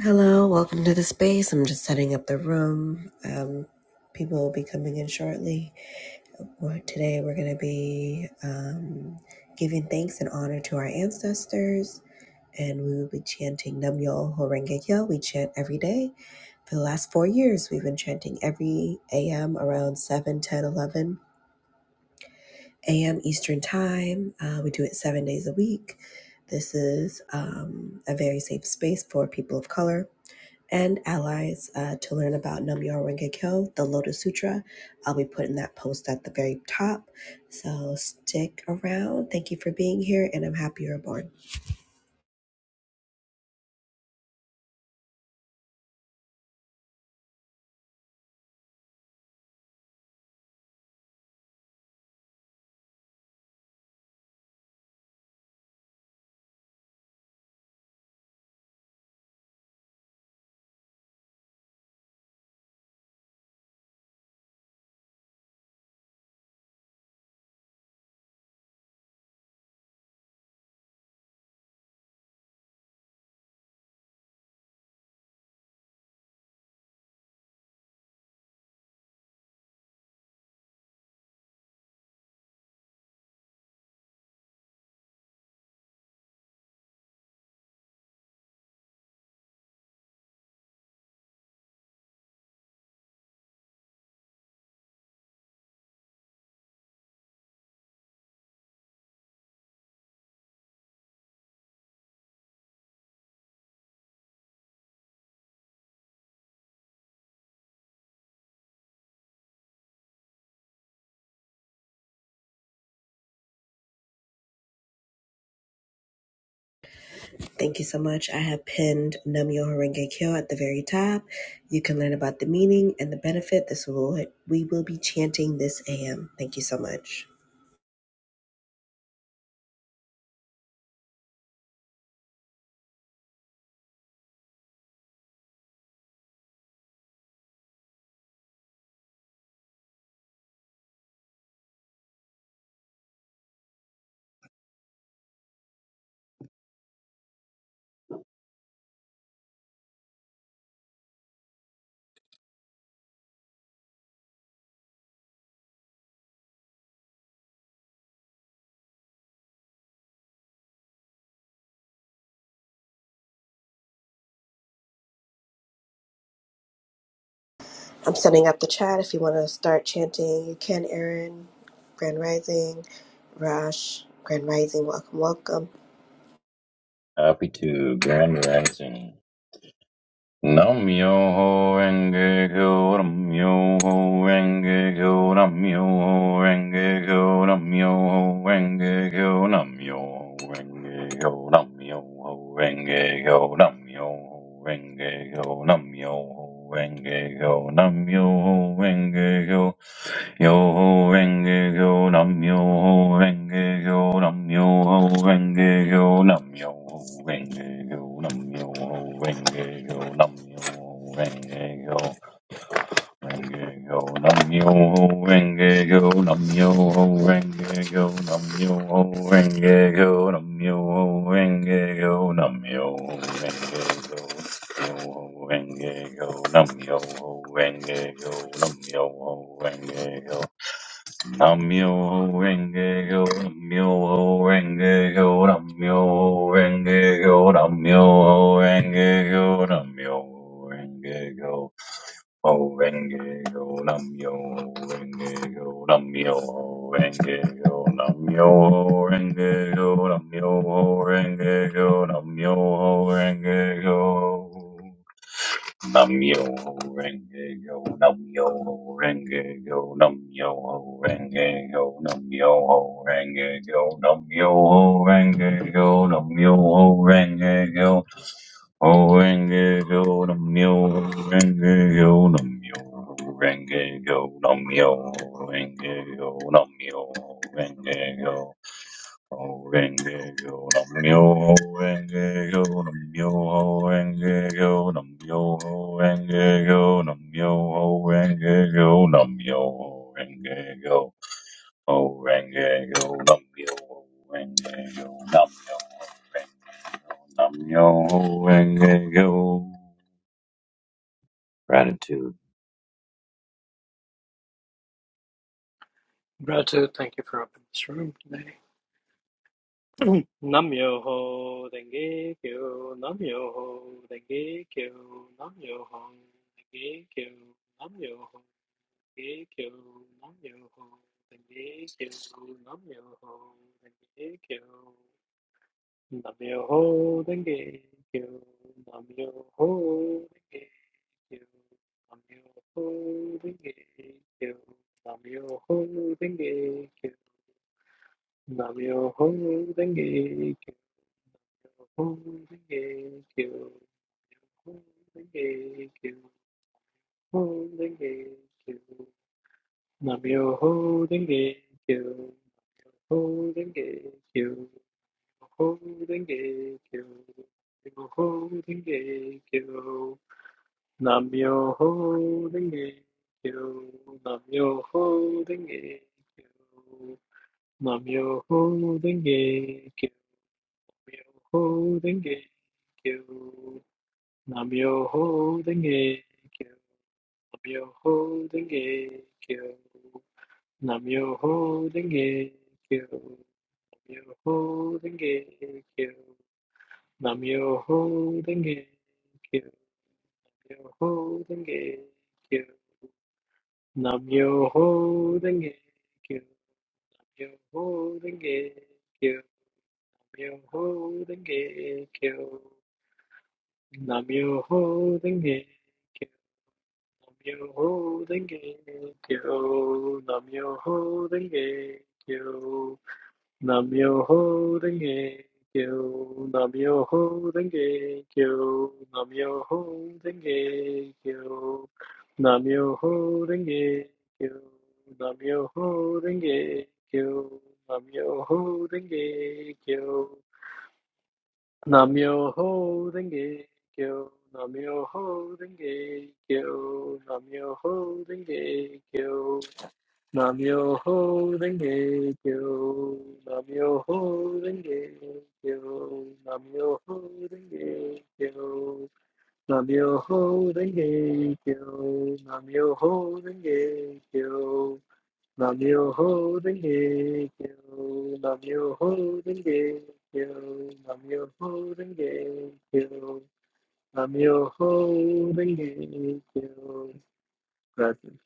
Hello, welcome to the space. I'm just setting up the room. Um, people will be coming in shortly. We're, today, we're going to be um, giving thanks and honor to our ancestors, and we will be chanting Nam Yo Horenge Kyo. We chant every day. For the last four years, we've been chanting every AM around 7, 10, 11 AM Eastern Time. Uh, we do it seven days a week. This is um, a very safe space for people of color and allies uh, to learn about Namyo Renge Kyo, the Lotus Sutra. I'll be putting that post at the very top. So stick around. Thank you for being here, and I'm happy you're born. Thank you so much. I have pinned Namyo Renge Kyo at the very top. You can learn about the meaning and the benefit. This will we will be chanting this AM. Thank you so much. I'm setting up the chat. If you want to start chanting, you can. Erin, Grand Rising, Rash, Grand Rising. Welcome, welcome. Happy to Grand Rising. Nam yo ho renge kyo, nam yo ho renge kyo, nam yo ho renge kyo, nam yo ho renge kyo, nam yo ho renge kyo, nam yo ho renge kyo, nam yo ho renge kyo, nam yo ho renge kyo, nam yo ho renge kyo. Yoho Renge Kyo Nam Yoho Renge Kyo Nam Yoho Renge Kyo Nam Yoho Renge Kyo Nam Yoho Renge Kyo Nam Yoho Renge Kyo Renge-kyo, Nam-myoho, Renge-kyo, Nam-myoho, Renge-kyo, Nam-myoho, Renge-kyo, Nam-myoho, Renge-kyo, Nam-myoho, Renge-kyo, Nam-myoho, Renge-kyo, Nam-myoho, Renge-kyo, Nam-myoho, Renge-kyo. Nam-myoho-renge-kyo, Nam-myoho-renge-kyo, Nam-myoho-renge-kyo, Nam-myoho-renge-kyo, Nam-myoho-renge-kyo. Namyo Namyo Renge Yo Namyo Renge Yo Namyo Renge Yo Namyo Renge Yo Namyo Renge Yo Namyo Renge Yo Renge yo nam yo, renge yo nam yo, renge yo nam yo, renge yo nam yo, renge yo. Renge yo nam yo, renge yo nam yo, renge yo nam yo, renge yo nam yo, renge yo nam yo, renge yo. Oh, renge yo nam yo, renge yo nam yo. Nam-myoho-renge-kyo. Gratitude. Gratitude, thank you for opening this room today. Nam yo ho denge kyo, nam yo ho denge kyo, nam yo ho denge kyo, nam yo ho denge kyo, nam yo ho denge kyo, nam yo ho denge kyo, nam yo ho denge kyo, nam yo ho denge kyo, nam yo ho denge kyo, nam yo ho denge kyo. Namyoho Renge Kyo. Ho Renge Kyo. Ho Renge Kyo. Ho Renge Kyo. Namyoho Renge Kyo. Ho Renge Kyo. Ho Renge Kyo. Ho Renge Kyo. Namyoho Renge Kyo. Namyoho Renge Kyo. Namyoho Renge Kyo. Namyoho Renge Kyo. Namyoho Renge Kyo. Namyoho Renge Kyo. Namyoho Renge Kyo. Namyoho Renge Kyo. Namyoho Renge Kyo. Namyoho Renge Kyo. Namyoho Renge Kyo. Namyoho Renge Kyo. Namyoho Renge Kyo. Namyoho Renge Kyo. Nam-myoho-renge-kyo, Nam-myoho-renge-kyo, Nam-myoho-renge-kyo, Nam-myoho-renge-kyo, Nam-myoho-renge-kyo, Nam-myoho-renge-kyo, Nam-myoho-renge-kyo, Nam-myoho-renge-kyo. Namyoho Renge Kyo, Namyoho Renge Kyo, Namyoho Renge Kyo, Namyoho Renge Kyo, Namyoho Renge Kyo, Namyoho Renge Kyo, Namyoho Renge Kyo, Namyoho Renge Kyo, Namyoho Renge Kyo, Namyoho Renge Kyo, Namyoho Renge Kyo, Namyoho Renge Kyo. Gratitude.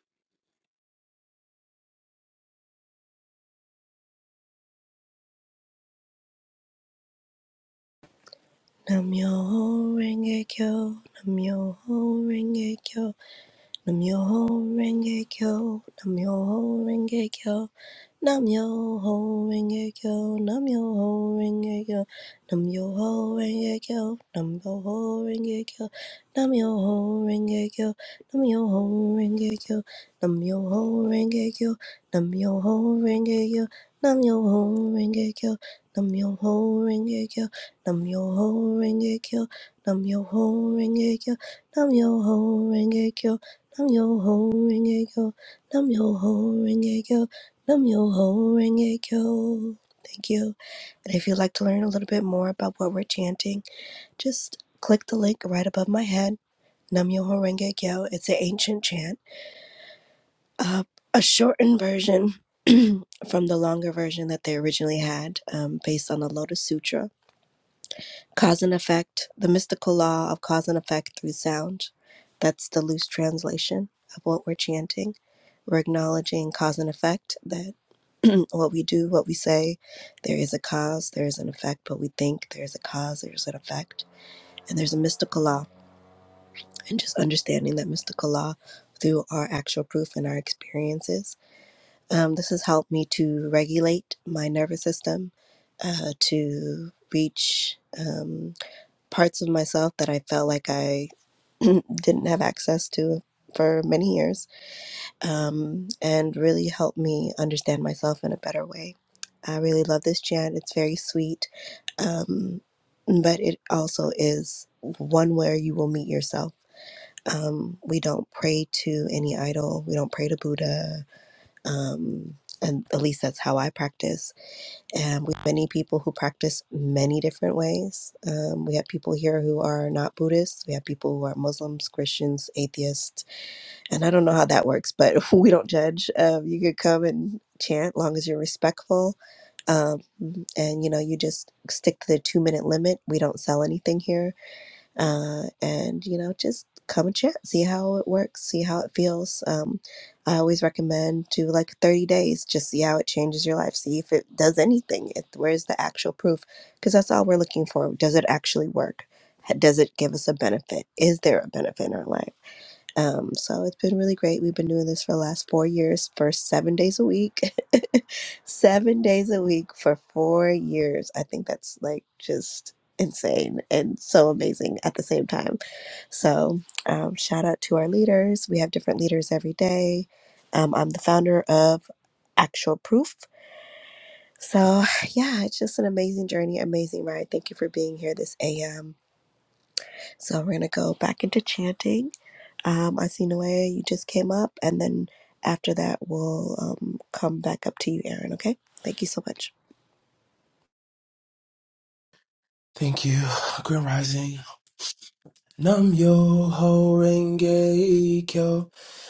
Namyoho Renge Kyo, Namyoho Renge Kyo, Namyoho Renge Kyo, Namyoho Renge Kyo. Nam yo ho renge kyo, nam yo ho renge kyo, nam yo ho renge kyo, nam yo ho renge kyo, nam yo ho renge kyo, nam yo ho renge kyo, nam yo ho renge kyo, nam yo ho renge kyo, nam yo ho renge kyo, nam yo ho renge kyo, nam yo ho renge kyo, nam yo ho renge kyo, nam yo ho renge kyo, nam yo ho renge kyo, nam yo ho renge kyo. Namyoho Renge Kyo. Thank you. And if you'd like to learn a little bit more about what we're chanting, just click the link right above my head, Namyoho Renge Kyo. It's an ancient chant, uh, a shortened version from the longer version that they originally had, um, based on the Lotus Sutra. Cause and effect, the mystical law of cause and effect through sound. That's the loose translation of what we're chanting. We're acknowledging cause and effect, that. what we do, what we say, there is a cause, there is an effect. What we think, there is a cause, there is an effect. And there's a mystical law. And just understanding that mystical law through our actual proof and our experiences. Um, this has helped me to regulate my nervous system, uh, to reach um, parts of myself that I felt like I didn't have access to for many years um, and really helped me understand myself in a better way. I really love this chant. It's very sweet, um, but it also is one where you will meet yourself. Um, we don't pray to any idol. We don't pray to Buddha. Um, and at least that's how I practice. And we have many people who practice many different ways. Um, we have people here who are not Buddhists. We have people who are Muslims, Christians, atheists and I don't know how that works, but we don't judge. Um, you could come and chant long as you're respectful, um, and you know you just stick to the two minute limit. We don't sell anything here, uh, and you know just come and chant, see how it works, see how it feels. Um, I always recommend do like thirty days, just see how it changes your life, see if it does anything. If where's the actual proof? Because that's all we're looking for. Does it actually work? Ha- Does it give us a benefit? Is there a benefit in our life? Um, so it's been really great. We've been doing this for the last four years, for seven days a week, seven days a week for four years. I think that's like just insane and so amazing at the same time. So, um, shout out to our leaders. We have different leaders every day. Um, I'm the founder of Actual Proof. So, yeah, it's just an amazing journey, amazing ride. Thank you for being here this AM. So, we're going to go back into chanting. Um, I seen the way you just came up, and then after that, we'll um, come back up to you, Aaron. Okay? Thank you so much. Thank you. Grim Rising. Nam yo ho renge kyo.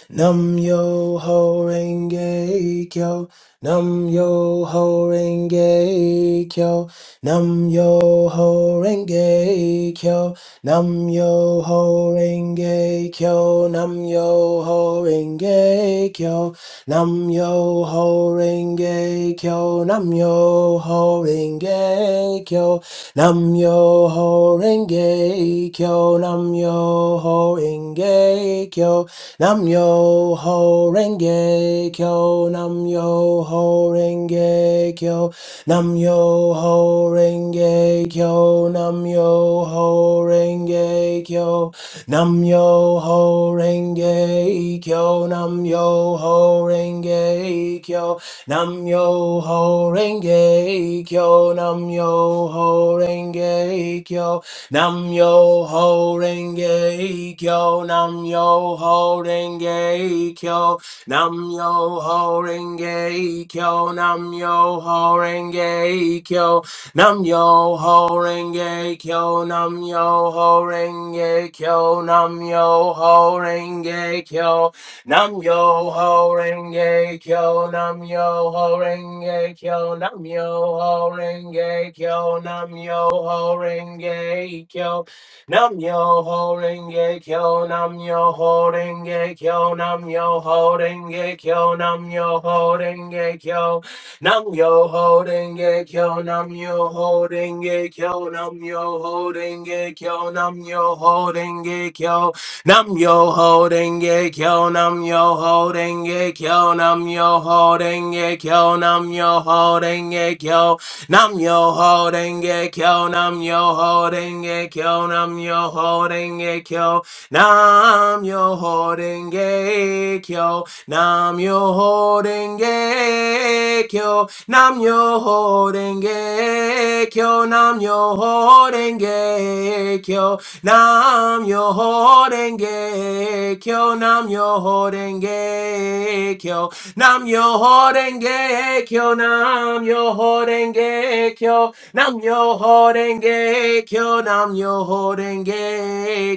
Nam yo ho renge kyo, nam yo ho renge kyo, nam yo ho renge kyo, nam yo ho renge kyo, nam yo ho renge kyo, nam yo ho renge kyo, nam yo ho renge kyo, nam yo ho renge kyo, nam yo ho renge kyo. Nam yo ho renge kyo, nam yo ho renge kyo, nam yo ho renge kyo, nam yo ho renge kyo, nam yo ho renge kyo, nam yo ho renge kyo, nam yo ho renge kyo, nam yo ho renge kyo. Nam yo ho renge kyo, nam yo ho renge kyo, nam yo ho renge kyo, nam yo ho renge kyo, nam yo ho renge kyo, nam yo ho renge kyo, nam yo ho renge kyo. Nam yo ho renge kyo, nam yo ho renge kyo, nam yo ho renge kyo, nam yo ho renge kyo, nam yo ho renge kyo, nam yo ho renge kyo, nam yo ho renge kyo, nam yo ho renge kyo, nam yo ho renge kyo, nam yo ho renge kyo, nam yo ho renge kyo, nam yo ho renge kyo. Nam yo ho denge kyo, nam yo ho denge kyo, nam yo ho denge kyo, nam yo ho denge kyo, nam yo ho denge kyo, nam yo ho denge kyo, nam yo ho denge kyo, nam yo ho denge kyo. Nam yo ho denge kyo. Nam yo ho denge kyo. Nam yo ho denge kyo. Nam yo ho denge kyo. Nam yo ho denge kyo. Nam yo ho denge kyo. Nam yo ho denge kyo. Nam yo ho denge kyo. Nam yo ho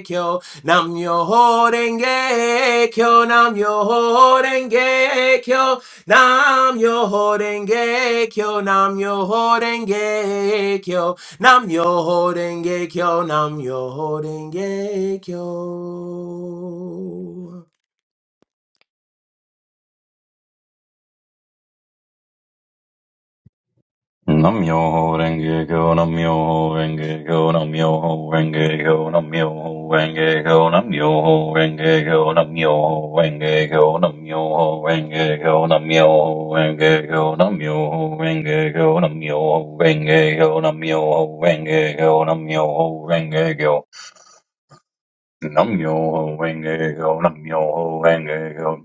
kyo. Nam Myoho Renge Kyo, Nam Myoho Renge Kyo, Nam Myoho Renge Kyo, Nam Myoho Renge Kyo, Nam Myoho Renge Kyo, Nam Myoho Renge Kyo. Nam-myoho-renge-kyo, Nam-myoho-renge-kyo, Nam-myoho-renge-kyo, Nam-myoho-renge-kyo, Nam-myoho-renge-kyo, Nam-myoho-renge-kyo, Nam-myoho-renge-kyo, Nam-myoho-renge-kyo, Nam-myoho-renge-kyo, Nam-myoho-renge-kyo, Nam-myoho-renge-kyo, Nam-myoho-renge-kyo. Nam-myoho-renge-kyo, Nam-myoho-renge-kyo.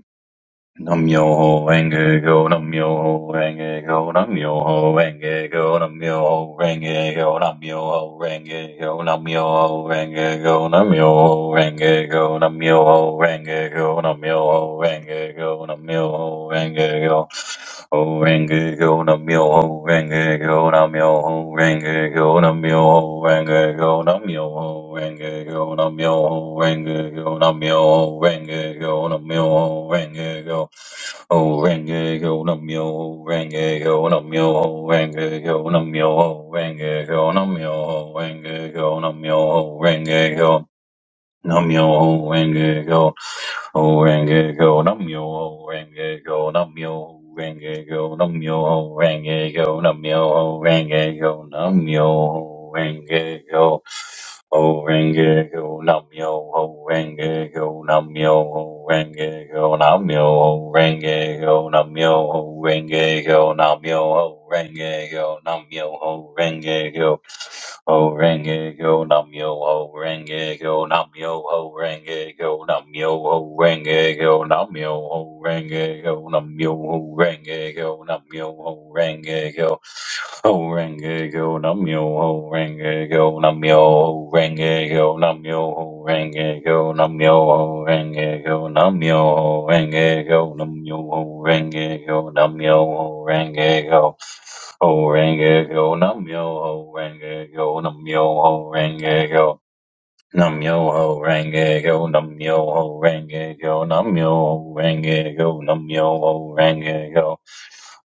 Nam yo ho renge go, nam yo ho renge go, nam yo ho renge go, nam yo ho renge go, nam yo ho renge go, nam yo ho renge go, nam yo ho renge go, nam yo ho renge go, nam yo ho renge go, nam yo ho renge go, ho renge go, nam yo ho renge go, go nam yo ring renge go nam yo ho renge go nam yo ring renge go nam yo ho renge go nam yo ring renge go nam yo ho renge go Oh, ring renge go nam yo ho renge go nam yo ring renge go nam yo ho renge go nam yo ring renge go nam yo ho renge go Namyo Renge Go, Renge Go, Namyo Renge Go, Namyo Renge Go, Namyo Renge Go, Namyo Renge Go, Namyo Renge Go, O Renge Go, Namyo Renge Go, Namyo Renge Go, Namyo Renge Go, Namyo Renge Go, Namyo Renge Go, Namyo Renge Go, ho renge go nam yo ho renge go nam yo ho renge go nam yo ho renge go nam yo ho renge go nam yo ho renge go nam yo ho renge kyo ho renge kyo nam yo ho renge kyo nam yo ho renge go nam yo ho renge go nam yo ho renge go nam yo ho renge go nam yo ho renge go nam yo ho renge go. Ho renge yo nam yo ho renge yo nam yo ho renge yo nam yo ho renge yo nam yo ho renge yo nam yo ho renge yo nam yo ho renge yo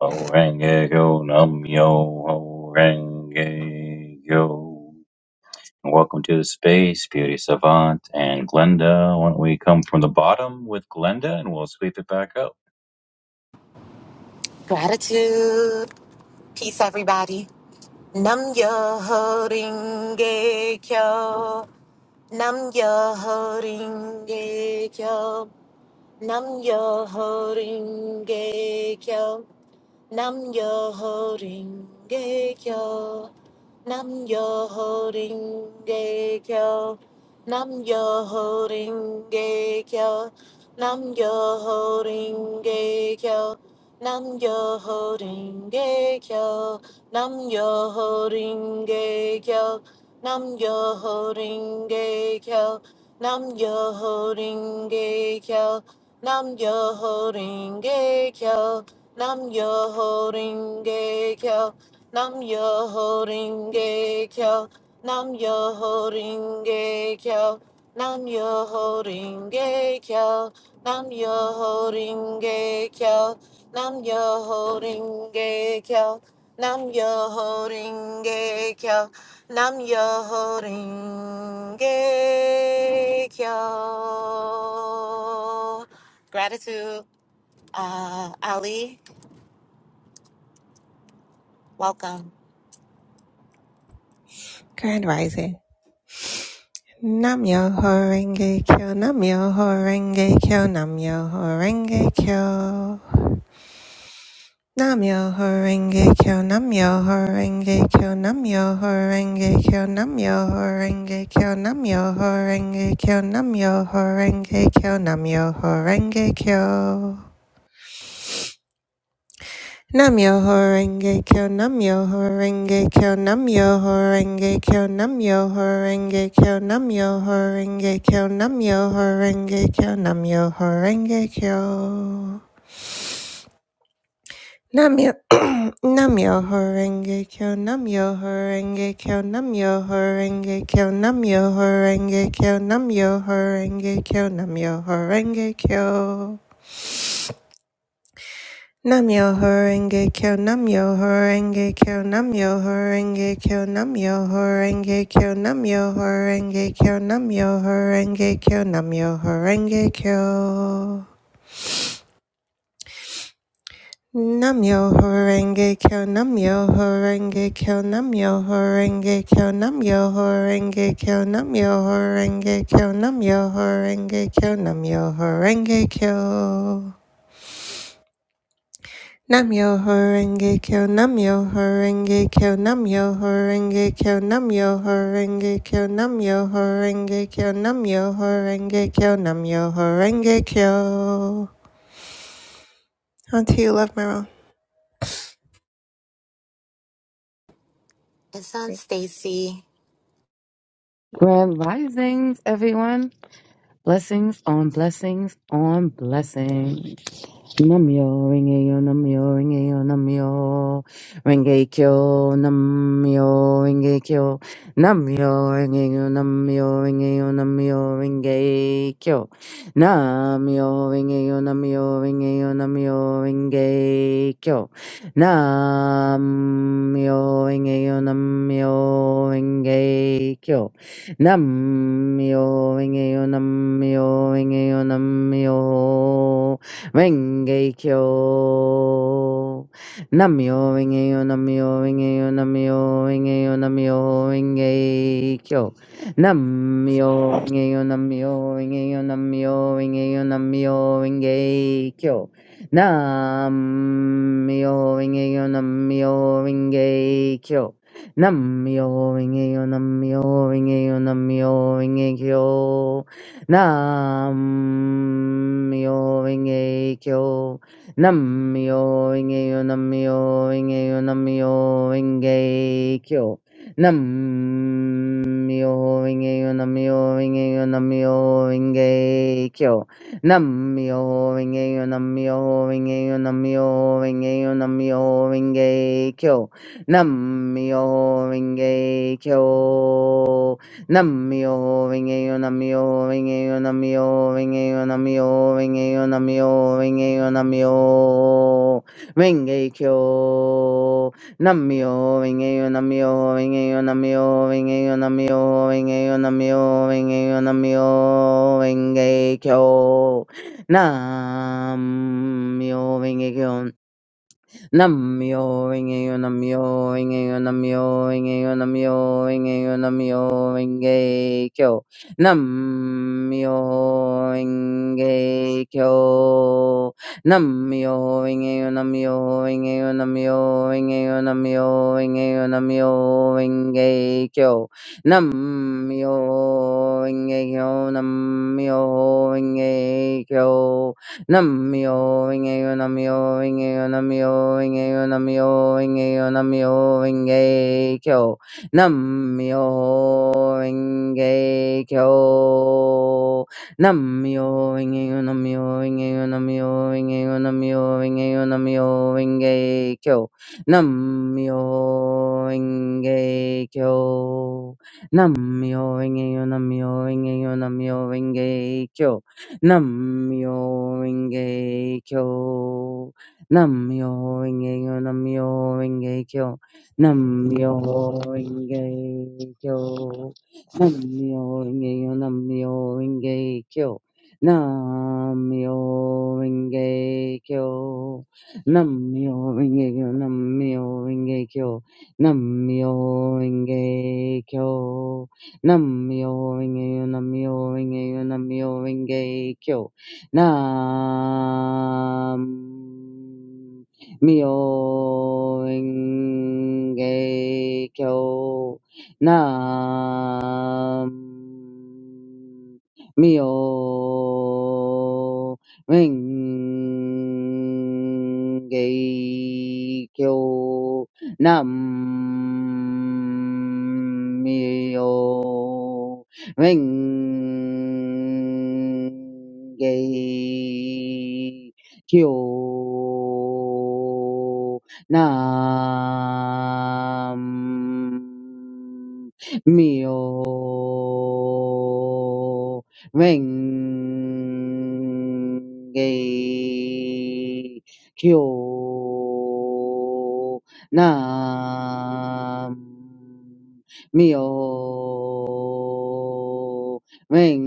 ho renge yo nam yo ho renge yo. Welcome to the space, beauty savant and Glenda. Why don't we come from the bottom with Glenda and we'll sweep it back up. Gratitude. Peace, everybody. Nam yo holding kyo. Nam yo holding kyo. Nam yo holding kyo. Nam yo ho ring ge kyo. Nam yo ho ring ge kyo. Nam yo ho ring ge kyo. Nam yo ho ring ge kyo. Nam yo ho ring ge kyo. Nam yo ho ring ge kyo. Nam yo ho ring ge kyo. Nam yo ho ring ge kyo. Nam yo holding gay kyo. Nam yo holding gay kyo. Nam yo holding gay kyo. Nam yo holding gay kyo. Nam yo holding gay kyo. Nam yo holding gay kyo. Nam yo holding gay kyo. Nam yo holding gay kyo. Nam yo holding gay kyo. Gratitude, uh, Ali. Welcome. Grand Rising. Namyo Horenge Kyo, Namyo Horenge Kyo, Namyo Horenge Kyo. Namyo Horenge Kyo, Namyo Horenge Kyo, Namyo Horenge Kyo, Namyo Horenge Kyo, Namyo Horenge Kyo, Namyo Horenge Kyo, Namyo Horenge Kyo. Namyo horenge kyo, namyo horenge kyo, namyo horenge kyo, namyo horenge kyo, namyo horenge kyo, namyo horenge kyo, namyo horenge kyo. Namyo, namyo horenge kyo, namyo horenge kyo, namyo horenge kyo, namyo horenge kyo, namyo horenge kyo, namyo horenge kyo. Namyo Horenge Kyo Namyo Horenge Kyo Namyo Horenge Kyo Namyo Horenge Kyo Namyo Horenge Kyo Namyo Horenge Kyo Namyo Horenge Kyo Namyo Horenge Kyo Namyo Horenge Kyo Namyo Horenge Kyo Namyo Horenge Kyo Namyo Horenge Kyo Namyo Horenge Kyo Namyo Horenge Kyo Namyo Horenge Kyo Namyo Horenge Kyo Namyo Horenge Kyo Namyo Horenge Kyo Namyo Horenge Kyo Namyo Horenge Kyo Namyo Horenge Kyo Auntie, you love my roll. And son Thank Stacy. Grand risings, everyone. Blessings on blessings on blessings. Namyo Rengeyo Namyo Rengeyo Namyo Rengekyo Namyo Rengekyo Namyo Rengeyo Namyo Rengeyo Namyo Rengekyo Namyo Rengeyo Namyo Rengeyo Namyo Rengekyo Namyo Rengeyo Namyo Rengekyo Namyo Rengeyo Namyo Rengeyo Namyo Renge Kyo. Namyo Renge Yo, Namyo Renge Yo, Namyo Renge Yo, Namyo Renge Kyo. Namyo Renge Yo, Namyo Renge Yo, Namyo Renge Yo, Namyo Renge Kyo. Namyo Renge Yo, Namyo Renge Kyo. Namyo Renge Yo, Namyo Renge Yo, Namyo Renge Kyo. Nam-myoho-renge-kyo. Nam-myoho-renge-kyo. Nam-myoho-renge-kyo. Nam-myoho-renge-kyo. Nam-myoho-renge-kyo. Nam-myoho-renge-kyo. Nam-myoho-renge-kyo. Nam-myoho-renge-kyo. Nam-myoho-renge-kyo. Nam-myoho-renge-kyo. Nam-myoho-renge-kyo. Nam-myoho-renge-kyo. Nam-myoho-renge-kyo, Nam-myoho-renge-kyo, nam myoho renge Nam-myoho-renge-kyo, Nam-myoho-renge-kyo, Nam-myoho-renge-kyo. nam myoho renge Nam-myoho-renge-kyo, nam myoho renge nam myoho renge Nam-myoho-renge-kyo, Nam-myoho-renge-kyo. Nam-myoho-renge-kyo. Namyo Rengeyo Namyo Rengeyo Namyo Rengeyo Namyo Rengeyo Namyo Renge Kyo Namyo Renge Kyo Namyo Rengeyo Namyo Rengeyo Namyo Rengeyo Namyo Rengeyo Namyo Renge Kyo Namyo Rengeyo Namyo Renge Kyo Nam-myoho-renge-kyo. Nam-myoho-renge-kyo. Nam-myoho-renge-kyo. Nam-myoho-renge-kyo. Nam-myoho-renge-kyo. Nam-myoho-renge-kyo. Namyo Renge Kyo. Namyo Renge Kyo. Namyo Renge Kyo. Namyo Renge Kyo. Namyo Renge Kyo. Namyo Renge Kyo. Namyo Renge Kyo. Namyo Renge Kyo. Namyo Renge Kyo. Namyo Renge Kyo. Namyo Renge-yo, Namyo Renge-yo, Namyo Renge-kyo. Nam Myo Renge Kyo Nam Myo Renge Kyo Nam myo renge kyo. Nam myo renge kyo. Nam Myo Ming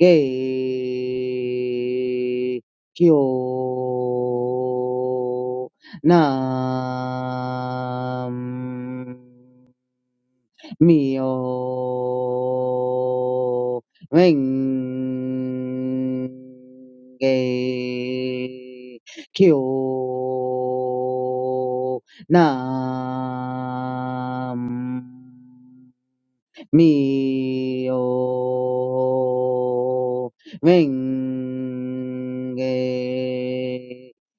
Ge Kyo Nam Mio Renge Kyo Nam Mio Renge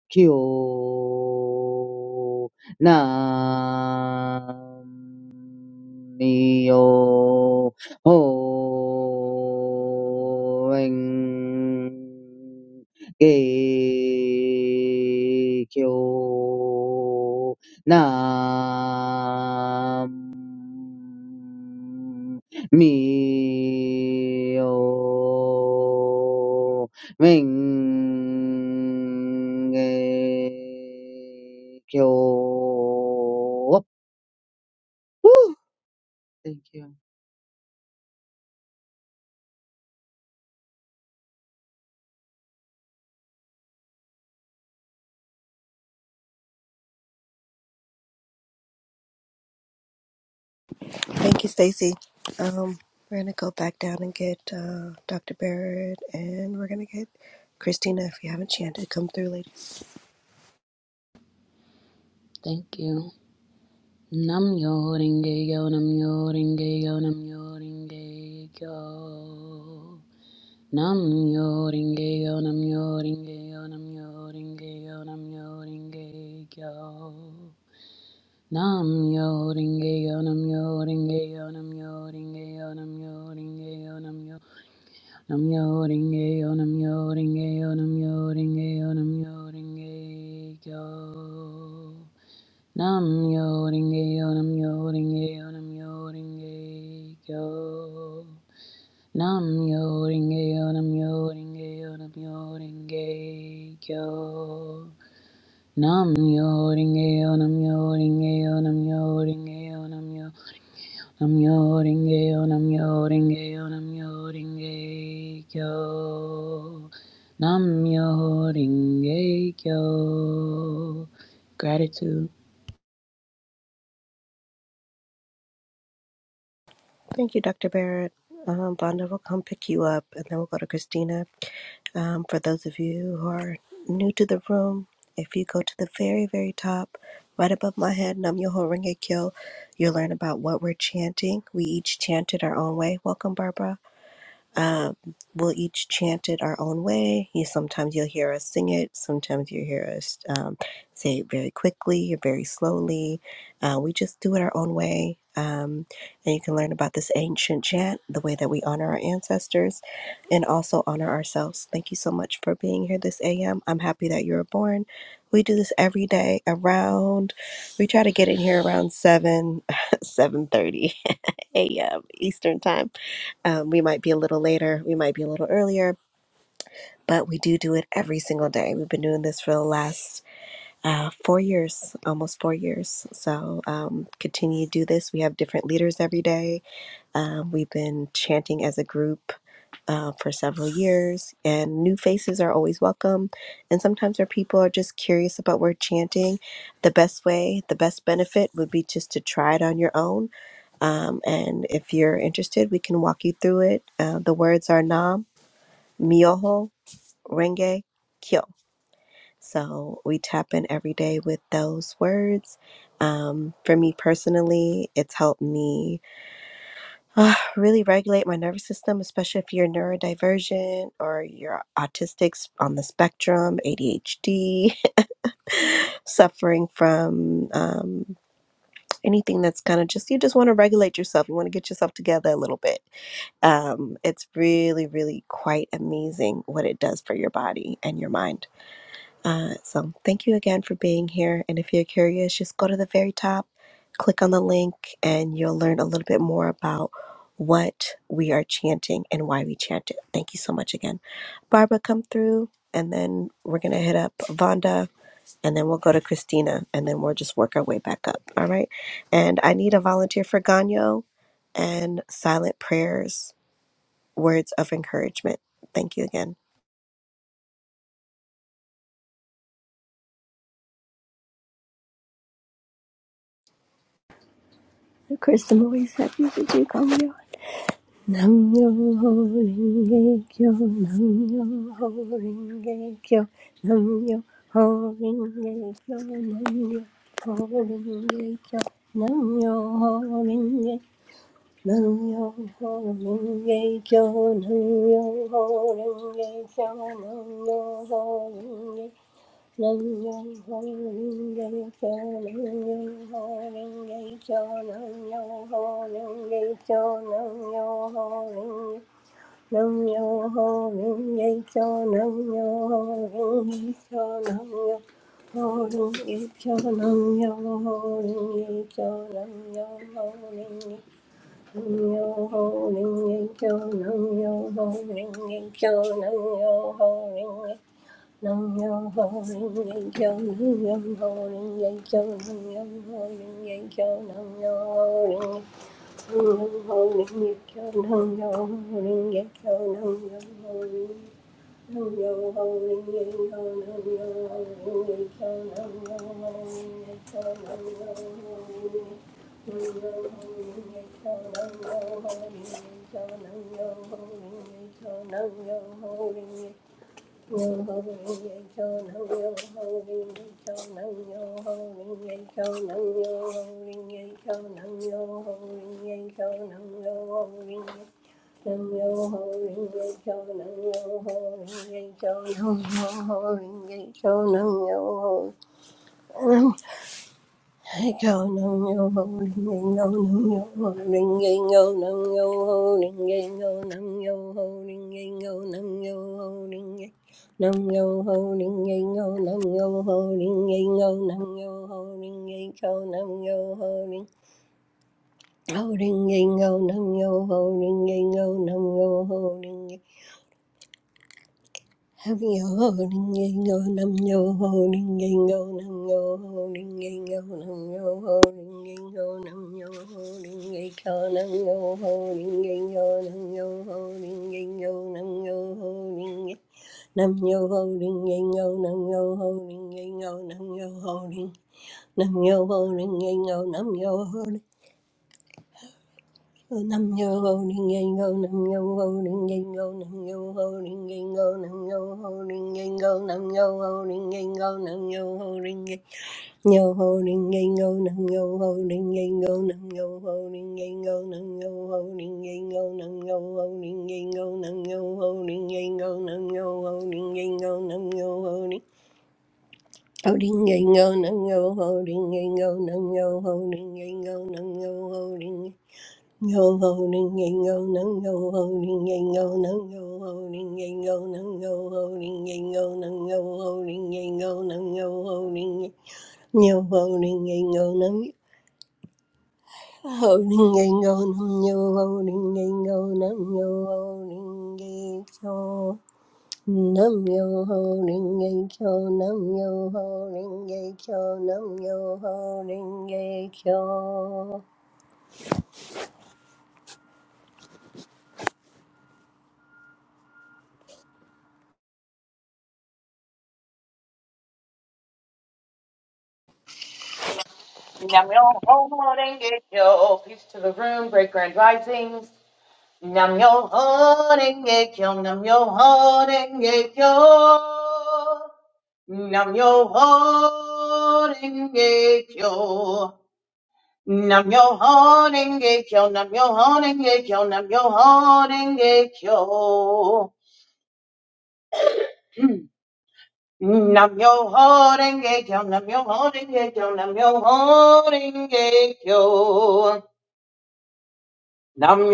Kyo Nam Mio Hoen Ge Kyo Nam mi Mio Hoen Ge Kyo Woo! Thank you. thank you, Stacy. Um, we're gonna go back down and get uh, Dr. Barrett, and we're gonna get Christina. If you haven't chanted, come through, ladies. Thank you. Nam yo ringe yo nam yo ringe yo nam yo ringe yo. Nam yo ringe yo nam yo ringe yo nam yo ringe yo nam yo ringe yo. Nam yo ringe yo nam yo ringe yo nam yo ringe yo nam yo ringe yo nam yo nam yo ringe yo nam yo ringe yo nam yo ringe yo nam yo ringe yo. Nam yo ringe yo, nam yo ringe yo, nam yo ringe yo. Nam yo ringe yo, nam yo ringe yo, nam yo ringe yo. Nam yo ringe yo, nam yo ringe yo, nam yo ringe yo, nam yo. Nam yo ringe yo, nam yo ringe yo, nam yo ringe yo. Nam yo ringe yo. Gratitude. Thank you, Dr. Barrett. Um, Vonda will come pick you up, and then we'll go to Christina. Um, for those of you who are new to the room, if you go to the very, very top, right above my head, Nam Yoho Renge Kyo, you'll learn about what we're chanting. We each chant it our own way. Welcome, Barbara. Um, we'll each chant it our own way. You sometimes you'll hear us sing it. Sometimes you hear us um, say it very quickly or very slowly. Uh, we just do it our own way. Um, and you can learn about this ancient chant, the way that we honor our ancestors, and also honor ourselves. Thank you so much for being here this AM. I'm happy that you were born. We do this every day around. We try to get in here around seven, seven thirty a.m. Eastern time um, we might be a little later, we might be a little earlier, but we do do it every single day. We've been doing this for the last uh, four years, almost four years. So um, continue to do this. We have different leaders every day. Um, we've been chanting as a group uh, for several years, and new faces are always welcome. And sometimes our people are just curious about where chanting, the best way, the best benefit would be just to try it on your own. Um, and if you're interested, we can walk you through it. Uh, the words are Nam. Myoho Renge Kyo. So we tap in every day with those words. Um, for me personally, it's helped me uh, really regulate my nervous system, especially if you're neurodivergent or you're autistic s- on the spectrum, ADHD, suffering from um, anything that's kind of just, you just want to regulate yourself. You want to get yourself together a little bit. Um, it's really, really quite amazing what it does for your body and your mind. Uh, so thank you again for being here. And if you're curious, just go to the very top, click on the link, and you'll learn a little bit more about what we are chanting and why we chant it. Thank you so much again. Barbara, come through, and then we're going to hit up Vonda, and then we'll go to Christina, and then we'll just work our way back up. All right. And I need a volunteer for Ganyo and silent prayers, words of encouragement. Thank you again. Of course, I'm always happy to do Gongyo. Nam yo ho ringe kyo, nam yo ho ringe kyo, nam yo ho ringe kyo, nam yo ho ringe kyo, nam yo ho ringe, nam yo ho ringe kyo, nam yo ho ringe kyo, nam yo ho ringe Nam Nam yo ho ring yang kyo, nam yo ho ring yang kyo, nam yo ho ring yang kyo, nam yo ho ring nam yo ho ring yang kyo, nam yo ho ring yang kyo, nam yo ho ring nam yo ho ring yang kyo, nam yo ho ring yang kyo, nam yo ho ring yang kyo, nam yo ho ring yang Yo ho ring ye cho Nam yo ho ring ye cho nam yo ho ring ye cho nam yo ho ring ye cho nam yo ho ring ye cho nam yo ho ring ye nam yo ho ring ye cho nam yo ho ring ye cho nam yo ho ring ye cho nam yo ho Echo no no Holding no no holding no no holding no no holding no no holding no no holding no no holding no no holding echo no no holding holding no no holding no no holding Yo ho ding ding yo nam yo ho ding ding yo nam yo ho ding ding yo nam yo ho ding ding yo nam yo ho ding ding yo nam yo ho ding ding yo nam yo ho ding ding yo nam yo ho ding ding nam yo ho ding ding yo nam yo ho ding ding yo nam yo ho ding nam yo ho ding ding yo nam yo ho Nam yo ho ning yang go, nam yo ho ning yang go, nam yo ho ning yang go, nam yo ho ning yang go, nam yo ho ning yang go, nam yo ho ning yang yo ho ning yang go, nam yo ho ning yang go, nam yo ho ning yang go, nam yo ho ning yang go, nam yo ho ning yang go, nam yo ho ning yang go, nam yo ho ning yang go, nam yo ho ning Holding and go, no, no, holding and go, no, no, holding and go, no, no, holding. Yo ho ning yang yo nang yo ho ning yang yo nang yo ho ning yang yo nang yo ho ning yang yo nang yo ho ning yang yo nang yo ho ning yo ho ning yang yo nang ho ning yang yo nang yo ho ning yang yo nang yo ho ning yang yo nam yo ho ning yang yo nam yo ho ning yang yo nam yo ho ning yang yo Nam yo ho renge kyo. Peace to the room. Great grand risings. Nam yo ho renge kyo. Nam yo ho renge kyo. Nam yo ho renge kyo. Nam yo ho renge kyo. Nam yo ho renge kyo. Nam yo ho renge kyo. Nam yo ho renge kyo. Nam yo ho renge kyo. Nam yo ho renge kyo. Nam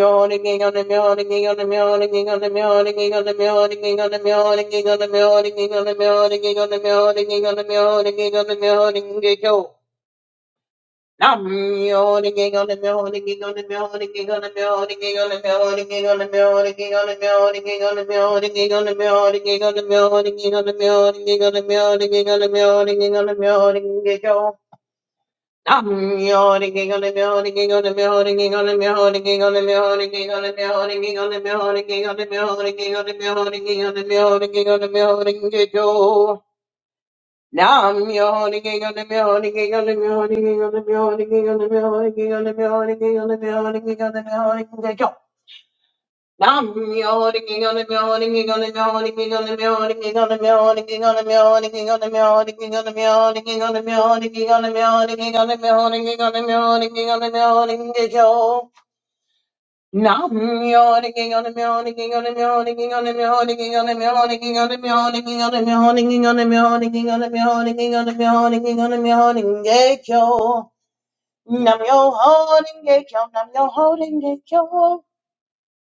I'm yawning on the building on the building on the building on the building on the building on the building on the building on the building on the building on the building get you. Now I'm yawning on the building on the building on the building on the building on the building on the building on the building Nam yo holding gate, yo. Nam yo holding gate, yo.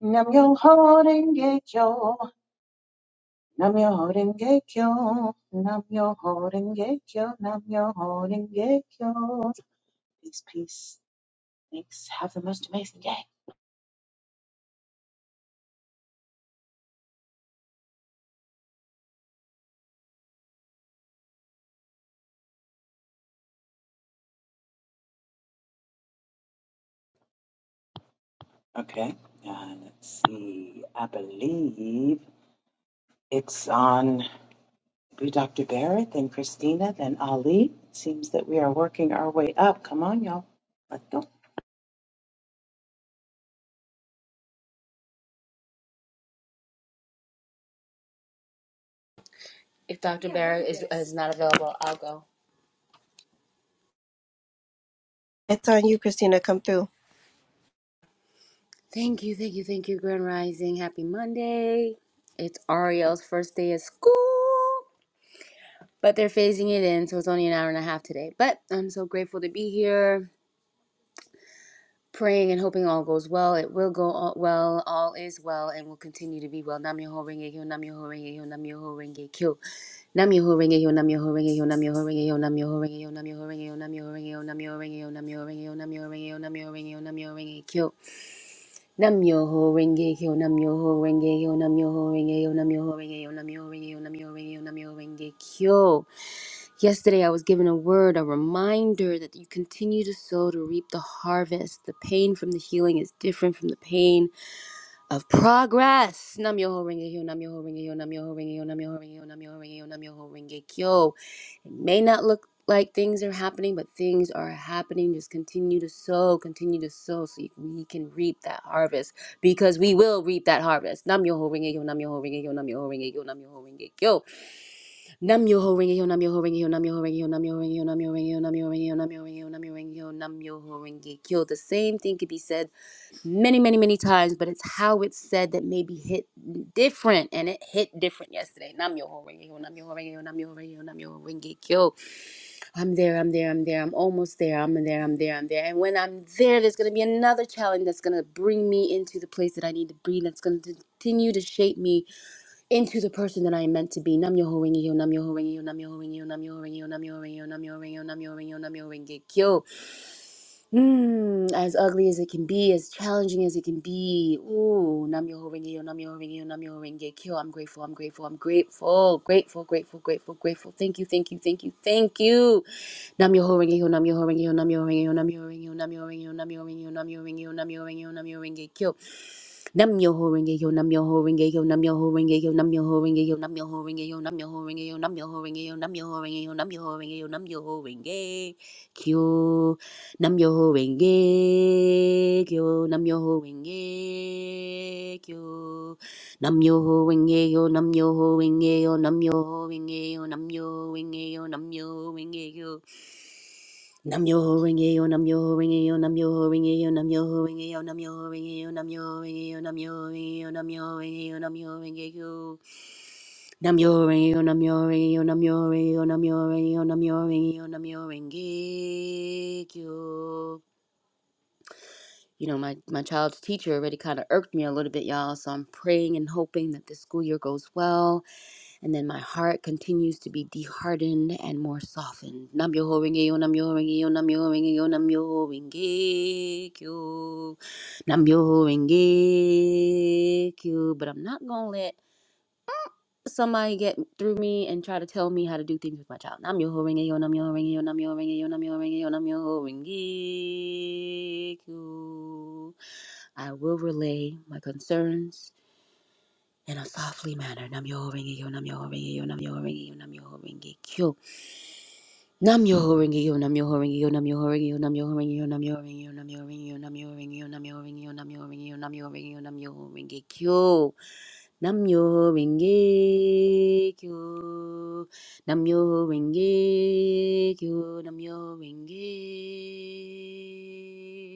Nam yo holding gate, yo. Namyo Horenge Kyo, Namyo Horenge Kyo, Namyo Horenge Kyo. If Dr. Barrett is, is not available, I'll go. It's on you, Christina. Come through. Thank you, thank you, thank you, Grand Rising. Happy Monday. It's Ariel's first day of school, but they're phasing it in, so it's only an hour and a half today. But I'm so grateful to be here, praying and hoping all goes well. It will go all well, all is well, and will continue to be well. Nam Myoho Renge Kyo, Nam Myoho Renge Kyo, Nam Myoho Renge Kyo. Nam yo ho ringe yo nam yo ho ringe yo nam yo ho ringe yo nam yo ho ringe yo nam yo ho ringe yo nam yo ho ringe yo nam yo ho ringe yo nam yo ho ringe yo nam yo ho ringe yo nam yo ho ringe yo nam yo ho ring ringe kyo nam yo ho ringe yo nam yo ho ringe yo nam yo ho ringe yo nam yo ho ringe yo nam yo ho ringe yo nam yo ho ringe yo nam yo ho ring ringe kyo yesterday i was given a word a reminder that you continue to sow to reap the harvest the pain from the healing is different from the pain of progress. Nam yo ho ring yo, nam yo ho ring yo, nam yo ho ring yo, nam yo ho ring yo, nam yo ho ring yo, nam yo ho ring yo. It may not look like things are happening, but things are happening. Just continue to sow, continue to sow, so you- we can reap that harvest because we will reap that harvest. Nam yo ho ring yo, nam yo ho ring yo, nam yo ho ring yo, nam yo ho ring yo. Nam yo ho ring yo, nam yo ho ring yo, nam yo ho ring yo, nam yo ho ring yo, nam yo ho ring yo, nam yo ho ring yo, nam yo ho ring nam yo ho ring nam yo ho ring yo. The same thing could be said many, many, many times, but it's how it's said that maybe hit different, and it hit different yesterday. Nam yo renge yo, nam yo renge yo, nam yo renge yo, nam yo renge kyo. I'm there, I'm there, I'm there, I'm almost there, I'm there, I'm there, I'm there. And when I'm there, there's gonna be another challenge that's gonna bring me into the place that I need to be, that's gonna continue to shape me into the person that I am meant to be. Nam Yoho Ringi Yo, Nam Yoho Ringi Yo, Nam Yoho Ringi Yo, Nam Yoho Ringi Yo, Nam Yoho Ringi Yo, Nam Yoho Ringi Yo, Nam Yoho Ringi Yo, Nam Yoho Ringi Kyo. Mm, as ugly as it can be, as challenging as it can be. Ooh, Nam Yoho Ringi Yo, Nam Yoho Ringi Yo, Nam Yoho Ringi Kyo. I'm grateful, I'm grateful, I'm grateful, grateful, grateful, grateful, grateful. Thank you, thank you, thank you, thank you. Nam Yoho Ringi Yo, Nam Yoho Ringi Yo, Nam Yoho Ringi Yo, Nam Yoho Ringi Yo, Nam Yoho Ringi Yo, Nam Yoho Ringi Yo, Nam Yoho Ringi Yo, Nam Yoho Ringi Yo, Nam Yoho Ringi Yo, Nam Yoho Ringi Kyo. Nam yo ho ringe yo, nam yo ho ringe yo, nam yo ho ringe yo, nam yo ho ringe yo, nam yo ho ringe yo, nam yo ho ringe yo, nam yo ho ringe yo, nam yo ho ringe yo, nam yo ho ringe yo, nam yo ho ringe kyo, nam yo ho ringe kyo, nam yo ho ringe kyo, nam yo ho ringe yo, nam yo ho ringe yo, nam yo ho ringe yo, nam yo ho ringe yo, nam yo ho ringe yo. Nam yo ho ring yo nam yo ho ring yo nam yo ho ring yo nam yo ho ring yo nam yo ho ring yo nam yo ho ring yo nam yo ho ring yo nam yo ho ring yo nam yo ho ring yo nam yo ho ring yo nam yo ho ring yo nam yo ho ring yo nam yo ho ring yo nam yo ho ring yo nam yo ho ring yo you know, my, my child's teacher already kind of irked me a little bit, y'all. So I'm praying and hoping that this school year goes well. And then my heart continues to be dehardened and more softened. Nam yoho renge yo, nam yoho renge yo, nam yoho renge yo, nam yoho renge kyo. Nam yoho renge kyo. But I'm not going to let somebody get through me and try to tell me how to do things with my child. Nam yoho renge yo, nam yoho renge yo, nam yoho renge yo, nam yoho renge yo, nam yoho renge kyo. I will relay my concerns in a softly manner. Nam yo ringi yo, nam yo ringi yo, nam yo ringi yo, nam yo ringi yo, nam yo ringi yo, nam yo ringi yo, nam yo ringi yo, nam yo ringi yo, nam yo ringi yo, nam yo ringi yo, nam yo ringi yo, nam yo ringi yo, nam yo ringi yo, nam yo ringi yo, nam yo ringi yo, nam yo ringi yo, nam yo ringi yo, nam yo ringi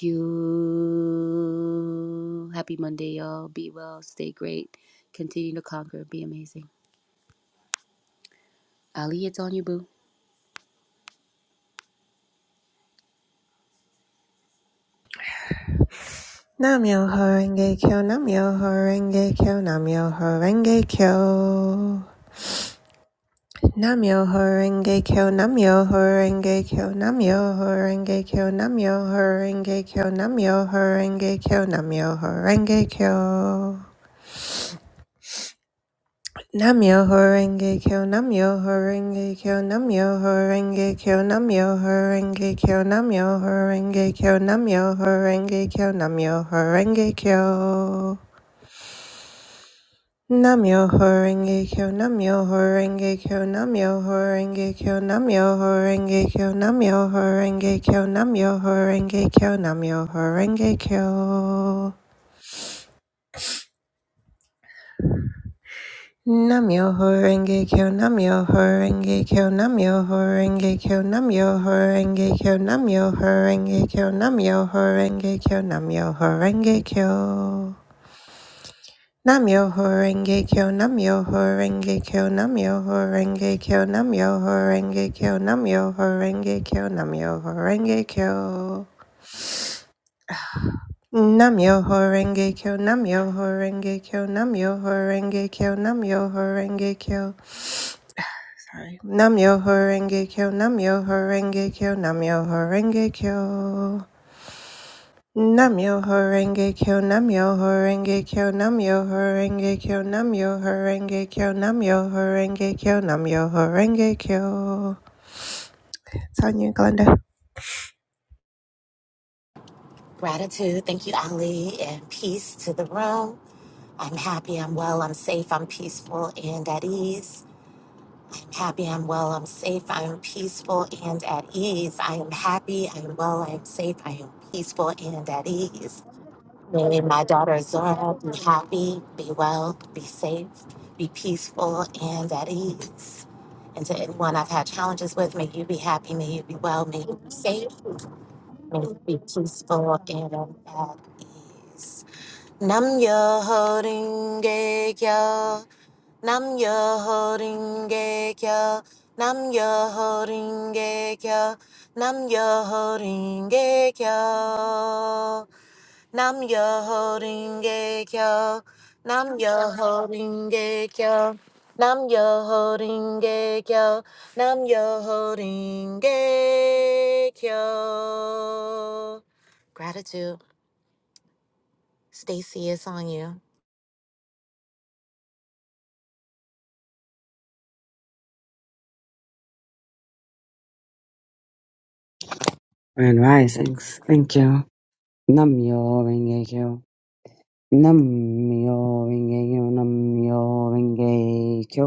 you. Happy Monday, y'all. Be well, stay great, continue to conquer, be amazing. Ali, it's on you, boo. Namyo Horenge Kyo Namyo Horenge Kyo Namyo Horenge Kyo Namyo Horenge Kyo Namyo Horenge Kyo Namyo Horenge Kyo Namyo Horenge Kyo Namyo Horenge Kyo Namyo Horenge Kyo Namyo Horenge Kyo Namyo Horenge Kyo Namyo Horenge Kyo Namyo Horenge Kyo Namyo Horenge Kyo Namyo Horenge Kyo Namyo Horenge Kyo Namyo Horenge Kyo Namyo Horenge Kyo Namyo Horenge Kyo Namyo Horenge Kyo Namyo Horenge Kyo Namyo Horenge Kyo Namyo Horenge Kyo Namyo Horenge Kyo Namyo Horenge Kyo Namyo Horenge Kyo Namyo Horenge Kyo Namyo Horenge Kyo Namyo Horenge Kyo Namyo Horenge Kyo Namyo Horenge Kyo Namyo Horenge Kyo Namyo Horenge Kyo Namyo Horenge Kyo Namyo Horenge Kyo Namyo Horenge Kyo Namyo Horenge Kyo Namyo Horenge Kyo Namyo Horenge Kyo Namyo Horenge Kyo Namyo Horenge Kyo, Namyo Horenge Kyo, Namyo Horenge Kyo. Namyo Horenge Kyo, Namyo Horenge Kyo, Namyo Horenge Kyo, Namyo Horenge Kyo, Namyo Horenge Kyo, Namyo Horenge Kyo. Sonia Glenda, Gratitude. Thank you, Ali. And peace to the room. I'm happy, I'm well, I'm safe, I'm peaceful and at ease. Happy, I'm well, I'm safe, I am peaceful and at ease. I am happy, I am well, I am safe, I am peaceful and at ease. May my daughter Zora be happy, be well, be safe, be peaceful and at ease. And to anyone I've had challenges with, may you be happy, may you be well, may you be safe, may you be peaceful and at ease. Nam yo holding gay yo. Nam yo holding gay yo. Nam yo holding gay yo. Nam yo holding gay yo. Nam yo holding gay yo. Nam yo holding gay yo. Nam yo holding gay yo. Nam yo holding gay yo. Gratitude, Stacy is on you. Grand Risings. Thank you. Nam Nam Nam Nam Nam yo renge kyo. Nam yo yo. yo yo. renge kyo.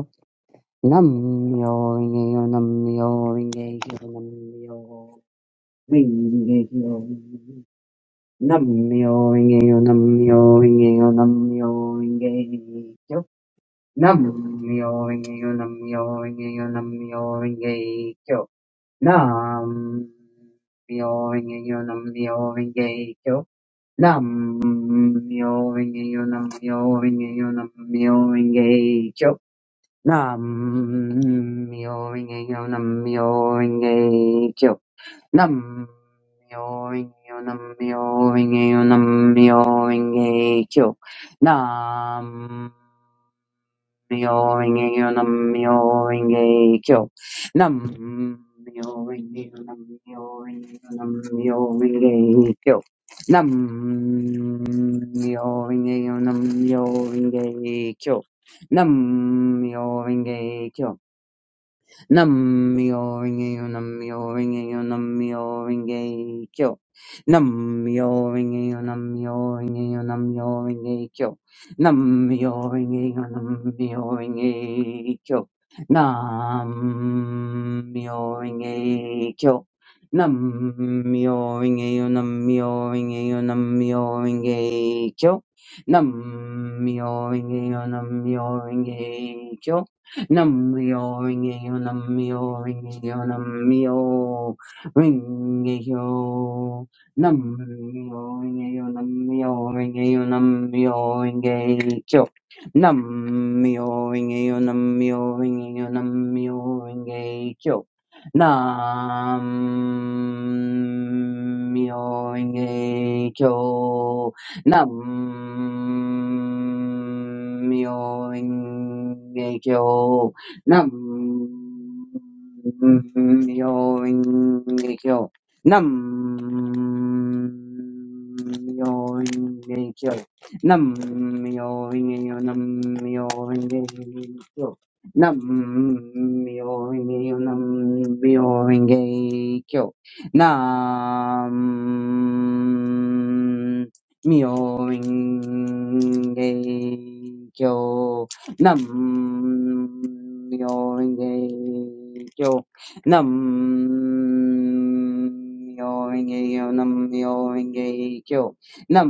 Nam yo renge kyo. Nam yo. renge kyo. Nam yo Namyo Rengekyo. Nam yo Namyo Rengekyo. Nam yo Namyo Rengekyo. Nam yo Namyo Rengekyo. Nam yo Namyo Rengekyo. Nam yo Namyo Rengekyo. Nam myo renge nam myo renge kyo. Nam myo renge nam myo renge nam myo renge kyo. Nam myo renge nam myo renge kyo. Nam myo renge nam myo renge nam myo renge kyo. Nam Myoho-renge-kyo, Nam-myoho-renge-kyo. Nam-myoho-renge-kyo, Nam-myoho-renge-kyo, Nam-myoho-renge-kyo. Nam-myoho-renge-kyo, Nam-myoho-renge-kyo. Nam-myoho-renge-kyo. Nam-myoho-renge-kyo, Nam-myoho-renge-kyo, Nam-myoho-renge-kyo. Nam-myoho-renge-kyo, Nam-myoho-renge-kyo, Nam-myoho-renge-kyo. Nam-myoho-renge-kyo, Nam-myoho-renge-kyo. Nam-myoho-renge-kyo. Nam-myoho-renge-kyo, Nam-myoho-renge-kyo, nam renge kyo nam renge kyo nam renge kyo Namyo Rinkeyo, Namyo Rinkeyo, Namyo Rinkeyo, Namyo Rinkeyo, Namyo Rinkeyo, Namyo Rinkeyo, Namyo Rinkeyo, Namyo Rinkeyo, Namyo Rinkeyo, Namyo Rinkeyo. Nam myoing ge cho. Nam myoing ge cho. Nam myoing ge cho. Nam myoing yo nam myoing ge cho. Nam myoing yo nam myoing ge cho. Nam Myo-ing-ge-kyo. Nam Myo-ing-ge-kyo. Nam Myo-ing-ge-kyo. Nam Myo-ing-ge-kyo. Nam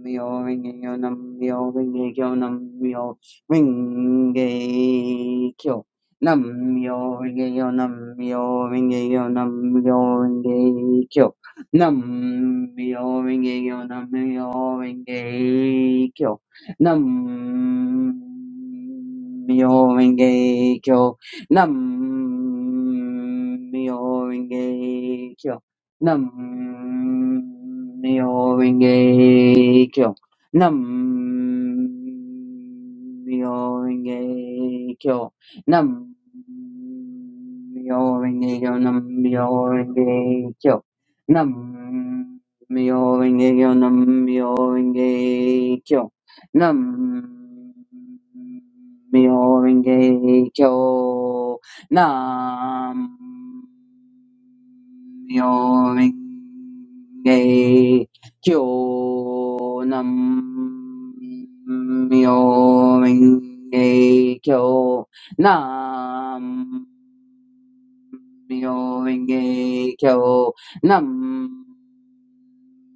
Myo-ing-ge-kyo. Nam Myo-ing-ge-kyo. Nam Myo-ing-ge-kyo. Nam Myo-ing-ge-kyo. Nam Myo-ing-ge-kyo. Nam Myo-ing-ge-kyo. Nam-myoho-renge-kyo, Nam-myoho-renge-kyo, Nam-myoho-renge-kyo, Nam-myoho-renge-kyo, Nam-myoho-renge-kyo, Nam-myoho-renge-kyo, Nam-myoho-renge-kyo, Nam-myoho-renge-kyo. Nam myo renge kyo, nam myo renge kyo, nam myo renge kyo, nam myo renge kyo, nam myo renge kyo, nam myo renge kyo, nam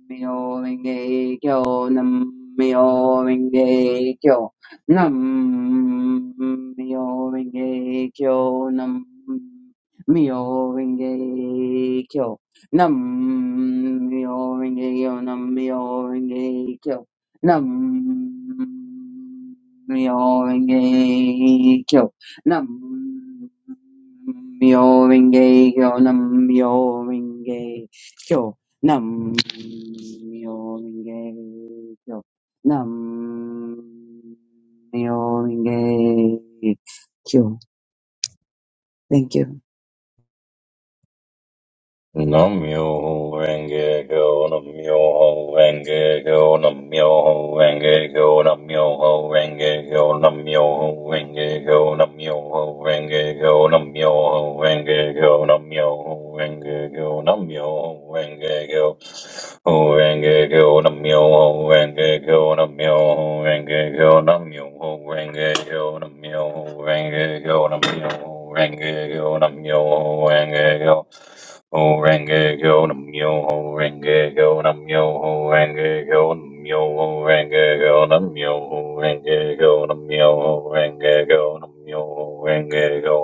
Myo Renge Kyo Nam Myo Renge Kyo Nam Myo Renge Kyo Nam Myo Renge Kyo Nam Myo Renge Kyo Nam Myo Renge Kyo Nam Myo Renge Kyo Nam Myo Renge Kyo Nam Myo Renge Kyo Nam myo renge kyo. Nam myo renge kyo. Thank you. Namyoho Renge Kyo, Namyoho Renge Kyo, Namyoho Renge Kyo, Namyoho Renge Kyo, Namyoho Renge Kyo, Namyoho Renge Kyo, Namyoho Renge Kyo, Namyoho Renge Kyo, Namyoho Renge Kyo, Ho Renge Kyo, Namyoho Renge Kyo, Namyoho Renge Kyo, Namyoho Renge Kyo, Namyoho Renge Kyo, Namyoho Renge Kyo, Namyoho Renge Kyo, Ho renge kyo nam yo ho renge kyo nam yo ho renge kyo nam yo ho renge kyo nam yo ho renge kyo nam yo ho renge kyo nam yo ho renge kyo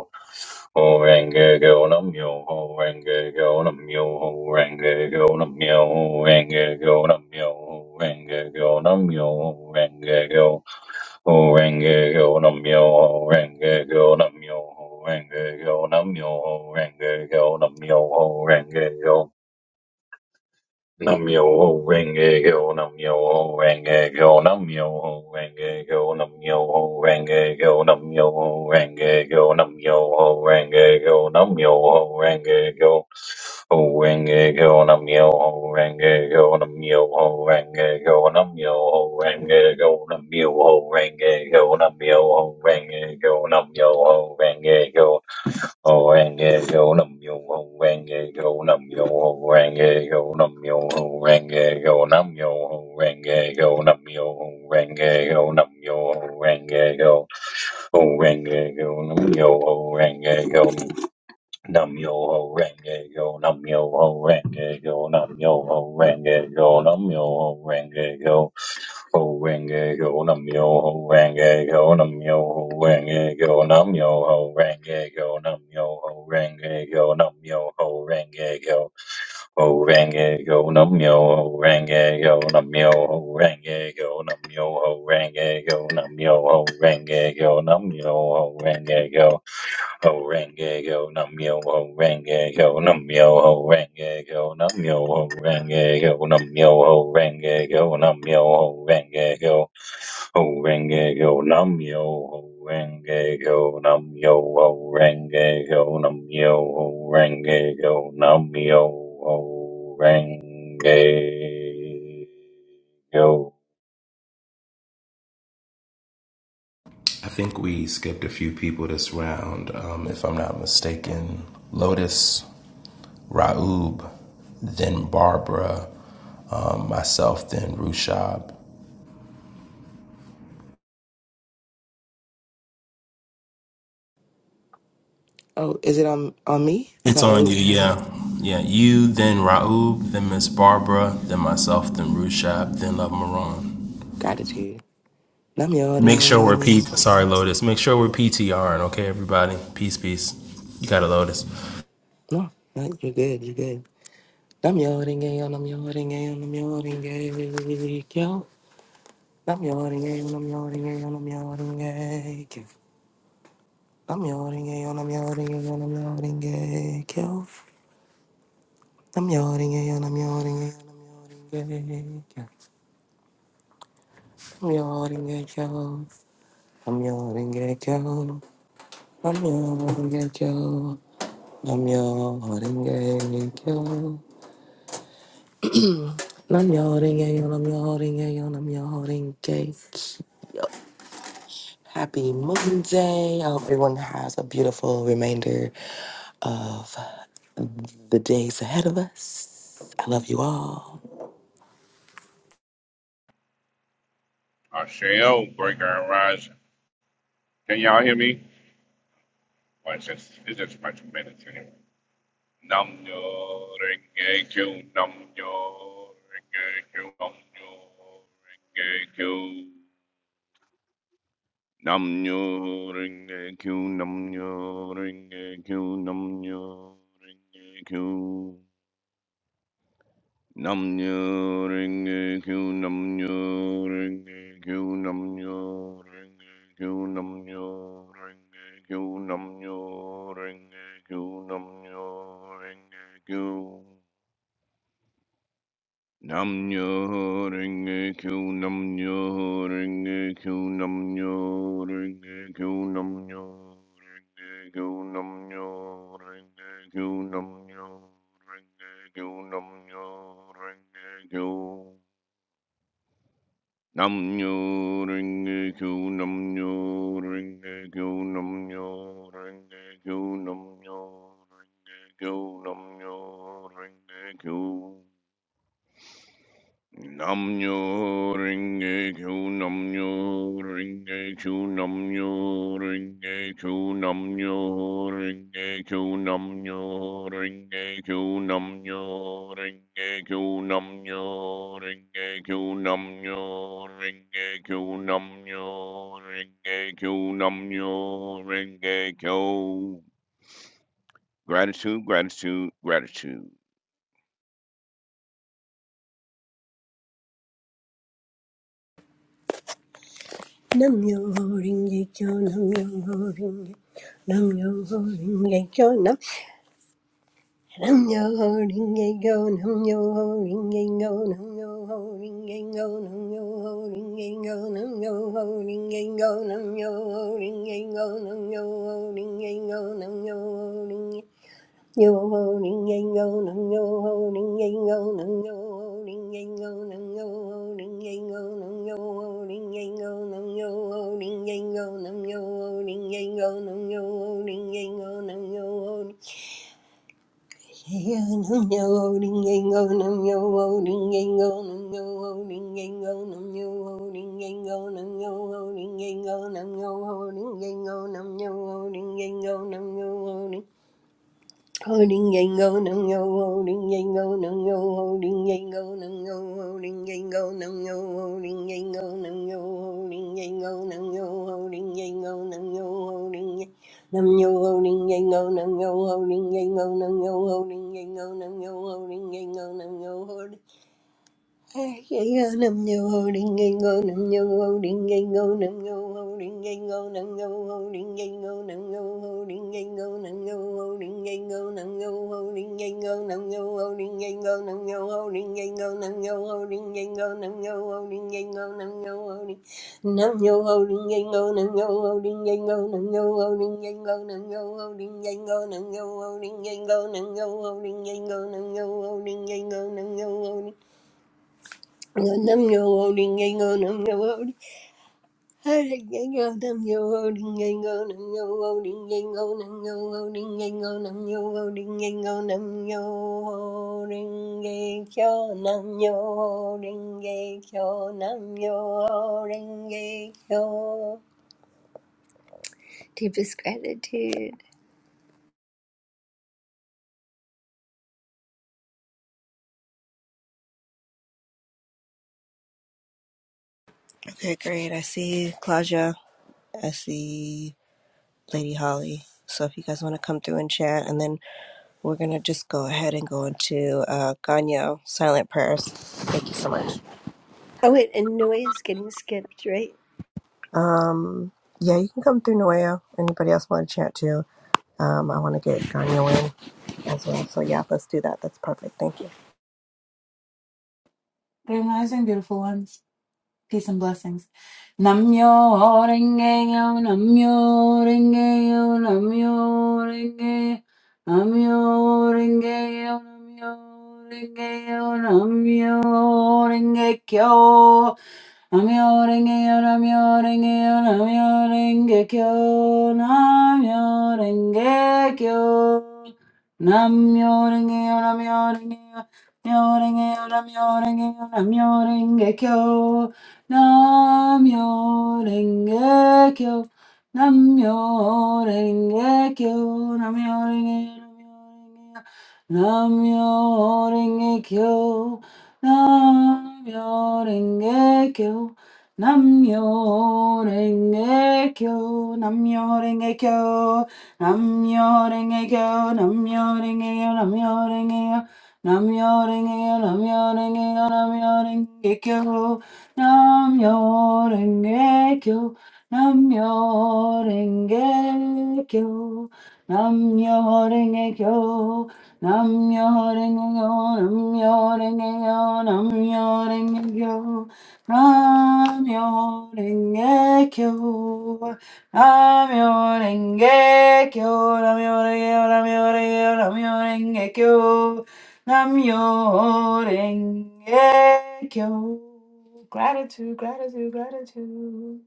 ho renge kyo nam yo ho renge kyo nam yo ho renge kyo nam yo ho renge kyo nam yo ho renge kyo nam yo ho renge kyo Ho renge yo nam yo ho renge yo nam yo ho renge yo nam renge yo nam renge yo Nam yo ho renge kyo, nam yo ho renge kyo, nam yo ho renge kyo, nam yo ho renge kyo, nam yo ho renge kyo, nam yo ho renge kyo, nam yo ho renge kyo, ho renge kyo, nam yo ho renge kyo, nam yo ho renge kyo, nam yo ho renge kyo, nam yo ho renge kyo, nam yo ho renge kyo, nam yo ho renge kyo, Orange go num yo, orange go num yo, orange go num yo, orange go num yo, orange go num yo, orange go num yo, orange go, orange go num yo, orange go. Nam yo ho renge yo, nam yo ho renge yo, nam yo ho renge yo, nam yo ho renge yo, ho renge yo, nam yo ho renge yo, nam yo ho renge yo, nam yo ho renge yo, nam yo ho renge yo, nam yo ho renge yo, ho renge yo, nam yo ho renge yo, nam yo ho renge yo, nam yo ho renge yo, nam yo ho renge yo, nam yo ho renge yo ho renge yo num yo ho renge yo num yo ho renge yo num yo ho renge yo num yo ho renge yo num yo ho renge yo ho renge yo num yo ho renge yo num yo ho renge yo num yo ho renge yo nam yo ho renge yo I think we skipped a few people this round, um, if I'm not mistaken. Lotus, Raub, then Barbara, um, myself, then Rushab. Oh, is it on on me? I It's thought on you, wrote yeah. Yeah, you, then Raub, then Miss Barbara, then myself, then Rushab, then Love Maron. gratitude. Nam yo ding Make sure yo we're nam P. yo. Sorry, Lotus. Make sure we're PTRing, okay, everybody? Peace, peace. You got it, Lotus. No, no, you're good. You're good. Nam yo ding yo nam yo ding yo nam yo ding yo. Nam yo ding yo nam yo ding yo nam yo ding yo. Nam yo ding yo nam yo ding yo nam yo ding yo. Nam yo ding yo nam yo ding yo nam yo ding yo. I'm your ringgit yo. I'm your ringgit yo. I'm your ringgit yo. Namyo Horenge Kyo. Namyo Horenge Kyo. Namyo Horenge Kyo. Namyo Horenge Kyo. Happy Monday. I hope everyone has a beautiful remainder of the days ahead of us. I love you all. Asheo Breaker and Rise. Can y'all hear me? Well, it's just it's just a bunch of minutes anyway. Nam yo renge kyo, nam yo renge kyo, nam yo renge kyo. Nam yo renge kyo, nam yo renge kyo, nam yo renge kyo. Namnyo Renge Kyo Namnyo Renge Kyo Namnyo Renge Kyo Namnyo Renge Kyo Namnyo Renge Kyo Namnyo Renge Kyo Namnyo Renge Kyo Namnyo Renge Kyo Namnyo Renge Kyo Namnyo Renge Kyo Namnyo Renge Kyo Namnyo Renge Kyo Namnyo Renge Kyo Namnyo Renge Kyo Namnyo Renge Kyo Namnyo Renge Kyo Namnyo Renge Kyo Namnyo Renge Kyo Namnyo Ringe Kyo Namnyo Ringe Kyo Namnyo Ringe Kyo Namnyo Ringe Kyo Namnyo Ringe Kyo Namnyo Ringe Kyo Namnyo Ringe Kyo Namnyo Ringe Kyo Namnyo Ringe Kyo Namnyo Ringe Kyo Gratitude, gratitude, gratitude. Nam yo ho ring ye kyo, nam yo ho ring ye, nam yo ho ring ye kyo, nam nam yo ho ring ye kyo, nam yo ho ring ye kyo, nam yo ho ring ye kyo, nam yo ho ring ye kyo, nam yo ho ring ye kyo, nam yo ho ring ye kyo, nam yo ho ring ye kyo, nam yo ho ring ye kyo, Yo ho ning yang yo nang yo ho ning yang yo nang yo ho ning yang yo nang yo ho ning yang yo nang yo ho ning yang yo nang yo ho ning yang yo nang yo ho ning yang yo nang yo ho ning yang yo nang yo ho nang yo ho ning yang yo nang yo ho ning yang yo nang yo ho ning yang yo nang yo ho ning yang yo nang yo ho ning yang yo nang yo ho ning yang yo nang yo ho ning yang yo nang yo ho Holding yango no yo, holding yango no yo, holding yango no yo, holding yango no yo, holding yango no yo, holding yango no yo, holding yango no yo, holding nam yo, holding yango no yo, holding yango no yo, holding yango no yo, holding yango no yo, Nam yo ho ding ding go nam yo ho ding ding go nam yo ho ding ding go nam yo ho ding ding go nam yo ho ding ding go nam yo ho ding ding go nam yo ho ding ding go nam yo ho ding ding go nam yo ho ding ding go nam yo ho ding ding go nam yo ho ding ding go nam yo ho ding Nam yo ho ding ding go nam yo ho ding ding go nam yo ho ding ding go nam yo ho ding ding go nam yo ho ding ding go nam yo ho ding ding go nam yo ho ding ding go nam yo ho ding ding go nam yo ho ding ding go Nam yo loading and go nam yo loading. Hey, go nam yo loading and go nam yo loading and go nam yo loading and go nam yo loading and go nam yo loading and go nam yo loading and go nam yo loading and go. Deepest gratitude. Okay, great. I see Claudia. I see Lady Holly. So if you guys want to come through and chat, and then we're gonna just go ahead and go into uh, Ganyo silent prayers. Thank you so much. Oh wait, and Noe is getting skipped, right? Um, yeah, you can come through Noea. Anybody else want to chat too? Um, I want to get Ganyo in as well. So yeah, let's do that. That's perfect. Thank you. Good morning, beautiful ones. Peace and blessings. Namyo renge yo. Namyo renge yo. Namyo Rengeyo, Namyo renge yo. Namyo renge yo. Namyo Rengekyo, Namyo renge yo. Namyo renge yo. Namyo Rengekyo, Namyo Rengekyo, Namyo renge yo. Namyo renge yo. Namyo renge yo. Namyo renge yo. Namyo Rengekyo. Namyo Renge Kyo. Namyo Renge Kyo. Namyo Renge Namyo Renge Kyo. Namyo Renge Kyo. Namyo Renge Kyo. Namyo Renge Kyo. Namyo Renge Kyo. Namyo Renge Kyo. Namyo Renge Kyo. Namyo Renge Kyo. Namyo Renge Kyo. Namyo Renge Kyo. Namor ingejo, Namor ingejo, Namor ingejo, Namor ingejo, Namor ingejo, Namor ingejo, Namor ingejo, Namor ingejo, Namor ingejo, Namor ingejo. Namyo Renge Kyo. Gratitude, gratitude, gratitude.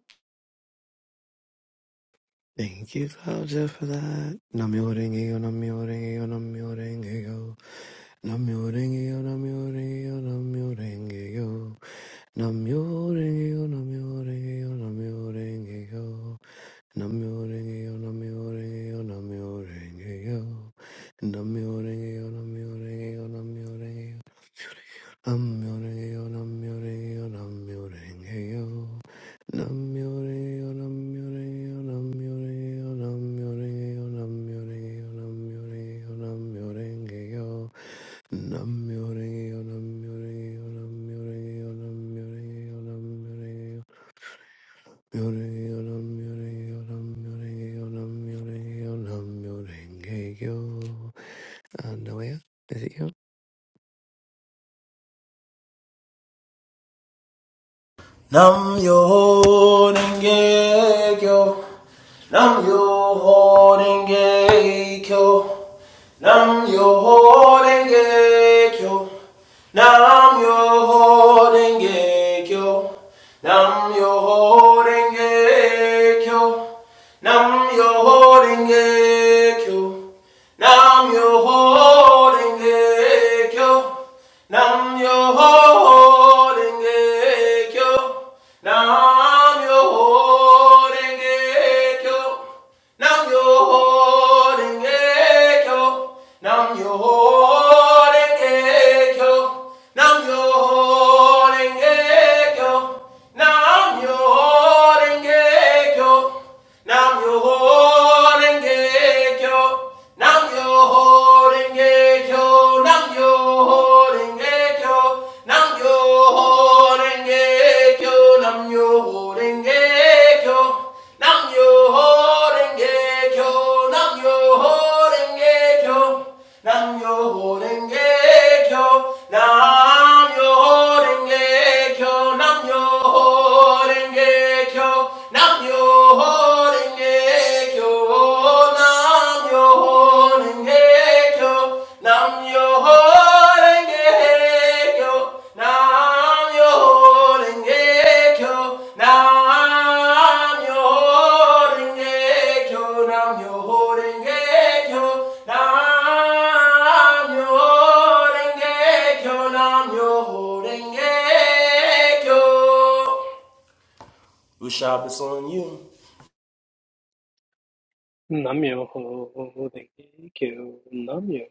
Thank you, Claudia, for that. Namyo renge-yo, namyo renge-yo, namyo renge-yo. Namyo renge-yo, namyo renge namyo renge Namyo renge namyo renge namyo renge Namyo renge namyo renge namyo renge Namyo renge namyo renge namyo renge Namyo-renge-kyo, Namyo-renge-kyo, Namyo-renge-kyo. Namyo-renge-kyo, Namyo-renge-kyo, Namyo-renge-kyo, Namyo-renge-kyo, Namyo-renge-kyo, Namyo-renge-kyo, Namyo-renge-kyo. Namyo-renge-kyo, Namyo-renge-kyo, Namyo-renge-kyo, Namyo-renge-kyo, Namyo-renge-kyo. Myo-renge-kyo, Namyo-renge-kyo, Namyo-renge-kyo, Namyo-renge-kyo, Namyo-renge-kyo. Uh, Noah, is it you? Nam yo denge kyo. Nam yo denge kyo. Nam yo denge kyo. Nam yo denge kyo. Nam yo denge kyo. Nam yo denge kyo. Nam yo denge kyo. Nam yo ho renge kyo. Nam yo ho renge kyo. Nam yo ho renge kyo. Nam yo ho renge kyo. Nam yo ho renge kyo. Nam yo ho renge kyo. Nam yo ho renge kyo. Nam yo ho renge kyo. Nam yo ho renge kyo. Nam yo Nam yo ho renge kyo, Nam yo Horengekyo, nam Ushab is on you. Namyoho Renge Kyo, Namyoho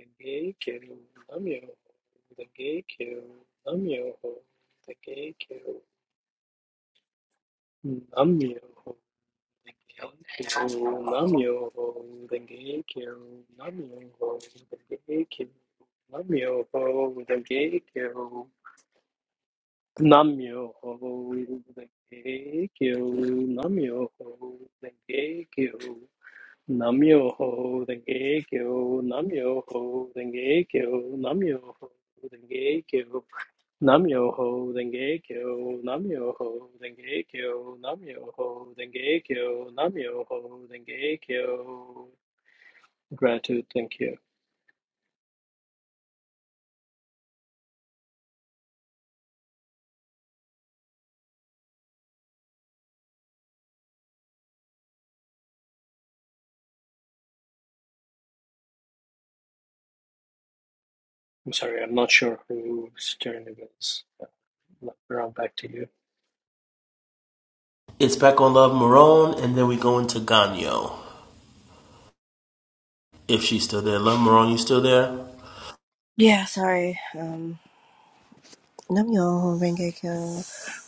Renge Kyo, Namyoho Renge Kyo, Namyoho Renge Kyo, Namyoho Namyo Nam yo Namyoho Denge Kyo, Namyoho Denge Kyo, Namyoho Denge Kyo, Namyoho Denge Kyo. Gratitude, thank you. I'm sorry, I'm not sure whose turn it is. Round back to you. Gonna love Marone, and then we go into Ganyo. If she's still there, love Marone, you still there? Yeah, sorry. Um, Namyo Renge Kyo,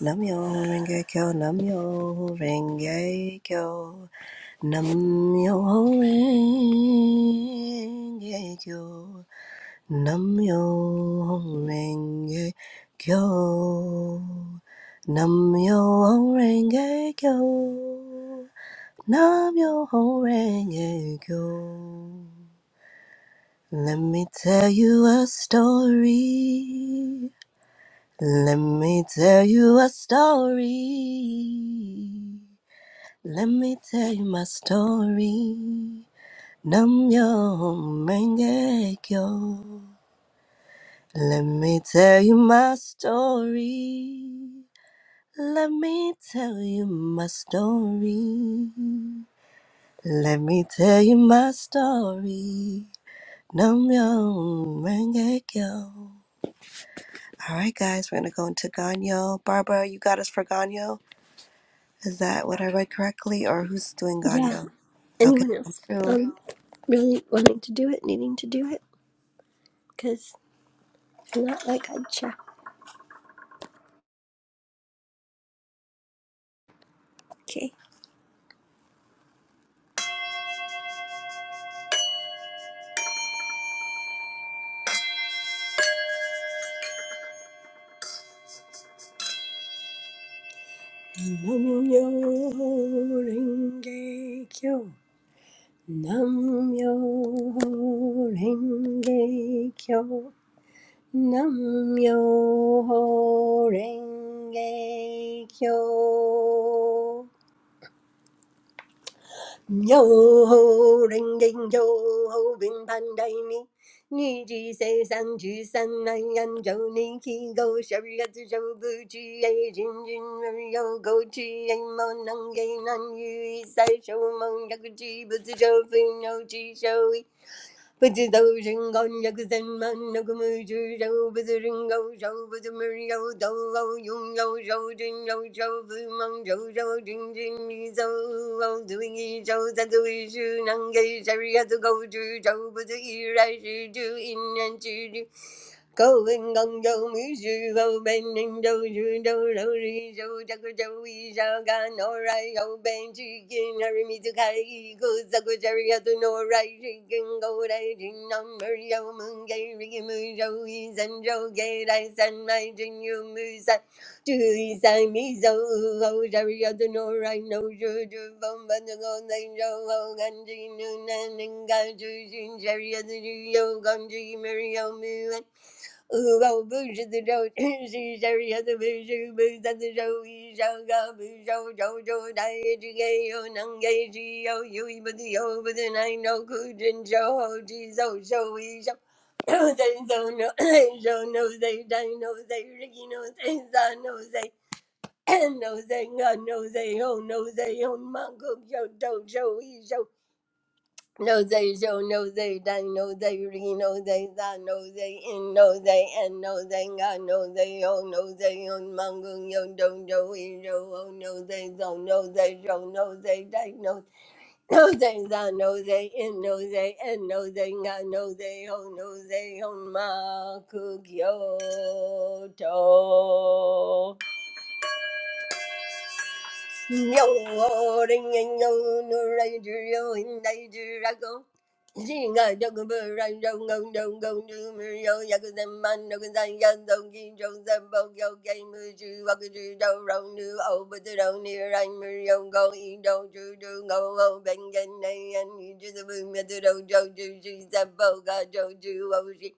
Namyo Renge Kyo, Namyo Renge Kyo. Nam-myoho-renge-kyo. Nam-myoho-renge-kyo. Nam-myoho-renge-kyo. Nam-myoho-renge-kyo. Let me tell you a story. Let me tell you a story. Let me tell you my story. Namyo Mengekyo. Let me tell you my story. Let me tell you my story. Let me tell you my story. Namyo Mengekyo. All right, guys, we're gonna go into Ganyo. Barbara, you got us for Ganyo. Is that what I read correctly, or who's doing Yeah. Ganyo? Okay, Anyone I'm else? through. Um, really wanting to do it, needing to do it, because not like I'd check. Okay. Namyo Renge Kyo. Namyo Renge Kyo. Namyo Renge Kyo. Yo ho, ring ding yo ho, bin pan dai ni. Ni ji se san ju san nai an jo ni ki go shari ga tu jo bu ji ai jin jin ri yo go ji ai mo nang ge nan yu i sai shou mong yak ji bu zi jo fu no ji shou i. 不知道为什么那个木主手不知人高手不知没有头高用右手真右手不梦右手真真你走走走走一手三走一手能给谁呀走高举手不知依然是主一年之主。go and gong go mushu go ben and do ju do do ri jo jago jo we sha ga no rai go ben chi kin hari mi tu kai i go za go jari ha tu no rai chi go rai jin nam mer yo mun ge ri mu jo i san jo ge rai san mai jin you mu san tu i san mi zo u ho jari ha tu no rai no ju ju bom ban do go nai jo ho gan ji nu nan ga ju jin jari ha tu ju yo gan ji mer yo mu they so no they so no they die no they Ricky no they son no they no they no they oh no they oh mango yo do show he show no they show no they dang no they re no they that no they in no they and no they got no they oh no they on mongo yo don't do we yo oh no they don't no they show no they dang no no they that no they in no they and no they got no they oh no they on ma cook yo You're holding on to a dream that you're not going to keep. I don't know why you're so blind. I don't know why you're so blind. I don't know why you're so blind. I don't know why you're so blind. I don't know why you're so blind. I don't know why you're so blind. I don't know why you're so blind. I don't know why you're so blind.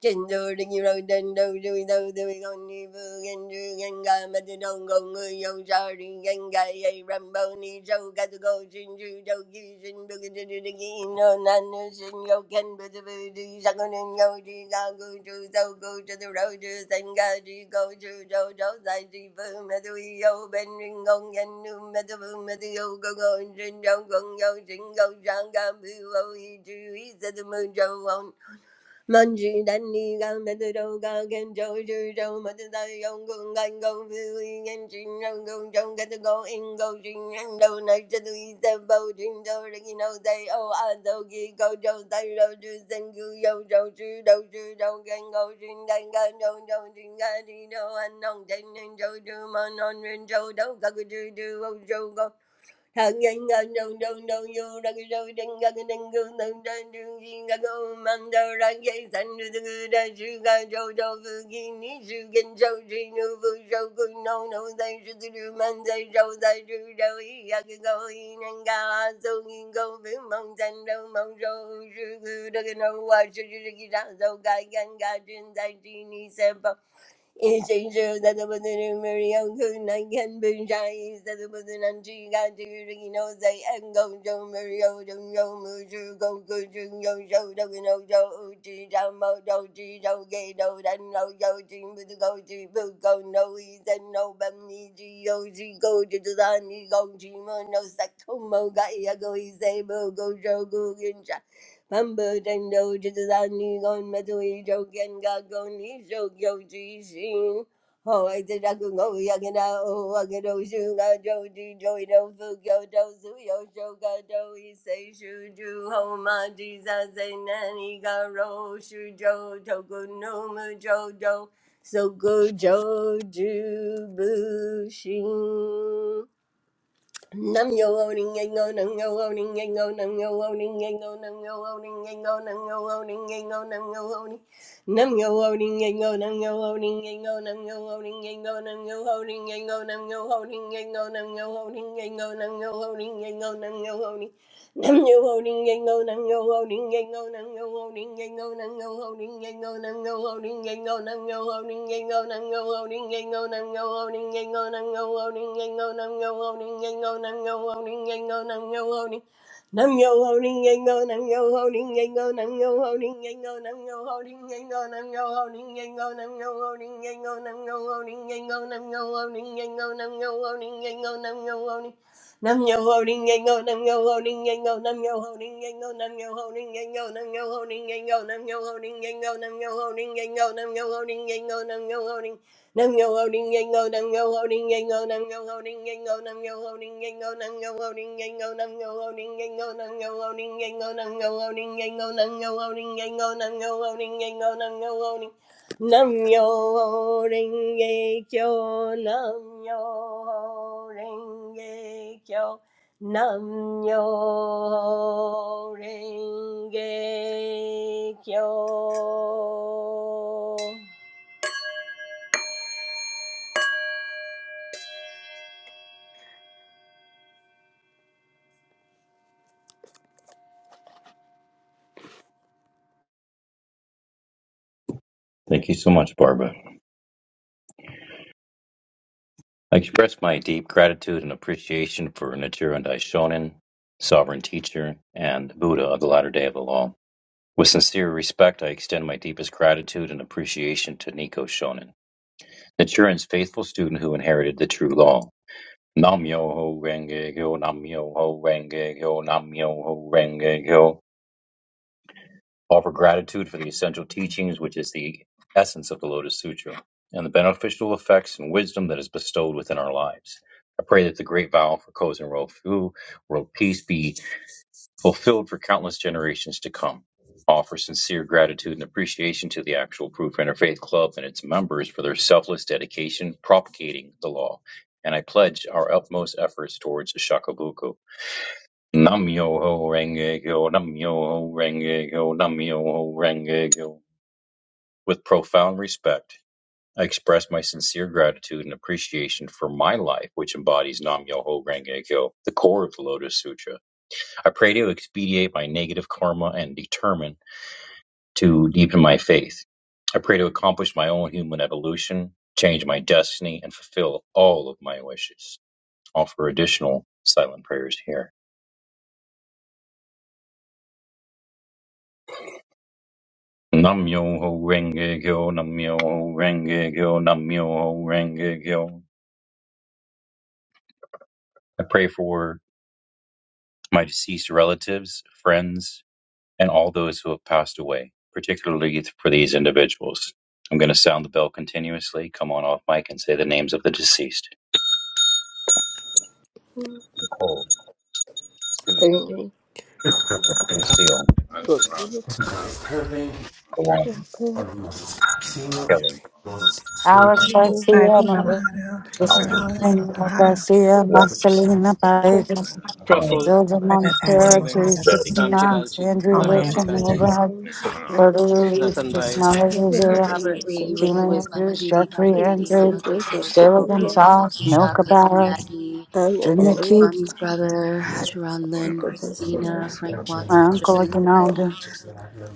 Trên đôi đi rồi trên đôi đuôi đâu tôi con đi vừa ghen đưa ghen gà mà tôi đâu còn người dâu sao đi ghen gà dây rằm bao ni sâu cả tôi cô xin sư đâu khi xin bơ cái đi đi đi nó nan nó xin gâu khen bơ tôi bơ đi ra con nên gâu đi ra cô sư sâu cô cho tôi đâu chưa thành gà đi cô sư đâu đâu dài đi vơ mà tôi yêu bên riêng con ghen nu mà tôi vơ mà tôi yêu cô cô xin đâu con gâu xin gâu sang gà bưu ô y chư ý sẽ tôi mơ trâu hồn Munji Dani Gan the Doga Gan Joju Jo Mata Yongun Gan Go Fui and Jin Go Jong Get the Go In Go Jin and Do Night to the Bo Jin Do Rikino Day O Ado Gi Go Jo Dai Ro Ju Zengu Yo Jo Ju Do Ju Do Gan Go Jin Dan Gan Jo Jo Jin Gan Jin Do and Nong Jin and Jo Ju Mon On Rin Jo Do Gaku Ju Do O Jo Go 好，一生就在那么多年没有可能看不上，在那么多年只看这个人，我在安公中没有中有没有就够够就有有那个那个不在，不够那一生老有情不够就不够那一生老把你只有只够就到你够寂寞，那啥都没改呀，够一生不够就够跟着。Mumbo Dendo Jitani Gon Matui Joken Gagon Isho Yoji Shin. Oh, I said I could go Yakina, oh, I could oh, shoot, I joji, joy, fukyo, do, suyo, shoka, say, shuju, ho, ma, jisa, say, nani, ga, ro, shujo, toku, no, mu, jo, do, so, go, joju, bushin. Nam yo owning and go nam yo owning and go nam yo owning and go nam yo owning and go nam yo owning and go nam yo owning nam yo owning and go nam yo owning and go nam yo owning and go nam yo owning and go nam yo owning and go nam yo owning and go nam yo owning and go nam yo owning Nam yo ho ding yang go nam yo ho ding yang go nam yo ho ding yang go nam yo ho ding yang go nam yo ho ding yang go nam yo ho ding yang go nam yo ho ding yang go nam yo ho ding yang go nam yo ho ding yang go nam yo ho ding yang go nam yo ho ding yang go nam yo ho ding Nam yo holding yango, nam yo holding yango, nam yo holding yango, nam yo holding yango, nam yo holding yango, nam yo holding yango, nam yo holding yango, nam yo holding yango, nam yo holding yango, nam yo holding. Nam yo holding yango, nam yo holding yango, nam yo holding yango, nam yo holding yango, nam yo holding yango, nam yo holding yango, nam yo holding yango, nam yo holding yango, nam yo holding yango, nam yo holding yango, Nam yo ho ding yang go, nam yo ho ding yang go, nam yo ho ding yang go, nam yo ho ding yang go, nam yo ho ding yang go, nam yo ho ding yang go, nam yo ho ding yang go, nam yo ho ding yang go, nam yo ho ding yang go, nam yo ho ding yang go, nam yo ho ding nam yo ho ding yang go, nam yo ho ding yang go, nam yo ho thank you so much barbara I express my deep gratitude and appreciation for Nichiren Daishonin, Sovereign Teacher, and Buddha of the Latter Day of the Law. With sincere respect, I extend my deepest gratitude and appreciation to Nico Shonin, Nichiren's faithful student who inherited the true law. Nam-myoho Renge Kyo, Nam-myoho Renge Kyo, Nam-myoho Renge Kyo offer gratitude for the essential teachings, which is the essence of the Lotus Sutra, and the beneficial effects and wisdom that is bestowed within our lives. I pray that the great vow for Kozen Rofu, world peace, be fulfilled for countless generations to come. Offer sincere gratitude and appreciation to the Actual Proof Interfaith Club and its members for their selfless dedication propagating the law. And I pledge our utmost efforts towards Shakabuku. Nam yo ho renge kyo, nam yo ho renge kyo, nam yo ho renge kyo. With profound respect, I express my sincere gratitude and appreciation for my life, which embodies Nam yo ho renge kyo, the core of the Lotus Sutra. I pray to expedite my negative karma and determine to deepen my faith. I pray to accomplish my own human evolution, change my destiny, and fulfill all of my wishes. Offer additional silent prayers here. Nam-myoho Renge Kyo, Nam-myoho Renge Kyo, Nam-myoho Renge Kyo. I pray for my deceased relatives, friends, and all those who have passed away, particularly for these individuals. I'm going to sound the bell continuously, come on off mic, and say the names of the deceased. Nicole, Susan, ding yang Right. Lucille, Luan, go. Kelly, Alex Michael, Garcia, Ivy Maria Milano, Albert, Justina Morella Manuel Milano, Garcia, Walt, Marcelina Paredes, Connie, Praful, Zildjian Nathaniel Montero, Maniben, Teresa Milano, Betty. Ramji Sixty-Nine, Lalji, Andrew all my Raghavji Wilson, Kanji, ancestors. Overhead, Instagram Roberto page, Ruiz, Ratan Bhai. Dr. Chismales Pierre-John, Rivera, Robert Lee, congregations Ruth at Gina Lewis, Mama Andrews, Didi, Jeffrey Papa Didi, BBC Mama Andrew, Do Doto, Get to Sheila Papa Be Bo, Here. Mata Gonzalez, Twisha, Milka Cousin Barros, Maggie, I'm an Junior animal. Keith, Mommy's brother, Sharon Lynn, Sacrifice your Christina, lives Frank for my Watson, uncle Shabazzian, all. Aguinaldo,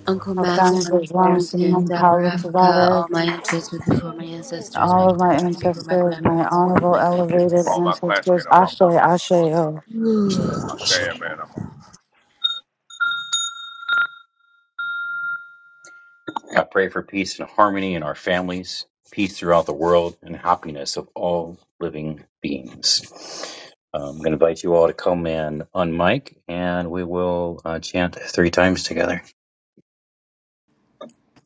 Uncle Max, Alcani Ronald Bajwan, Farrington, Simon Dapper Paulo Africa, all my ancestors before my ancestors, my all of my grandparents before my ancestors, my grandparents before honorable my elevated grandparents. ancestors, Ashe, Asheo. I pray for peace and harmony in our families, peace throughout the world, and happiness of all living beings. Um, I'm going to invite you all to come and unmic, and we will uh, chant three times together.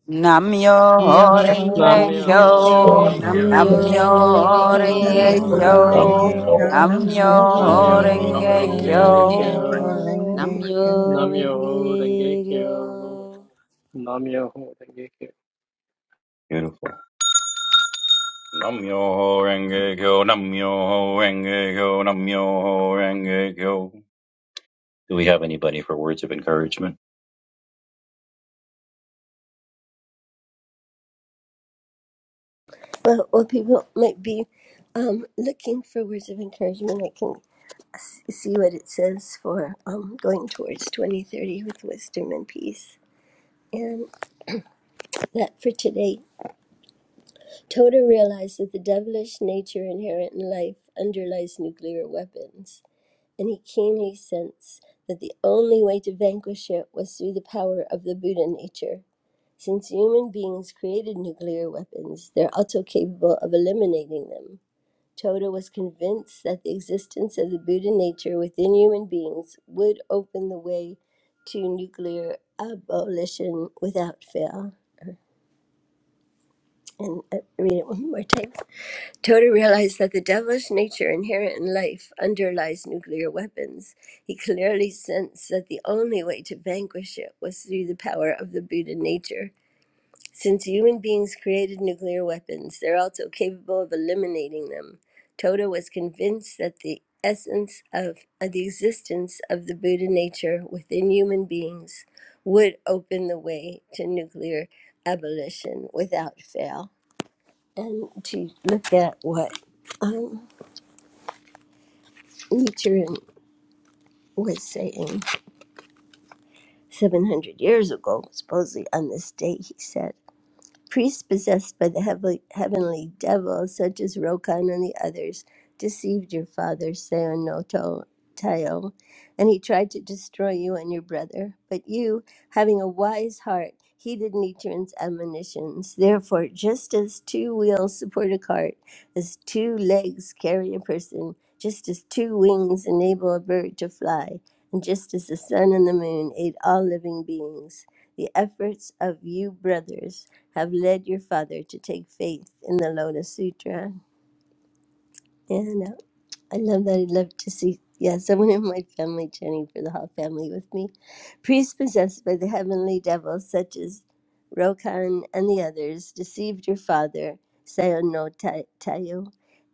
Namyo Yo ho Nam Renge renge kyo, Kyo, Namyo yo. nam yo Namyo ho Renge Renge Namyo Namyoho Kyo, renge Denge Horenge Kyo, Kyo, Kyo, kyo, Namyo Namyo nam yo Namyo ho Renge Horenge Namyoho Renge Kyo, renge Denge Namyo Kyo, Kyo. Kyo, kyo. Horenge Namyo Kyo. Renge Namyoho Denge Kyo, Namyoho Denge Kyo. Kyo. Nam Myoho Renge Kyo. Beautiful. Nam myoho renge kyo, nam myoho renge kyo, nam myoho renge kyo. Do we have anybody for words of encouragement? But what people might be um, looking for words of encouragement, I can s- see what it says for um, going towards 2030 with wisdom and peace. That for today, Toda realized that the devilish nature inherent in life underlies nuclear weapons, and he keenly sensed that the only way to vanquish it was through the power of the Buddha nature. Since human beings created nuclear weapons, they're also capable of eliminating them. Toda was convinced that the existence of the Buddha nature within human beings would open the way to nuclear abolition without fail. And uh, read it one more time. Toda realized that the devilish nature inherent in life underlies nuclear weapons. He clearly sensed that the only way to vanquish it was through the power of the Buddha nature. Since human beings created nuclear weapons, they're also capable of eliminating them. Toda was convinced that the essence of, of the existence of the Buddha nature within human beings would open the way to nuclear abolition without fail. And to look at what. um. Nichiren was saying 700 years ago, supposedly on this day, he said. priests possessed by the heav- heavenly devil, such as Rokan and the others, deceived your father, Seonoto Tayo, and he tried to destroy you and your brother. But you, having a wise heart, heeded Nichiren's admonitions. Therefore, just as two wheels support a cart, as two legs carry a person, just as two wings enable a bird to fly, and just as the sun and the moon aid all living beings, the efforts of you brothers have led your father to take faith in the Lotus Sutra. And uh, I love that. I'd love to see, yeah, someone in my family chanting for the whole family with me. Priests possessed by the heavenly devil, such as Rokan and the others, deceived your father, Sayo no Ta- Tayo,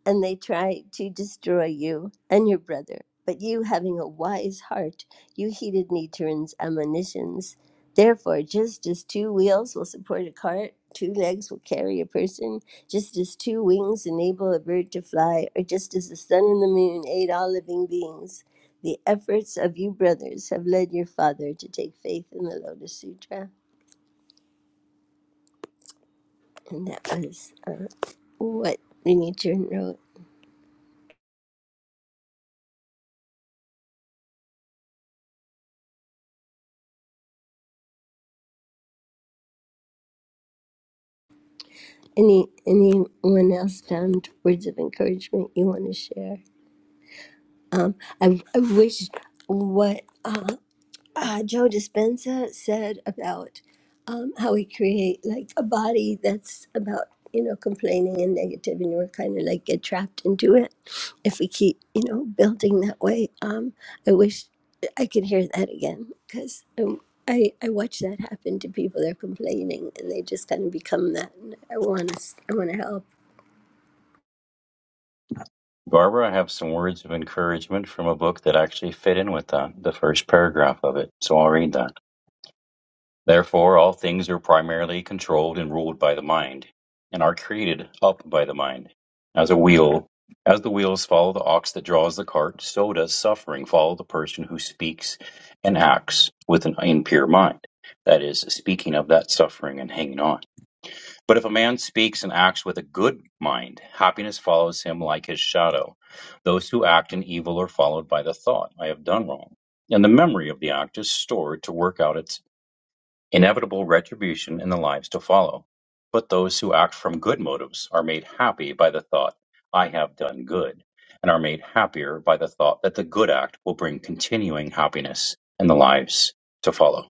and they tried to destroy you and your brother. But you, having a wise heart, you heeded Nichiren's admonitions. Therefore, just as two wheels will support a cart, two legs will carry a person, just as two wings enable a bird to fly, or just as the sun and the moon aid all living beings. The efforts of you brothers have led your father to take faith in the Lotus Sutra, and that was uh, what Rinpoche wrote. Any anyone else found words of encouragement you want to share? Um, I I wish what. uh, uh, Joe Dispenza said about um, how we create like a body that's about you know complaining and negative, and we're kind of like get trapped into it if we keep you know building that way. Um, I wish I could hear that again because um, I I watch that happen to people. They're complaining and they just kind of become that. And I want to I want to help. Barbara, I have some words of encouragement from a book that actually fit in with that, the first paragraph of it. So I'll read that. Therefore, all things are primarily controlled and ruled by the mind, and are created up by the mind. As a wheel, as the wheels follow the ox that draws the cart, so does suffering follow the person who speaks and acts with an impure mind. That is, speaking of that suffering and hanging on. But if a man speaks and acts with a good mind, happiness follows him like his shadow. Those who act in evil are followed by the thought, I have done wrong. And the memory of the act is stored to work out its inevitable retribution in the lives to follow. But those who act from good motives are made happy by the thought, I have done good, and are made happier by the thought that the good act will bring continuing happiness in the lives to follow.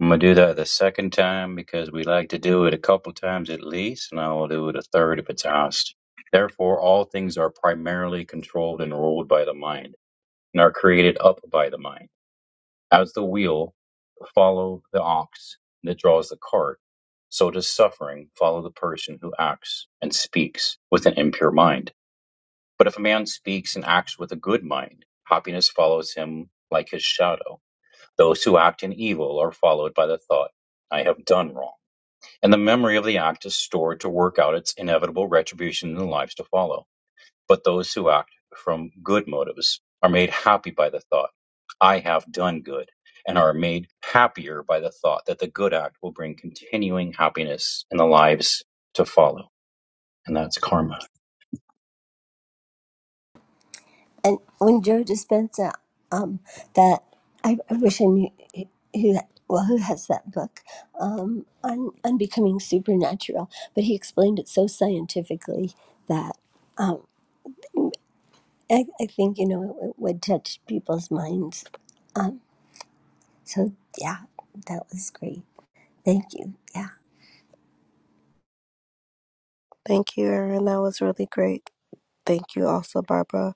I'm gonna do that the second time because we like to do it a couple times at least, and I will do it a third if it's asked. Therefore, all things are primarily controlled and ruled by the mind, and are created up by the mind. As the wheel follow the ox that draws the cart, so does suffering follow the person who acts and speaks with an impure mind. But if a man speaks and acts with a good mind, happiness follows him like his shadow. Those who act in evil are followed by the thought, I have done wrong. And the memory of the act is stored to work out its inevitable retribution in the lives to follow. But those who act from good motives are made happy by the thought, I have done good, and are made happier by the thought that the good act will bring continuing happiness in the lives to follow. And that's karma. and when Joe Dispenza, um, that I, I wish I knew who that, well who has that book um, on on becoming supernatural, but he explained it so scientifically that um, I, I think you know it, would touch people's minds. Um, so yeah, that was great. Thank you. Yeah, Thank you, Erin. That was really great. Thank you also, Barbara,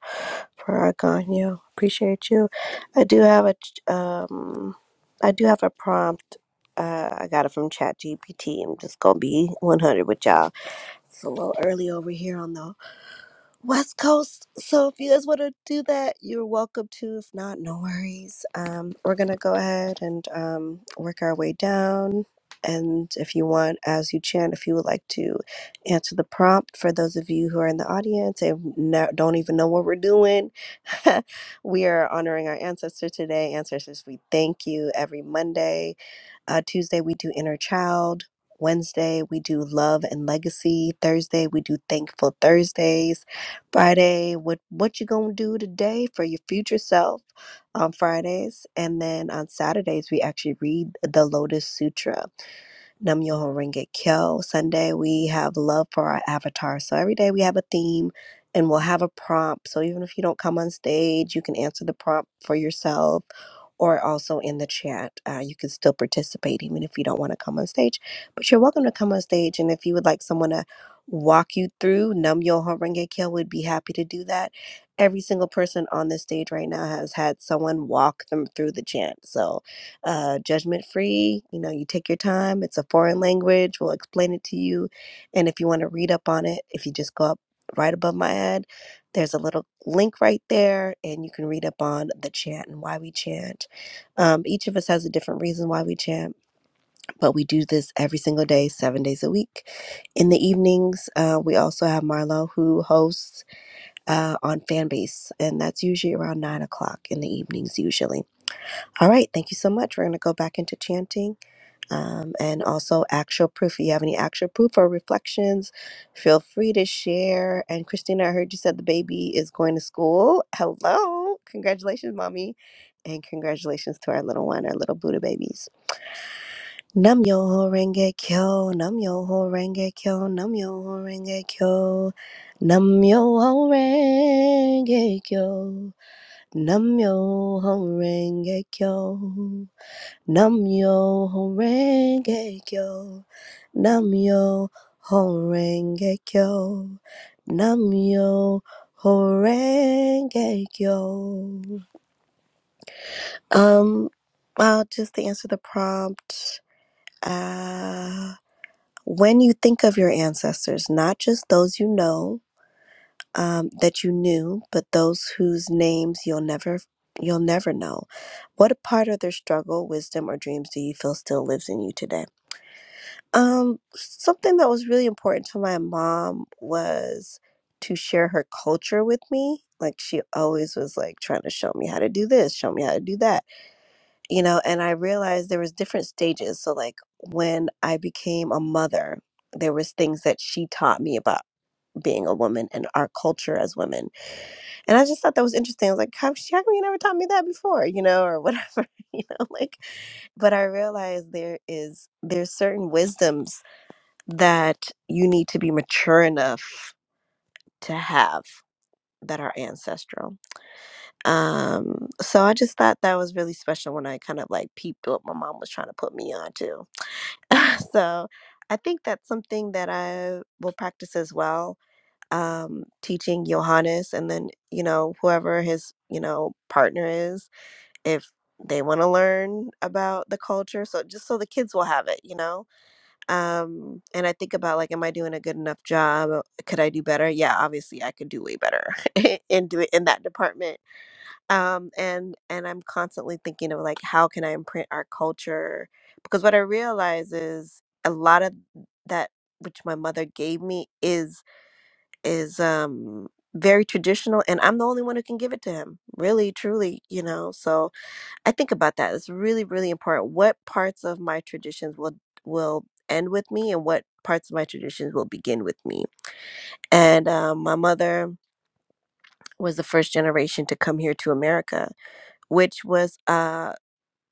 for Argano. Appreciate you. I do have a ch- um, I do have a prompt. Uh, I got it from ChatGPT. I'm just gonna be 100 with y'all. It's a little early over here on the West Coast. So if you guys want to do that, you're welcome to. If not, no worries. Um, we're gonna go ahead and um, work our way down. And if you want, as you chant, if you would like to answer the prompt for those of you who are in the audience and no, don't even know what we're doing, we are honoring our ancestor today. Ancestors, we thank you every Monday uh, Tuesday, we do inner child. Wednesday, we do love and legacy. Thursday, we do thankful Thursdays. Friday, what what you gonna do today for your future self? On Fridays, and then on Saturdays, we actually read the Lotus Sutra. Nam Myoho Renge Kyo. Sunday, we have love for our avatar. So every day we have a theme, and we'll have a prompt. So even if you don't come on stage, you can answer the prompt for yourself or also in the chat. Uh, you can still participate even if you don't want to come on stage, but you're welcome to come on stage. And if you would like someone to walk you through Num Yo Horenge Kill, would be happy to do that. Every single person on this stage right now has had someone walk them through the chant. So, uh, judgment free, you know, you take your time. It's a foreign language. We'll explain it to you. And if you want to read up on it, if you just go up right above my head, there's a little link right there, and you can read up on the chant and why we chant um, each of us has a different reason why we chant, but we do this every single day, seven days a week. In the evenings, uh, we also have Marlo who hosts uh, on Fanbase, and that's usually around nine o'clock in the evenings, usually. All right, thank you so much. We're going to go back into chanting um, and also actual proof. If you have any actual proof or reflections, feel free to share. And Christina, I heard you said the baby is going to school. Hello. Congratulations, mommy. And congratulations to our little one, our little Buddha babies. Nam yo ho renge kyo, nam yo ho renge kyo, nam yo ho renge kyo, nam yo ho renge kyo, nam yo ho renge kyo, nam yo ho renge kyo, nam yo ho renge kyo, nam yo ho renge kyo. Um, well, just to answer the prompt, uh, When you think of your ancestors, not just those you know um, that you knew, but those whose names you'll never you'll never know, what part of their struggle, wisdom, or dreams do you feel still lives in you today? Um, something that was really important to my mom was to share her culture with me. Like she always was like trying to show me how to do this, show me how to do that you know and i realized there was different stages so like when i became a mother there was things that she taught me about being a woman and our culture as women and i just thought that was interesting i was like how, she- how come you never taught me that before you know or whatever you know like but i realized there is there's certain wisdoms that you need to be mature enough to have that are ancestral um so i just thought that was really special when i kind of like peeped what my mom was trying to put me on to So I think that's something that I will practice as well. Um, teaching Johannes and then, you know, whoever his, you know, partner is, if they want to learn about the culture. So just so the kids will have it, you know? Um, and I think about like, am I doing a good enough job? Could I do better? Yeah, obviously I could do way better in do it in that department um and and i'm constantly thinking of like how can i imprint our culture because what i realize is a lot of that which my mother gave me is is um very traditional and i'm the only one who can give it to him really truly you know so i think about that it's really really important what parts of my traditions will will end with me and what parts of my traditions will begin with me and um, my mother was the first generation to come here to america which was uh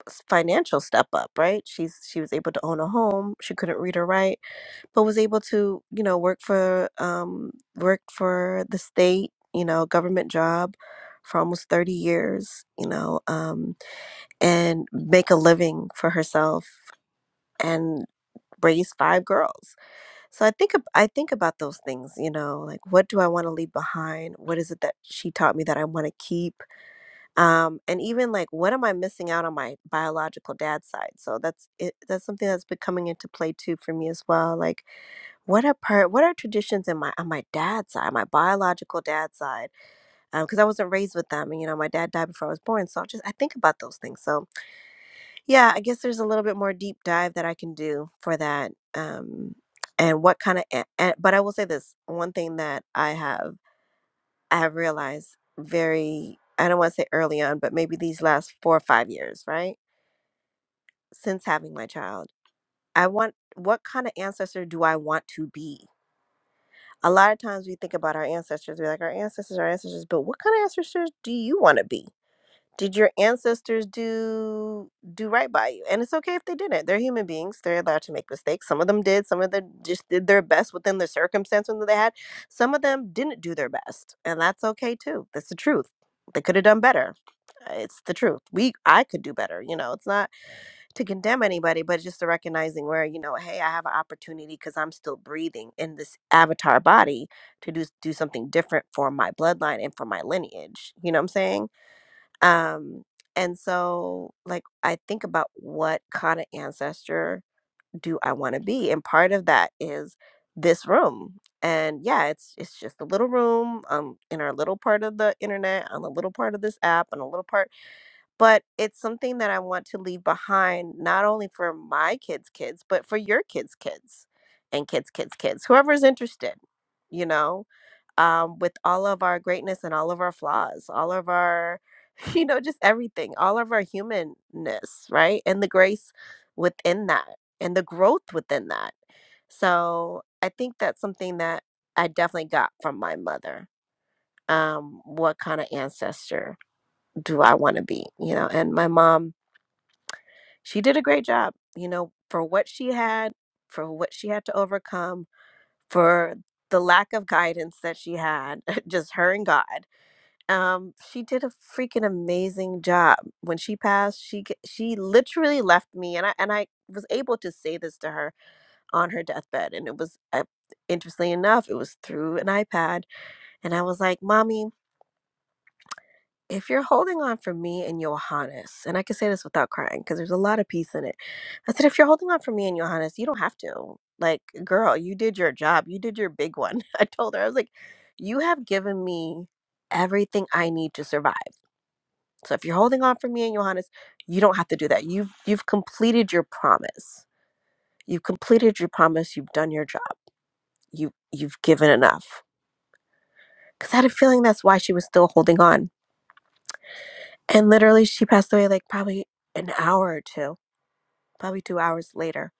s- financial step up, right? She's she was able to own a home. She couldn't read or write, but was able to, you know, work for um work for the state, you know, government job for almost 30 years, you know, um and make a living for herself and raise five girls. So I think ab- I think about those things, you know, like what do I want to leave behind? What is it that she taught me that I want to keep? um and even like what am i missing out on my biological dad's side so that's it that's something that's been coming into play too for me as well like what are part what are traditions in my on my dad's side my biological dad's side because i wasn't raised with them and you know my dad died before i was born so i just i think about those things so yeah i guess there's a little bit more deep dive that i can do for that um and what kind of a- a- but i will say this one thing that i have I have realized very, I don't want to say early on, but maybe these last four or five years, right? Since having my child, I want, what kind of ancestor do I want to be? A lot of times we think about our ancestors, we're like, our ancestors, our ancestors, but what kind of ancestors do you want to be? Did your ancestors do do right by you? And it's okay if they didn't. They're human beings. They're allowed to make mistakes. Some of them did. Some of them just did their best within the circumstances that they had. Some of them didn't do their best, and that's okay too. That's the truth. They could have done better. Uh, It's the truth. We I could do better. You know, it's not to condemn anybody, but just to recognizing where you know, hey, I have an opportunity because I'm still breathing in this avatar body to do do something different for my bloodline and for my lineage. You know what I'm saying? Um, and so, like, I think about what kind of ancestor do I want to be, and part of that is this room. And yeah, it's it's just a little room um in our little part of the internet, on a little part of this app, and a little part, but it's something that I want to leave behind, not only for my kids' kids, but for your kids' kids, and kids' kids' kids, whoever's interested, you know um, with all of our greatness and all of our flaws, all of our, you know, just everything, all of our humanness, right? And the grace within that and the growth within that. So I think that's something that I definitely got from my mother. Um, what kind of ancestor do I want to be? You know, and my mom, she did a great job, you know, for what she had, for what she had to overcome, for the lack of guidance that she had, just her and God um she did a freaking amazing job when she passed she g- she literally left me and i and i was able to say this to her on her deathbed and it was uh, interestingly enough it was through an ipad and i was like mommy if you're holding on for me and johannes and i can say this without crying because there's a lot of peace in it i said if you're holding on for me and johannes you don't have to like girl you did your job you did your big one i told her i was like you have given me everything i need to survive So if you're holding on for me and Johannes, you don't have to do that. You've you've completed your promise. You've completed your promise. You've done your job. You you've given enough. Cause I had a feeling that's why she was still holding on. And literally she passed away like probably an hour or two, probably two hours later.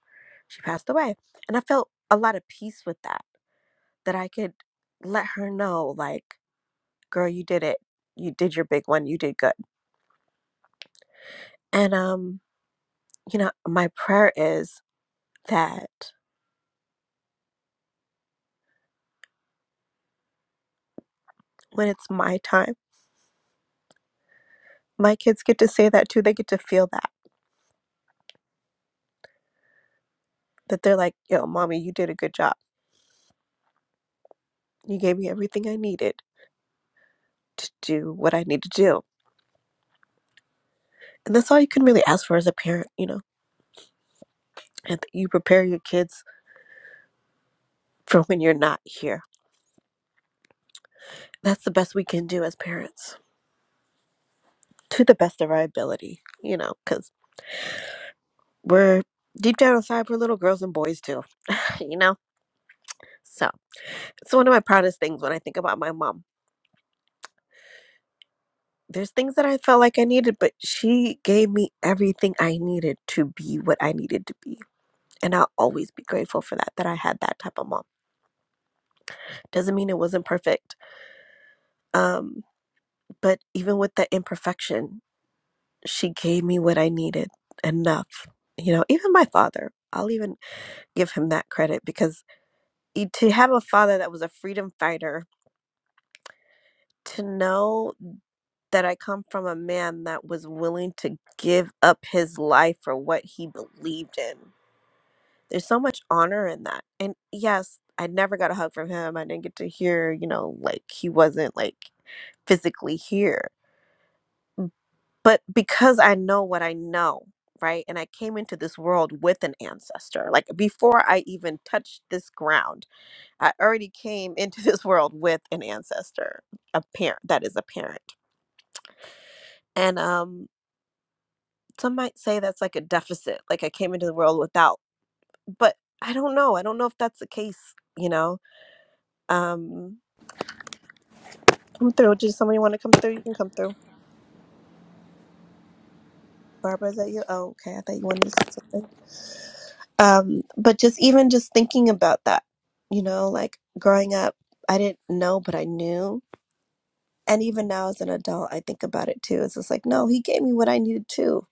She passed away. And I felt a lot of peace with that. That I could let her know, like, girl, you did it. You did your big one. You did good. And um, you know, my prayer is that when it's my time my kids get to say that too. They get to feel that, that they're like, yo, mommy, you did a good job. You gave me everything I needed to do what I need to do. And that's all you can really ask for as a parent, you know, and that you prepare your kids for when you're not here. That's the best we can do as parents to the best of our ability, you know, because we're deep down inside, we're little girls and boys too, you know? So it's one of my proudest things when I think about my mom. There's things that I felt like I needed, but she gave me everything I needed to be what I needed to be and I'll always be grateful for that that I had that type of mom. Doesn't mean it wasn't perfect, um, but even with the imperfection, she gave me what I needed enough. You know, even my father, I'll even give him that credit because e- to have a father that was a freedom fighter, to know that I come from a man that was willing to give up his life for what he believed in. There's so much honor in that. And yes, I never got a hug from him. I didn't get to hear, you know, like he wasn't like physically here. But because I know what I know, right? And I came into this world with an ancestor. Like before I even touched this ground, I already came into this world with an ancestor, a parent that is a parent. And um some might say that's like a deficit, like I came into the world without. But I don't know. I don't know if that's the case, you know. Um come through. Does somebody want to come through? You can come through. Barbara, is that you? Oh, okay. I thought you wanted to say something. Um, but just even just thinking about that, you know, like growing up, I didn't know, but I knew. And even now as an adult, I think about it too. It's just like, no, he gave me what I needed too.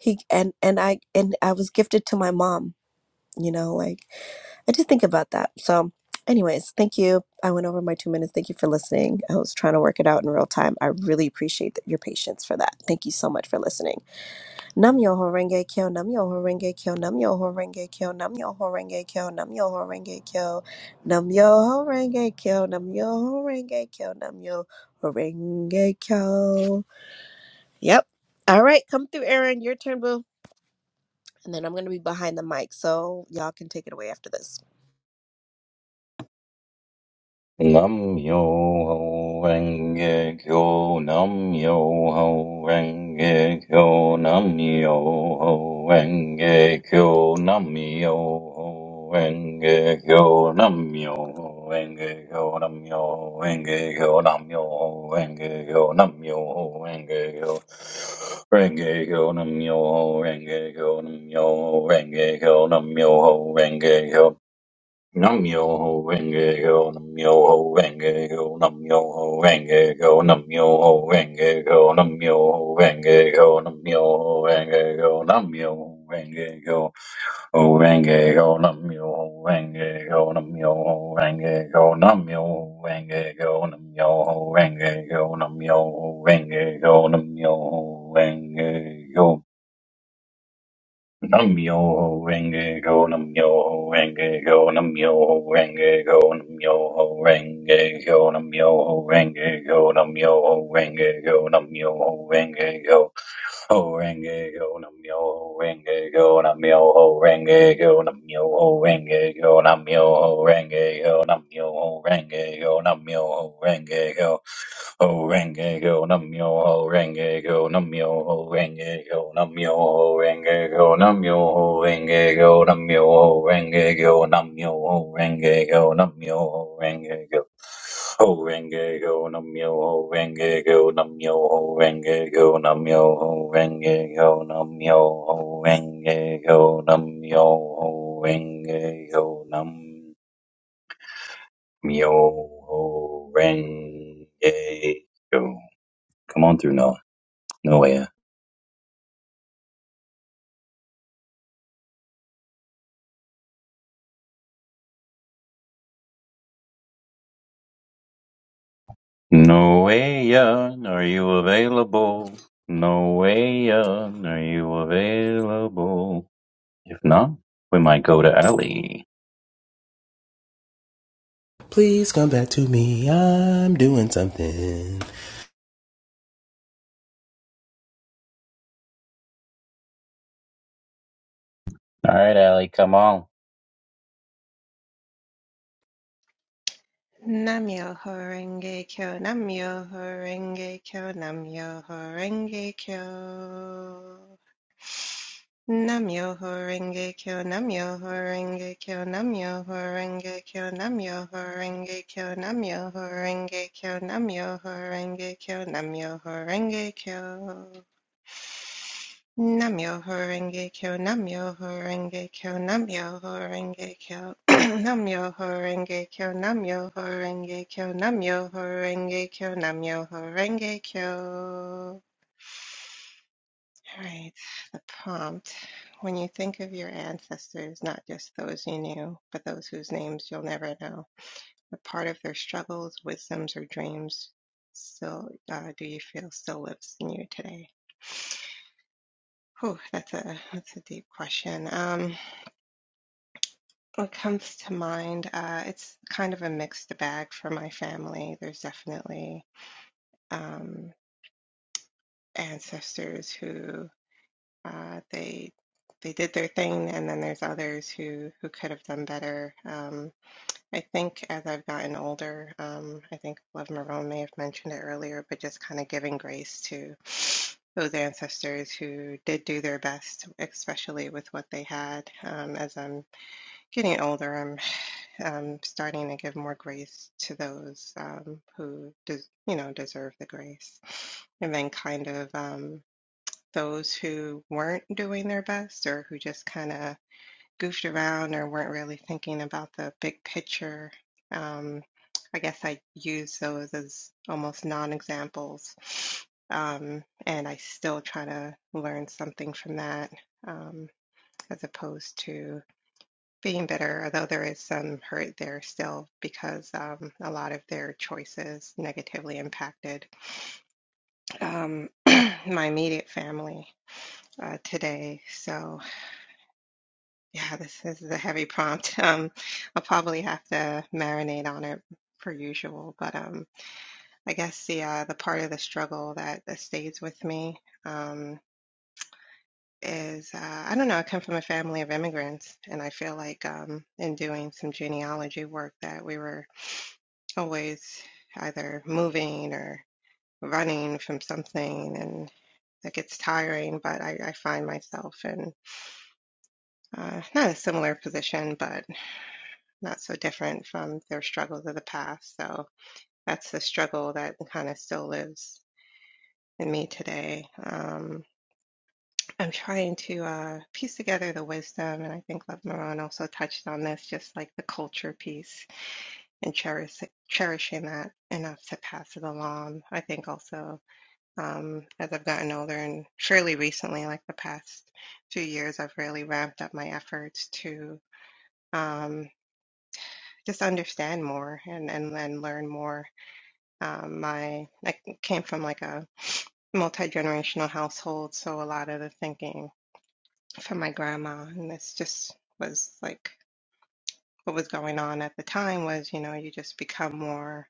He and and I and I was gifted to my mom, you know, like I just think about that. So anyways, thank you. I went over my two minutes. Thank you for listening. I was trying to work it out in real time. I really appreciate that your patience for that. Thank you so much for listening. Nam yo horenge kyo, nam yo horenge kyo, nam yo horenge kyo, nam yo horenge kyo, nam yo horenge kyo, nam yo horenge kyo, nam yo horenge kyo, nam yo horenge kyo. Yep. All right, come through, Aaron. Your turn, boo. And then I'm going to be behind the mic, so y'all can take it away after this. Nam yo ho renge kyo, nam yo ho renge kyo, nam yo ho renge kyo, nam yo ho renge kyo, nam yo ho renge kyo, nam yo ho renge kyo, nam yo ho renge kyo, nam yo ho renge kyo. Renge kyo, nam yo ho renge kyo, nam yo ho renge kyo, nam yo ho renge kyo. Nam-myoho Renge-kyo, Nam-myoho Renge-kyo, Nam-myoho Renge-kyo, Nam-myoho Renge-kyo, Nam-myoho Renge-kyo, Nam-myoho Renge-kyo, Nam-myoho Renge-kyo, O Renge-kyo, Nam-myoho Renge-kyo, Nam-myoho Renge-kyo, Nam-myoho Renge-kyo, Nam-myoho Renge-kyo, Nam-myoho Renge-kyo, Nam-myoho Renge-kyo. Namyo renge go namyo renge go namyo renge go namyo renge go namyo renge go namyo renge go namyo renge go ho renge go nam yo ho renge go nam yo ho renge go nam yo ho renge go nam yo ho renge go nam yo ho renge go nam yo ho renge go ho renge go nam yo ho renge go nam yo ho renge go nam yo ho renge go nam yo ho renge go nam yo ho renge go nam yo ho renge go nam yo ho renge go Ho renge ho nam yo ho renge ho nam yo ho renge ho nam yo ho renge ho nam yo ho renge ho nam yo ho renge ho nam yo ho renge ho. Come on through, Noah. Noah. Noah, are you available? Noah, are you available? If not, we might go to Ali. Please come back to me. I'm doing something. All right, Ali, come on. Namyoho Renge Kyo, Namyoho Renge Kyo, Namyoho Renge Kyo. Namyoho Renge Kyo, Namyoho Renge Kyo, Namyoho Renge Kyo, Namyoho Renge Kyo, Namyoho Renge Kyo, Namyoho Renge Kyo, Namyoho Renge Kyo. Namyoho Renge Kyo, Namyoho Renge Kyo, Namyoho Renge Kyo, Namyoho Renge Kyo, Namyoho Renge Kyo, Namyoho Renge Kyo, Namyoho Renge Kyo. All right, the prompt. When you think of your ancestors, not just those you knew, but those whose names you'll never know, what part of their struggles, wisdoms, or dreams still uh, do you feel still lives in you today? Oh, that's a that's a deep question. Um, what comes to mind? Uh, it's kind of a mixed bag for my family. There's definitely um, ancestors who uh, they they did their thing, and then there's others who who could have done better. Um, I think as I've gotten older, um, I think Love Marone may have mentioned it earlier, but just kind of giving grace to those ancestors who did do their best, especially with what they had. Um, as I'm getting older, I'm um, starting to give more grace to those um, who, des- you know, deserve the grace, and then kind of um, those who weren't doing their best or who just kind of goofed around or weren't really thinking about the big picture. Um, I guess I use those as almost non-examples, um, and I still try to learn something from that, um, as opposed to. Being bitter, although there is some hurt there still because um, a lot of their choices negatively impacted um, my immediate family uh, today. So, yeah, this, this is a heavy prompt. Um, I'll probably have to marinate on it per usual, but um, I guess the uh, the part of the struggle that, that stays with me um, is uh, I don't know. I come from a family of immigrants, and I feel like um, in doing some genealogy work that we were always either moving or running from something and that gets tiring but i, I find myself in uh, not a similar position but not so different from their struggles of the past so that's the struggle that kind of still lives in me today um, i'm trying to uh, piece together the wisdom and i think love moran also touched on this just like the culture piece and cherish, cherishing that enough to pass it along i think also um, as I've gotten older, and surely recently, like the past few years, I've really ramped up my efforts to um, just understand more and, and, and learn more. Um, my I came from like a multi-generational household, so a lot of the thinking from my grandma, and this just was like what was going on at the time was, you know, you just become more.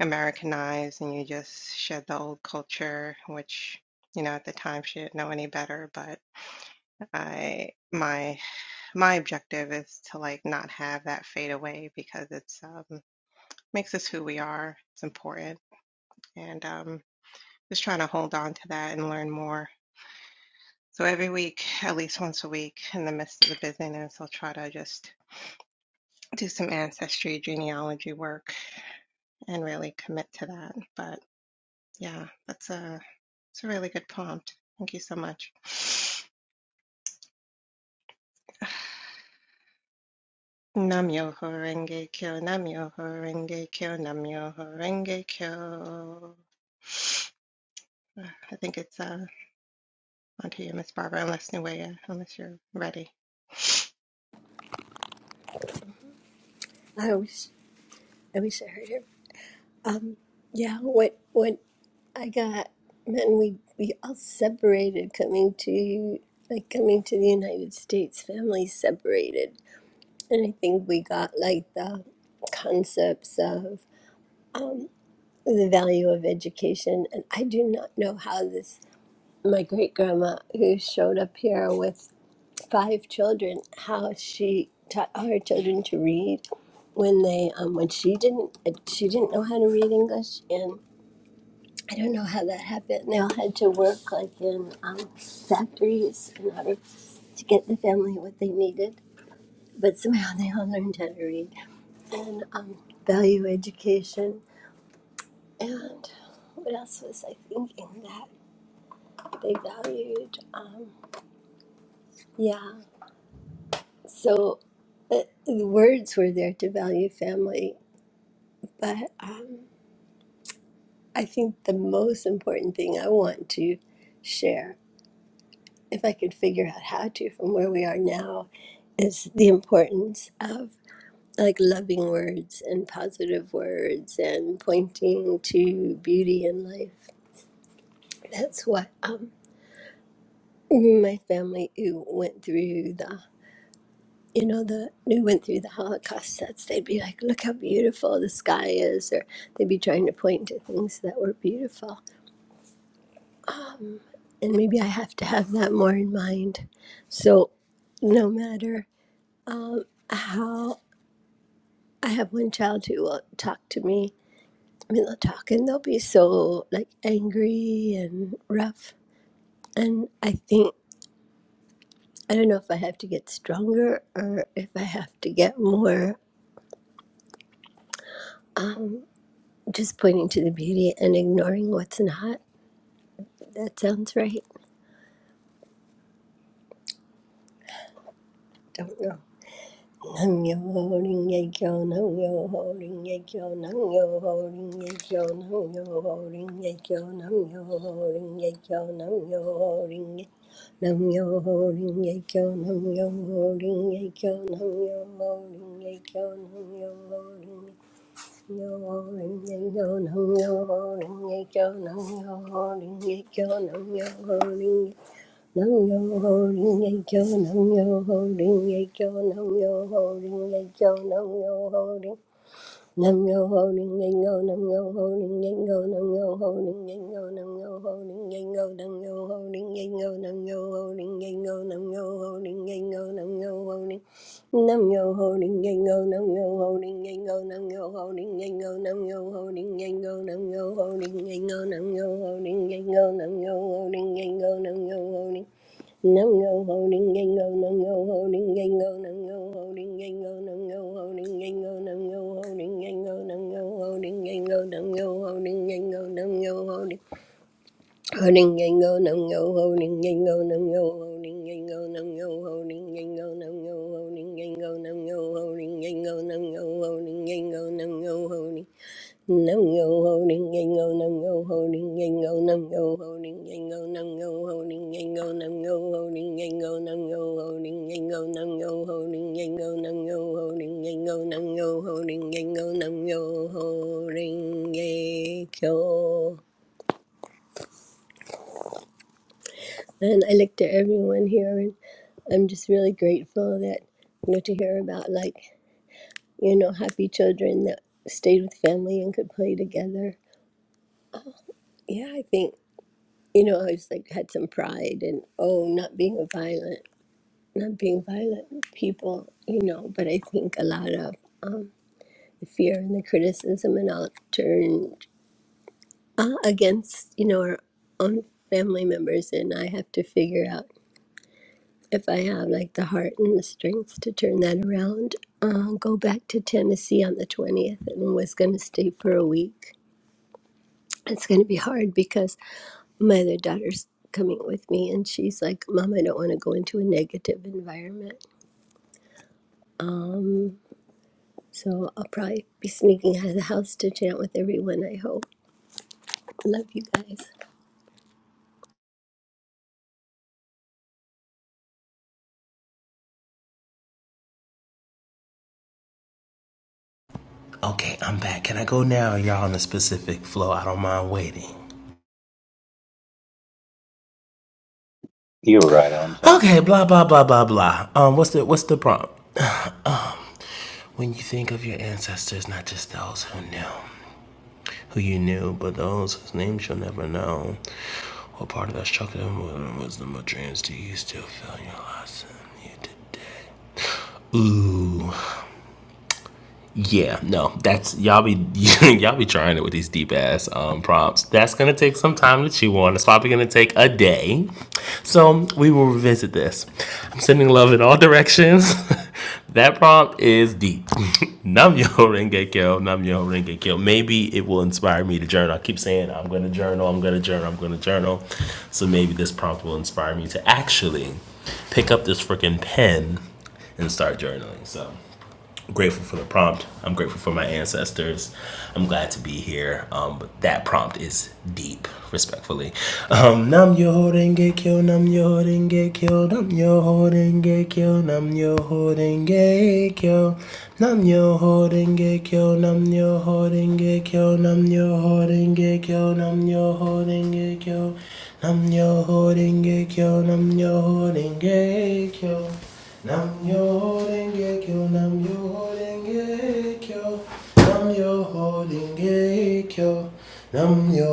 Americanized and you just shed the old culture, which, you know, at the time she didn't know any better, but I my my objective is to like not have that fade away because it's um makes us who we are. It's important and um just trying to hold on to that and learn more. So every week, at least once a week, in the midst of the busyness, I'll try to just do some ancestry genealogy work and really commit to that. But Yeah, that's a that's a really good prompt. Thank you so much. Namyo Horenge Kyo, Namyo Horenge Kyo, Namyo Horenge Kyo. Uh, I think it's uh, onto you, Miss Barbara, unless Nuea, unless you're ready. I wish I wish I heard him. Um, yeah, what what? I got then we we all separated coming to like coming to the United States. Families separated, and I think we got like the concepts of um, the value of education. And I do not know how this my great grandma who showed up here with five children how she taught all her children to read when they um, when she didn't she didn't know how to read English I don't know how that happened. They all had to work like in um, factories in order to get the family what they needed. But somehow they all learned how to read and um, value education. And what else was I thinking that they valued? Um, yeah, so uh, the words were there to value family. But um, I think the most important thing I want to share, if I could figure out how to from where we are now is the importance of like loving words and positive words and pointing to beauty in life. That's what um, my family who went through the you know the who went through the Holocaust sets. They'd be like, "Look how beautiful the sky is," or they'd be trying to point to things that were beautiful. Um, and maybe I have to have that more in mind. So no matter um, how I have one child who will talk to me I mean, they'll talk and they'll be so like angry and rough. And I think, I don't know if I have to get stronger or if I have to get more um, just pointing to the beauty and ignoring what's not. That sounds right. Don't know. Nam yo ho ring ye kyo, nam yo ho ring ye kyo, nam yo ho ring ye kyo, nam yo ho ring ye kyo, nam yo ho ring ye kyo, nam yo ho ring ye nam yo ho ring ye kyo, nam yo ho ring ye kyo, nam yo ho ring ye kyo, nam yo ho ring ye yo ho ring ye kyo, nam yo ho ring ye kyo, nam yo ho ring ye kyo, nam yo ho ring ye. Nam yo ho ring ye kyo, nam yo ho ring ye kyo, nam yo ho ring ye kyo, nam yo ho ring. Nam yo ho ring ye ngo, nam yo ho ring ye ngo, nam yo ho ring ye ngo, nam yo ho ring ye ngo, nam yo ho ring ye ngo, nam yo ho ring ye ngo, nam yo ho ring ye ngo, nam yo ho ring. Nam yo ho ring ye ngo, nam yo ho ring ye ngo, nam yo ho ring ye ngo, nam yo ho ring ye ngo, nam yo ho ring ye ngo, nam yo ho ring ye ngo, nam yo ho ring ye ngo, nam yo ho ring. Nam yo ho ning yang go, nam yo ho ning yang go, nam yo ho ning yang go, nam yo ho ning yang go, nam yo ho ning yang go, nam yo ho ning yang go, nam yo ho ning yang go, nam yo ho ning ho ning yang go, nam yo ho ning yang go, nam yo ho ning yang go, nam yo ho ning yang go, nam yo ho ning yang go, nam yo ho ning yang go, nam yo ho ning yang go, nam yo ho ning Nam yo ho ding yang go nam yo ho ding yang go nam yo ho ding yang go nam yo ho ding yang go nam yo ho ding yang go nam yo ho ding yang go nam yo ho ding yang go nam yo ho ding yang go nam yo ho ding yang go nam yo ho ding yang go and I look to everyone here and I'm just really grateful that you know to hear about like you know happy children that stayed with family and could play together yeah I think you know, I was like had some pride and oh, not being a violent, not being violent with people, you know. But I think a lot of um, the fear and the criticism and all turned uh, against, you know, our own family members, and I have to figure out if I have like the heart and the strength to turn that around. Uh, go back to Tennessee on the twentieth, and was going to stay for a week. It's going to be hard because my other daughter's coming with me and she's like mom i don't want to go into a negative environment um so i'll probably be sneaking out of the house to chat with everyone i hope love you guys Okay, I'm back. Can I go now? Or Y'all on a specific flow. I don't mind waiting. You were right on time. Okay, blah blah blah blah blah. Um, what's the what's the prompt? um, when you think of your ancestors, not just those who knew, who you knew, but those whose names you'll never know, what part of that structure of wisdom or dreams do you still feel in your last? Ooh. Yeah, no, that's y'all be y'all be trying it with these deep ass um, prompts. That's gonna take some time to chew on. It's probably gonna take a day, so we will revisit this. I'm sending love in all directions. that prompt is deep. Nam yo renge kyo, nam yo Maybe it will inspire me to journal. I keep saying I'm gonna journal, I'm gonna journal, I'm gonna journal. So maybe this prompt will inspire me to actually pick up this freaking pen and start journaling. So grateful for the prompt. I'm grateful for my ancestors. I'm glad to be here. Um, but that prompt is deep, respectfully. Um, nam yo horenge kyo, nam yo horenge kyo, nam yo horenge kyo, nam yo horenge kyo, nam yo horenge kyo, nam yo horenge kyo, nam yo horenge kyo, nam yo horenge kyo, nam yo horenge kyo, nam yo horenge kyo. Namyo Renge Kyo, Namyo Renge Kyo, Namyo Renge Kyo, Namyo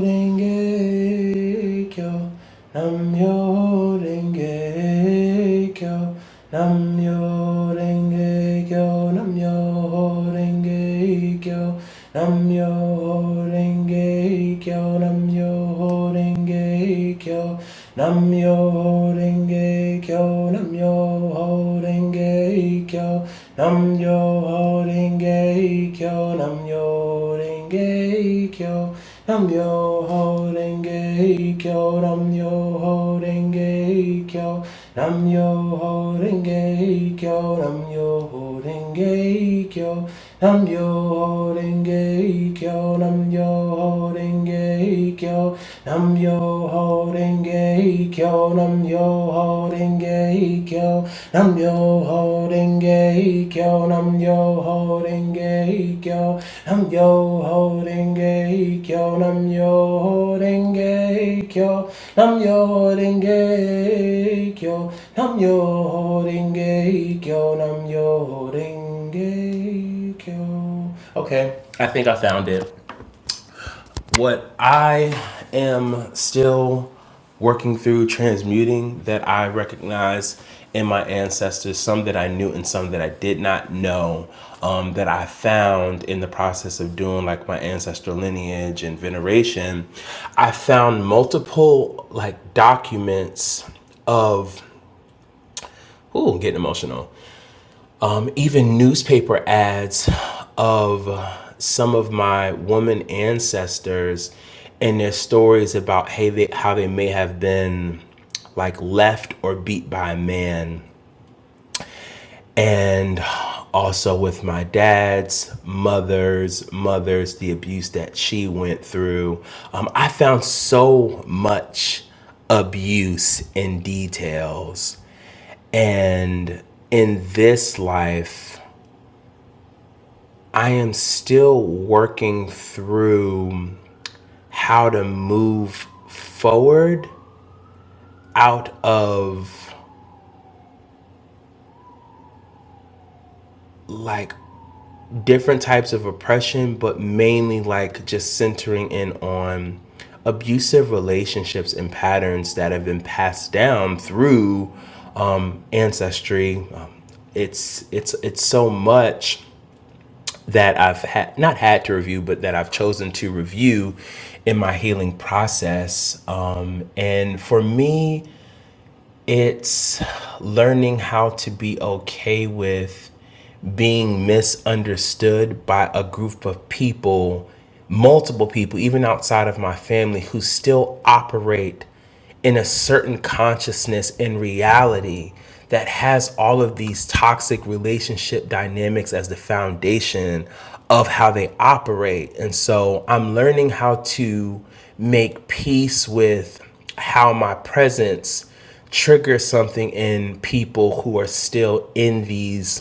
Renge Kyo, Namyo Renge Kyo, Namyo Renge Kyo, Namyo Renge Kyo, Namyo Renge Kyo, Namyo Myoho Renge Kyo, namyo Myoho Renge Kyo, namyo Myoho Renge Kyo, namyo Myoho Renge Kyo, namyo Myoho Renge Kyo, namyo Myoho Renge Kyo, Nam Renge kyo, nam yo ho renge kyo, nam yo ho renge kyo, nam yo ho renge kyo, nam yo ho renge kyo, nam yo ho renge kyo, nam yo ho renge kyo, nam yo ho renge kyo, Kyo, Nam Yo Renge Kyo, Nam Yo Renge Kyo, Nam Yo Renge Kyo. Okay, I think I found it. What I am still working through transmuting that I recognize in my ancestors, some that I knew and some that I did not know, um, that I found in the process of doing like my ancestral lineage and veneration. I found multiple like documents of, ooh, I'm getting emotional um, even newspaper ads of some of my woman ancestors and their stories about hey, they, how they may have been like left or beat by a man. And also with my dad's mother's mother's, the abuse that she went through. Um, I found so much abuse in details. And in this life, I am still working through how to move forward out of like different types of oppression, but mainly like just centering in on abusive relationships and patterns that have been passed down through um, ancestry. Um, it's it's it's so much that I've had not had to review, but that I've chosen to review in my healing process. Um, and for me, it's learning how to be okay with being misunderstood by a group of people, multiple people, even outside of my family, who still operate in a certain consciousness and reality that has all of these toxic relationship dynamics as the foundation of how they operate. And so I'm learning how to make peace with how my presence triggers something in people who are still in these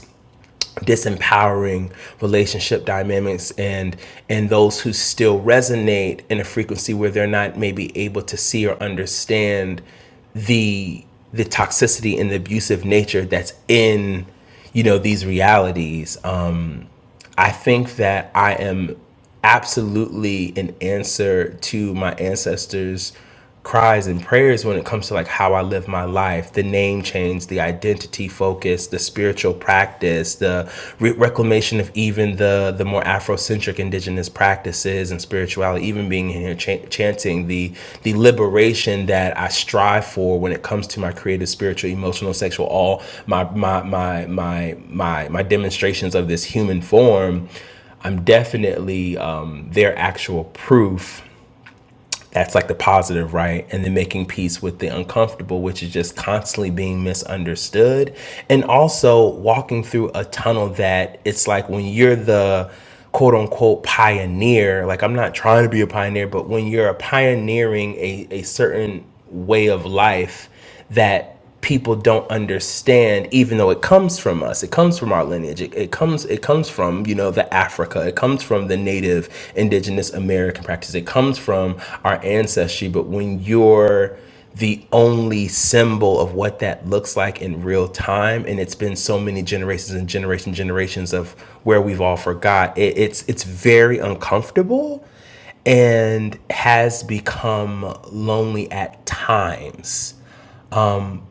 disempowering relationship dynamics and and those who still resonate in a frequency where they're not maybe able to see or understand the the toxicity and the abusive nature that's in you know these realities um I think that I am absolutely an answer to my ancestors' cries and prayers when it comes to like how I live my life, the name change, the identity focus, the spiritual practice, the re- reclamation of even the the more Afrocentric indigenous indigenous practices and spirituality, even being in here ch- chanting the the liberation that I strive for when it comes to my creative, spiritual, emotional, sexual, all my my my my my my demonstrations of this human form. I'm definitely um, their actual proof that's like the positive, right? And then making peace with the uncomfortable, which is just constantly being misunderstood. And also walking through a tunnel that it's like when you're the quote unquote pioneer, like I'm not trying to be a pioneer, but when you're pioneering a, a certain way of life, that people don't understand even though it comes from us it comes from our lineage it, it comes it comes from you know the africa it comes from the native indigenous american practice it comes from our ancestry but when you're the only symbol of what that looks like in real time and it's been so many generations and generation generations of where we've all forgot it, it's it's very uncomfortable and has become lonely at times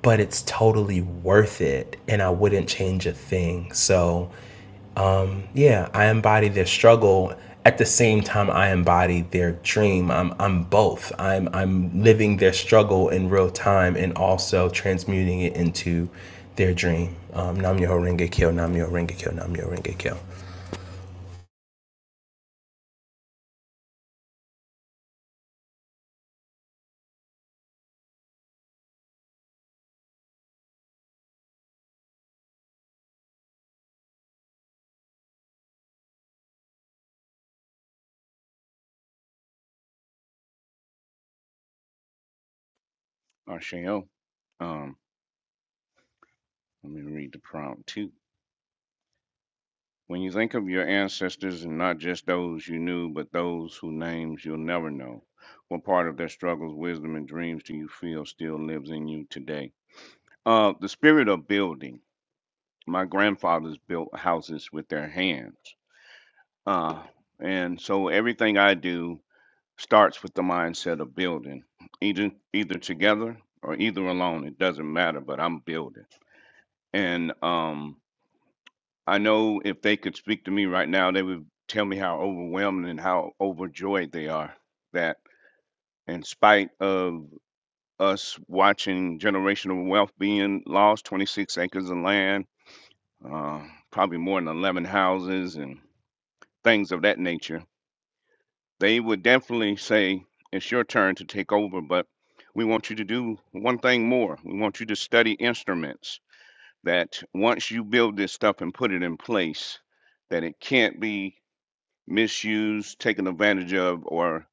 but it's totally worth it and I wouldn't change a thing. So, yeah, I embody their struggle at the same time I embody their dream. I'm I'm both. I'm I'm living their struggle in real time and also transmuting it into their dream. Um, Namyo Renge Kyo, Namyo Renge Kyo, Namyo Renge Kyo. Asheo. Um, let me read the prompt too. When you think of your ancestors, and not just those you knew, but those whose names you'll never know, what part of their struggles, wisdom, and dreams do you feel still lives in you today? Uh, the spirit of building. My grandfathers built houses with their hands. Uh, and so everything I do starts with the mindset of building, either, either together or either alone. It doesn't matter, but I'm building. And um, I know if they could speak to me right now, they would tell me how overwhelmed and how overjoyed they are that, in spite of us watching generational wealth being lost 26 acres of land, uh, probably more than 11 houses, and things of that nature they would definitely say, It's your turn to take over, but we want you to do one thing more. We want you to study instruments that once you build this stuff and put it in place, that it can't be misused, taken advantage of, or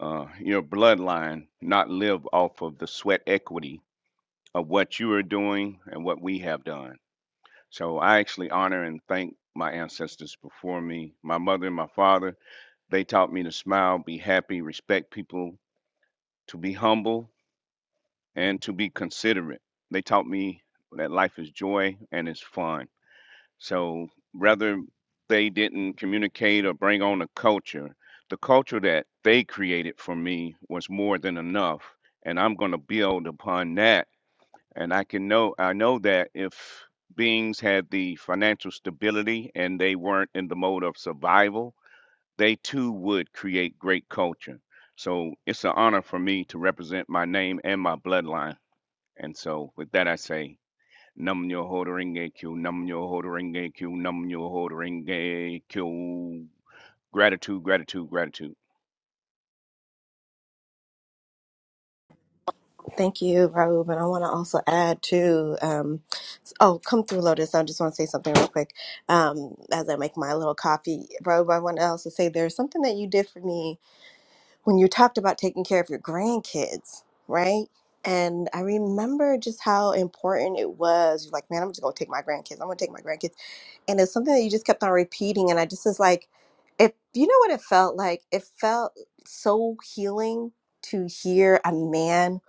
uh, your bloodline not live off of the sweat equity of what you are doing and what we have done. So I actually honor and thank my ancestors before me, my mother and my father. They taught me to smile, be happy, respect people, to be humble, and to be considerate. They taught me that life is joy and it's fun. So rather they didn't communicate or bring on a culture, the culture that they created for me was more than enough. And I'm gonna build upon that. And I can know I know that if beings had the financial stability and they weren't in the mode of survival, they too would create great culture. So it's an honor for me to represent my name and my bloodline. And so with that I say Nam yo ho renge kyo, nam yo ho renge kyo, nam yo ho renge kyo. Gratitude, gratitude, gratitude. Thank you, Raoub. And I want to also add to, um, oh, come through, Lotus. I just want to say something real quick um, as I make my little coffee. Raoub, I want to also say there's something that you did for me when you talked about taking care of your grandkids, right? And I remember just how important it was. You're like, man, I'm just gonna take my grandkids. I'm gonna take my grandkids. And it's something that you just kept on repeating. And I just was like, if you know what it felt like, it felt so healing to hear a man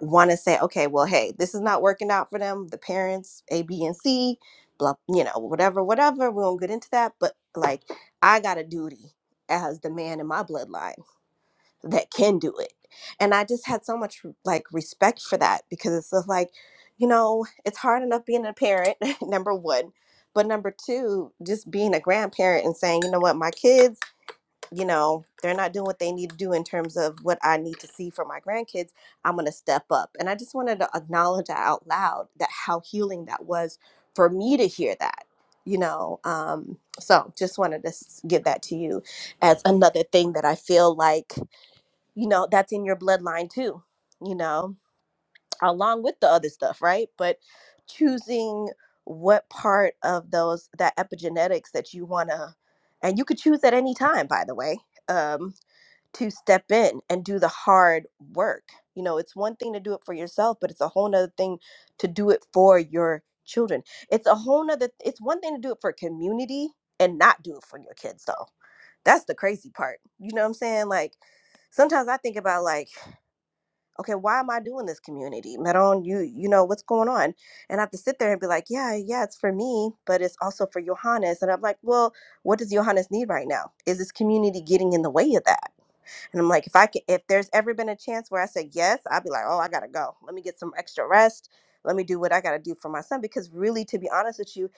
want to say, okay, well, hey, this is not working out for them. The parents, A, B, and C, blah, you know, whatever, whatever. We won't get into that. But like, I got a duty as the man in my bloodline that can do it. And I just had so much like respect for that because it's just like, you know, it's hard enough being a parent, number one. But number two, just being a grandparent and saying, you know what, my kids, you know, they're not doing what they need to do in terms of what I need to see for my grandkids. I'm going to step up. And I just wanted to acknowledge that out loud that how healing that was for me to hear that, you know. Um, so just wanted to s- give that to you as another thing that I feel like you know that's in your bloodline too you know along with the other stuff right but choosing what part of those that epigenetics that you want to and you could choose at any time by the way um to step in and do the hard work you know it's one thing to do it for yourself but it's a whole nother thing to do it for your children it's a whole nother it's one thing to do it for community and not do it for your kids though that's the crazy part you know what i'm saying like sometimes i think about like okay why am i doing this community meron you you know what's going on and i have to sit there and be like yeah yeah it's for me but it's also for johannes and i'm like well what does johannes need right now is this community getting in the way of that and i'm like if i can if there's ever been a chance where i said yes i'd be like oh i gotta go let me get some extra rest let me do what i gotta do for my son because really to be honest with you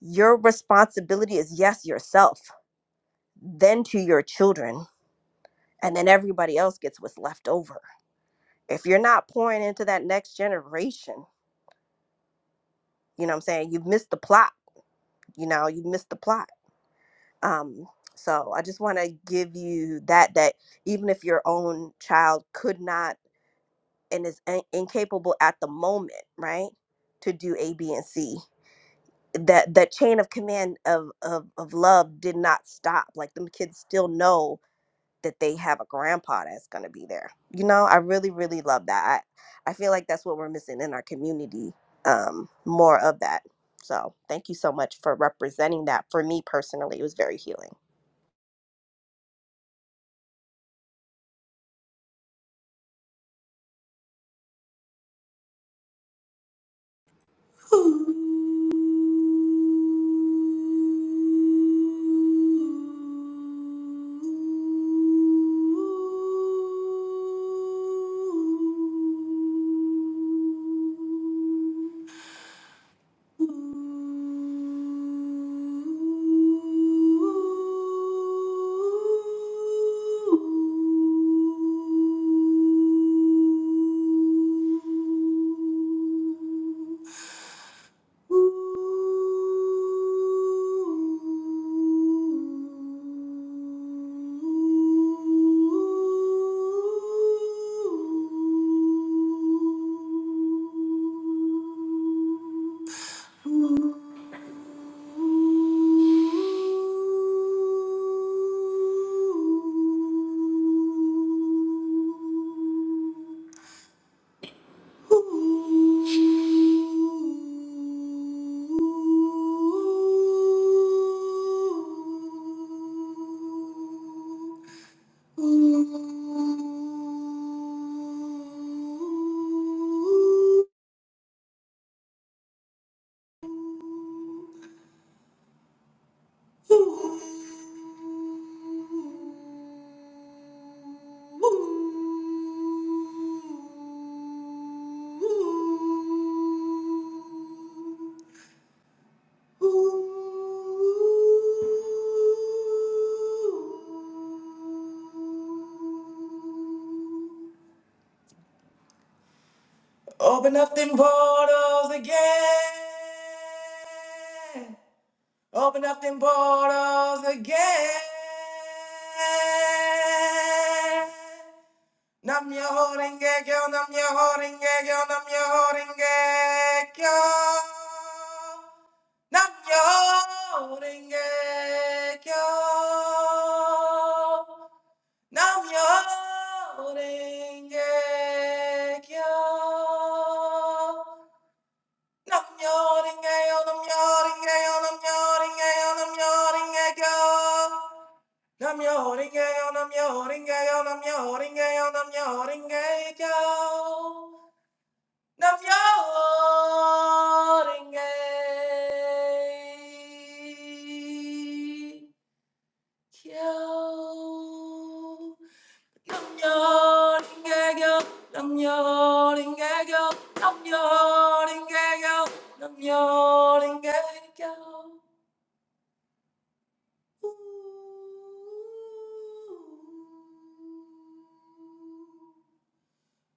your responsibility is yes yourself then to your children and then everybody else gets what's left over if you're not pouring into that next generation, you know what I'm saying? You've missed the plot, you know, you've missed the plot. Um, so I just want to give you that, that even if your own child could not and is in- incapable at the moment, right, to do A, B, and C, that that chain of command of, of of love did not stop. Like them kids still know that they have a grandpa that's going to be there. You know, I really, really love that. I, I feel like that's what we're missing in our community. Um, more of that. So thank you so much for representing that. For me personally, it was very healing. Ooh. Open up them portals again. Open up them portals again. Nam your holding gag, nam your holding gag, nam your holding gag, Nam your holding gag, Namyo Renge Kyo. Namyo Renge Yo, Namyo Renge Yo, Namyo Renge Yo, Namyo Renge Kyo. Namyo Renge Yo, Namyo Renge Yo, Namyo Renge Yo, Namyo Renge Kyo. Namyo Renge Kyo. Namo Dhamma Jaya, Namo Dhamma Jaya, Namo Dhamma Jaya, Namo Dhamma Jaya.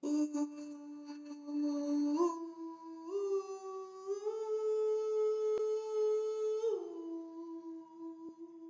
Ooh, ooh, ooh, ooh.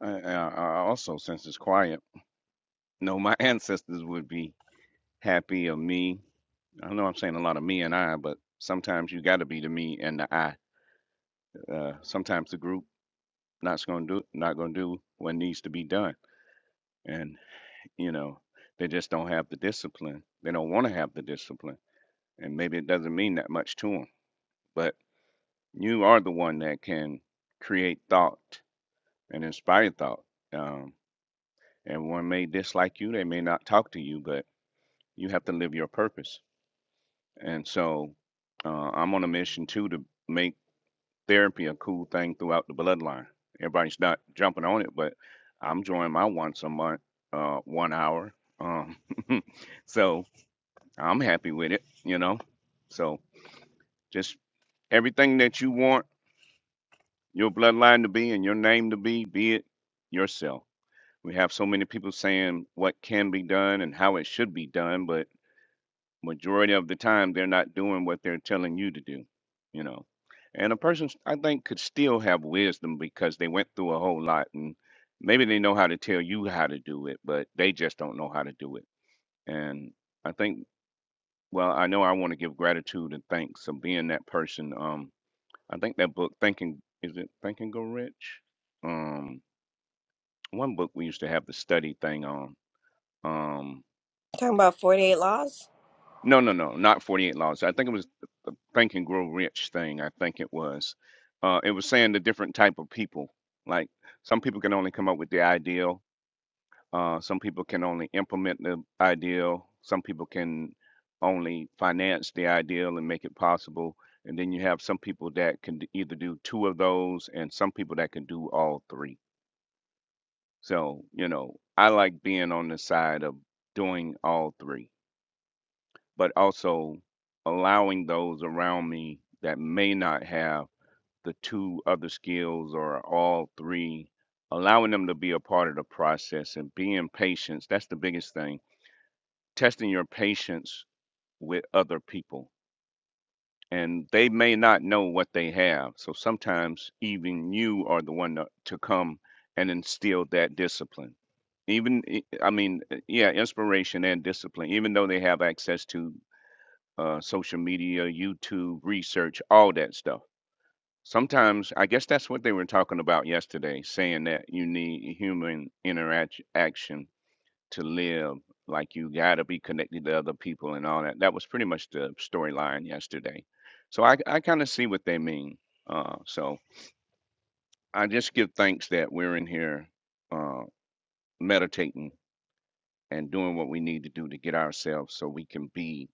I, I, I also, since it's quiet, know my ancestors would be happy of me. I know I'm saying a lot of me and I, but sometimes you got to be the me and the I. Uh, sometimes the group not going to do not going to do what needs to be done, and you know they just don't have the discipline. They don't want to have the discipline, and maybe it doesn't mean that much to them. but. you are the one that can create thought and inspire thought. Um, everyone may dislike you, they may not talk to you, but you have to live your purpose. And so uh, I'm on a mission too to make therapy a cool thing throughout the bloodline. Everybody's not jumping on it, but I'm joining my once a month, uh, one hour. Um, so I'm happy with it, you know. So just everything that you want your bloodline to be and your name to be, be it yourself. We have so many people saying what can be done and how it should be done, but majority of the time they're not doing what they're telling you to do, you know. And a person, I think, could still have wisdom because they went through a whole lot and maybe they know how to tell you how to do it, but they just don't know how to do it. And I think, well, I know I want to give gratitude and thanks of being that person. Um, I think that book, Thinking, is it Think and Go Rich? Um, one book we used to have the study thing on. Um, Talking about 48 laws. no, no, no, not Forty Eight Laws. I think it was the Think and Grow Rich thing. I think it was. Uh, it was saying the different type of people. Like some people can only come up with the ideal. Uh, some people can only implement the ideal. Some people can only finance the ideal and make it possible. And then you have some people that can d- either do two of those, and some people that can do all three. So, you know, I like being on the side of doing all three, but also allowing those around me that may not have the two other skills or all three, allowing them to be a part of the process and being patient. That's the biggest thing. Testing your patience with other people. And they may not know what they have. So sometimes even you are the one to, to come and instill that discipline even i I mean uh, yeah inspiration and discipline even though they have access to uh, social media youtube research all that stuff sometimes i guess that's what they were talking about yesterday saying that you need human interaction action to live like you got to be connected to other people and all that that was pretty much the storyline yesterday so i, I kind of see what they mean uh, so i just give thanks that we're in here uh, meditating and doing what we need to do to get ourselves so we can be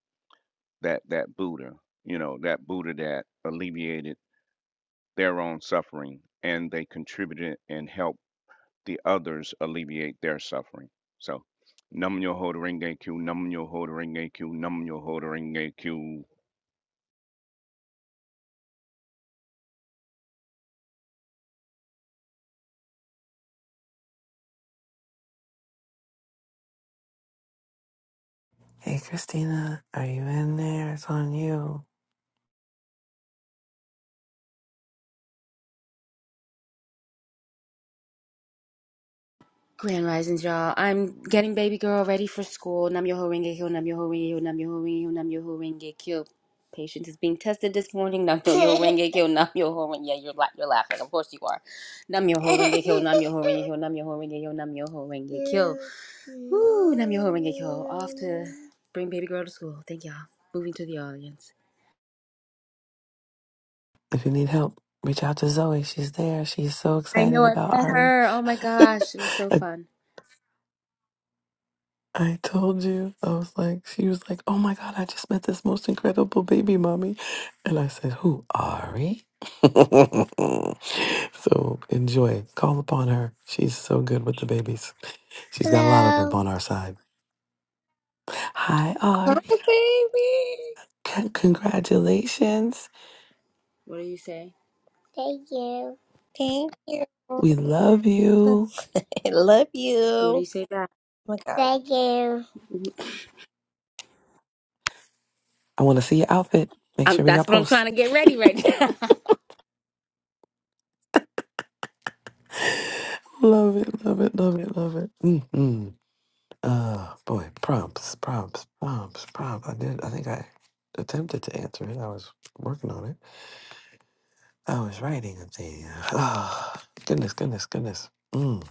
that that Buddha, you know, that Buddha that alleviated their own suffering and they contributed and helped the others alleviate their suffering. So num your holding Q, num your holding Q, num your holding Q. Grand risings, y'all. I'm getting baby girl ready for school. Nam yoho renge kyo, nam yoho renge kyo, nam yoho renge kyo, nam yoho renge kyo. Patient is being tested this morning. Nam yoho renge kyo, nam yoho renge. Yeah, you're, la- you're laughing. Of course you are. Nam yoho renge kyo, nam yoho renge kyo, nam yoho renge kyo, nam yoho renge kyo. Woo, nam yoho renge kyo. Off to bring baby girl to school. Thank y'all. Moving to the audience. If you need help, reach out to Zoe. She's there. She's so I excited know I about met Ari. her. Oh my gosh, it was so I, fun. I told you, I was like, she was like, oh my God, I just met this most incredible baby mommy. And I said, who, Ari? so enjoy. Call upon her. She's so good with the babies. She's got a lot of them Hello. on our side. Hi, Hi, Ari. baby. Con- congratulations. What do you say? Thank you. Thank you. We love you. I love What do you you. Oh say back? my God. Thank you. I want to see your outfit. Make I'm, sure we that's got what I'm posts. trying to get ready right now. Love it, love it, love it, love it. mm mm. Uh, boy, prompts, prompts, prompts, prompts. I did. I think I attempted to answer it. I was working on it. I was writing a thing. Oh, goodness, goodness, goodness. Mm,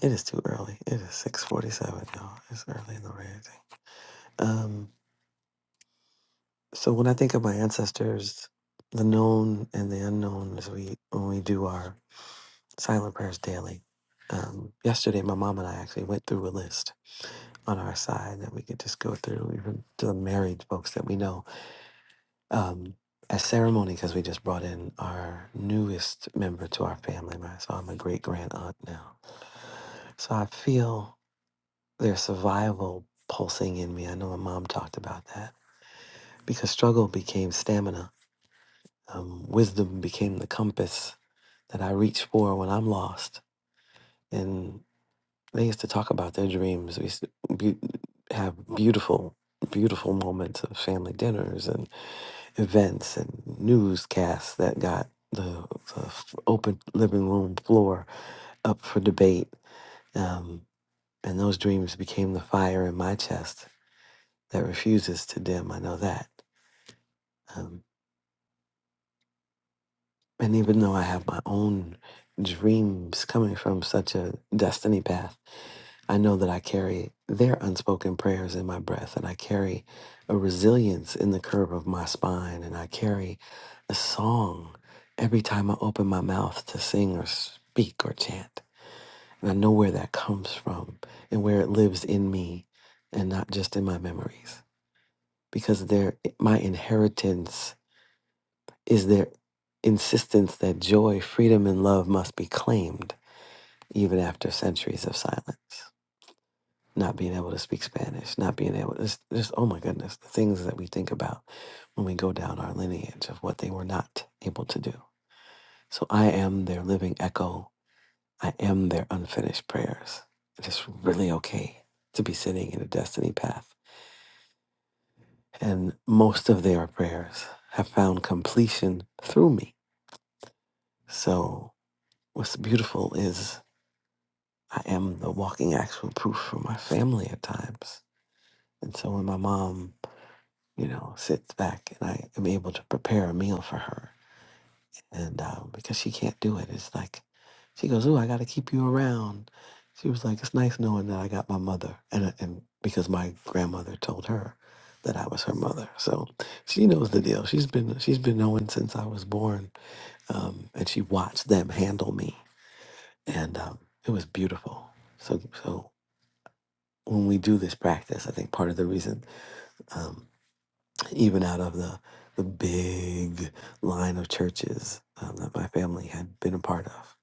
it is too early. It is six forty-seven. Y'all, it's early in the morning. Um, so when I think of my ancestors, the known and the unknown, as we when we do our silent prayers daily. Um, yesterday, my mom and I actually went through a list on our side that we could just go through, even to the married folks that we know. Um, a ceremony, because we just brought in our newest member to our family, right? So I'm a great grand aunt now. So I feel there's survival pulsing in me. I know my mom talked about that because struggle became stamina, um, wisdom became the compass that I reach for when I'm lost. And They used to talk about their dreams. We used to be, have beautiful, beautiful moments of family dinners and events and newscasts that got the, the f- open living room floor up for debate. Um, and those dreams became the fire in my chest that refuses to dim. I know that. Um, and even though I have my own dreams coming from such a destiny path, I know that I carry their unspoken prayers in my breath, and I carry a resilience in the curve of my spine, and I carry a song every time I open my mouth to sing or speak or chant. And I know where that comes from and where it lives in me and not just in my memories because their my inheritance is their insistence that joy, freedom and love must be claimed even after centuries of silence. not being able to speak Spanish, not being able to just, just oh my goodness, the things that we think about when we go down our lineage of what they were not able to do. So I am their living echo. I am their unfinished prayers. It is really okay to be sitting in a destiny path. And most of their prayers have found completion through me. So what's beautiful is I am the walking actual proof for my family at times. And so when my mom you know, sits back and I am able to prepare a meal for her. And um, because she can't do it, it's like, she goes, Ooh, I got to keep you around. She was like, It's nice knowing that I got my mother. And, uh, and because my grandmother told her that I was her mother. So she knows the deal. She's been, she's been knowing since I was born. Um, and she watched them handle me. And um, it was beautiful. So, so when we do this practice, I think part of the reason um, even out of the the big line of churches um, that my family had been a part of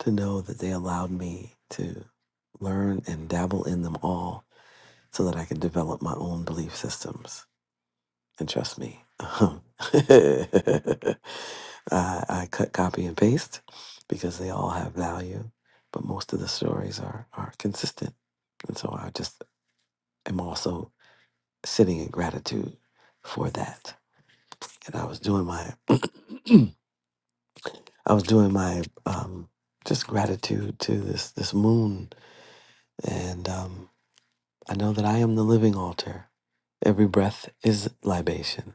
to know that they allowed me to learn and dabble in them all so that i could develop my own belief systems and trust me I, I cut copy and paste because they all have value but most of the stories are are consistent and so i just am also sitting in gratitude for that and i was doing my I was doing my um, just gratitude to this this moon, and um, I know that I am the living altar. Every breath is libation.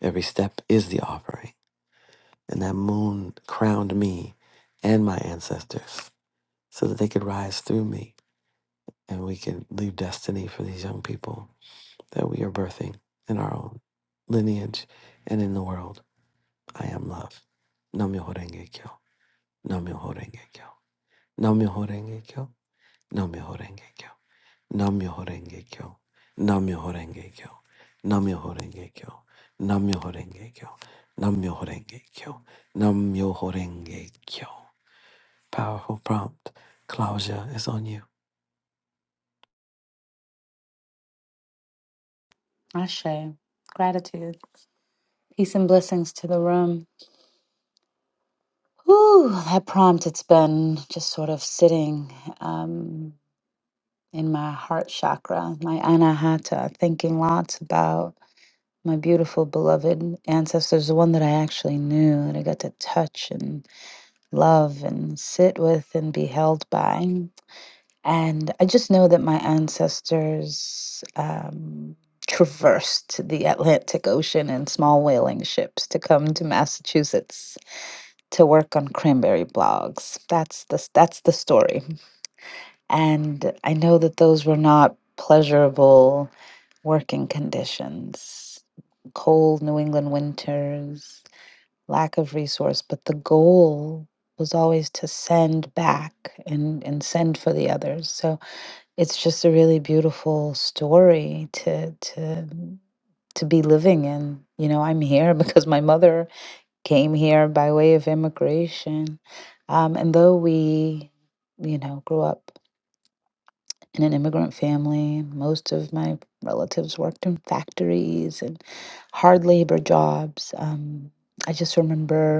Every step is the offering. And that moon crowned me and my ancestors so that they could rise through me and we could leave destiny for these young people that we are birthing in our own lineage and in the world. I am love. Namyo Horenge Kyo. Namyo Horenge Kyo. Namyo Horenge Kyo. Namyoho Renge Kyo. Namyoho Renge Kyo. Namyoho Renge Kyo. Namyoho Renge Kyo. Namyoho Renge Kyo. Namyoho Renge Kyo. Namyoho Renge Kyo. Powerful prompt. Claudia is on you. Ashe, gratitude, peace and blessings to the room. Whew, that prompt, it's been just sort of sitting um, in my heart chakra, my anahata, thinking lots about my beautiful beloved ancestors, the one that I actually knew, that I got to touch and love and sit with and be held by. Ancestors um, traversed Sick Ocean in small whaling ships to come to Massachusetts to work on cranberry bogs. That's the story. And I know that those were not pleasurable working conditions. Cold New England winters lack of resource, but the goal was always to send back and, and send for the others. So it's just a really beautiful story to to to be living in. You know, I'm here because my mother came here by way of immigration. Um, and though we, you know, grew up in an immigrant family, most of my relatives worked in factories and hard labor jobs. Um, I just remember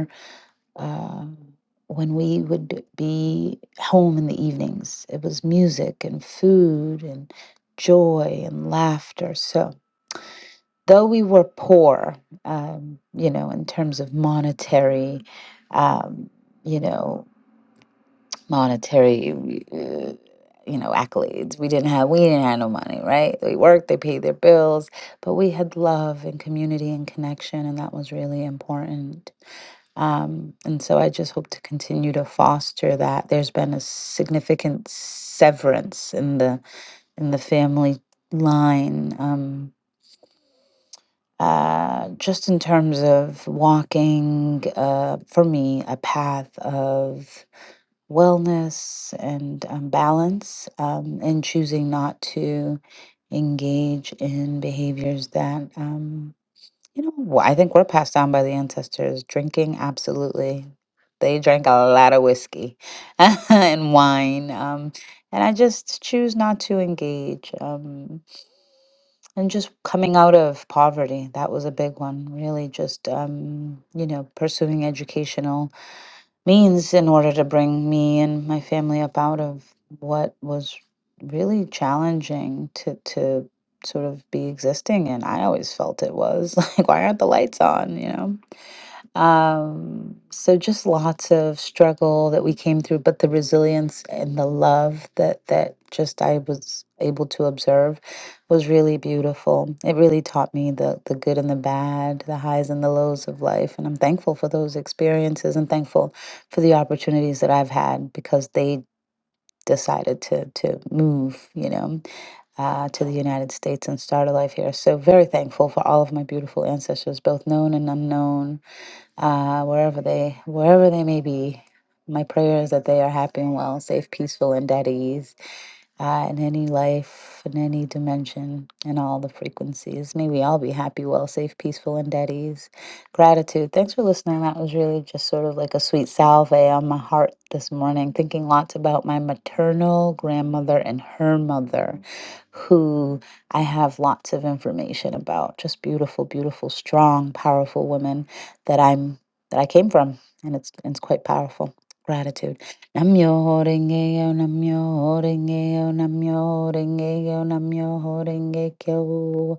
um, when we would be home in the evenings. It was music and food and joy and laughter. So, though we were poor, um, you know, in terms of monetary, um, you know, monetary. Uh, you know accolades we didn't have we didn't have no money right they worked they paid their bills but we had love and community and connection and that was really important um, and so I just hope to continue to foster that. There's been a significant severance in the in the family line, um, uh, just in terms of walking uh, for me a path of wellness and um, balance, um, and choosing not to engage in behaviors that. um, you know, wh- I think we're passed down by the ancestors. Drinking, absolutely. They drank a lot of whiskey and wine. Um, and I just choose not to engage. Um, and just coming out of poverty, that was a big one. Really, just, um, you know, pursuing educational means in order to bring me and my family up out of what was really challenging to to sort of be existing in. I always felt it was like why aren't the lights on, you know? Um, so just lots of struggle that we came through, but the resilience and the love that that just I was able to observe was really beautiful. It really taught me the the good and the bad, the highs and the lows of life, and I'm thankful for those experiences and thankful for the opportunities that I've had because they decided to to move, you know, uh, to the United States and start a life here. So very thankful for all of my beautiful ancestors, both known and unknown uh, wherever they wherever they may be. My prayer is that they are happy and well, safe, peaceful, and at ease uh, in any life, in any dimension, in all the frequencies. May we all be happy, well, safe, peaceful, and at ease. Gratitude. Thanks for listening. That was really just sort of like a sweet salve on my heart this morning, thinking lots about my maternal grandmother and her mother who I have lots of information about. Just beautiful, beautiful, strong, powerful women that I'm that I came from, and it's it's quite powerful. Gratitude. Namyo renge yo, Namyo renge yo, Namyo renge yo, Namyo Renge Kyo.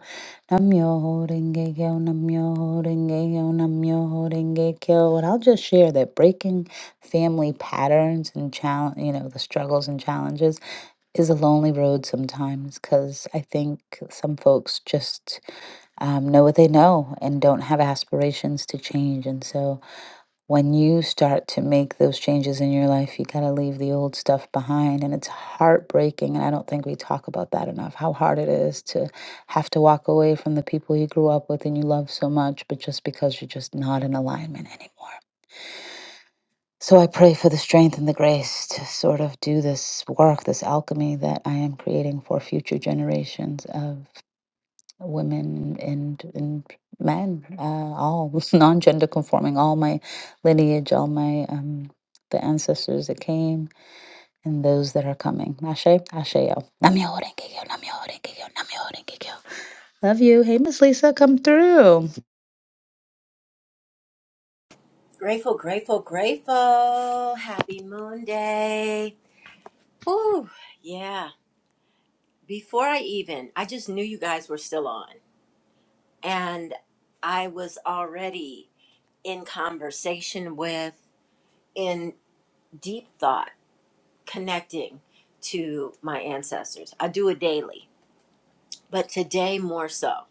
Namyo Rengeyo, Namyo Rengeyo, Namyo Renge Kyo. And I'll just share that breaking family patterns and challenge, you know, the struggles and challenges is a lonely road sometimes because I think some folks just um, know what they know and don't have aspirations to change. And so when you start to make those changes in your life, you got to leave the old stuff behind. And it's heartbreaking. And I don't think we talk about that enough how hard it is to have to walk away from the people you grew up with and you love so much, but just because you're just not in alignment anymore. So I pray for the strength and the grace to sort of do this work, this alchemy that I am creating for future generations of women and and men, uh, all non-gender conforming, all my lineage, all my um, the ancestors that came and those that are coming. Ashe, Asheo. Namyo Renge Kyo, Namyo Renge Kyo, Namyo Renge Kyo. Love you. Hey, Miss Lisa, come through. Grateful, grateful, grateful. Happy Moon Day. Ooh, yeah. Before I even, I just knew you guys were still on. And I was already in conversation with, in deep thought, connecting to my ancestors. I do it daily, but today more so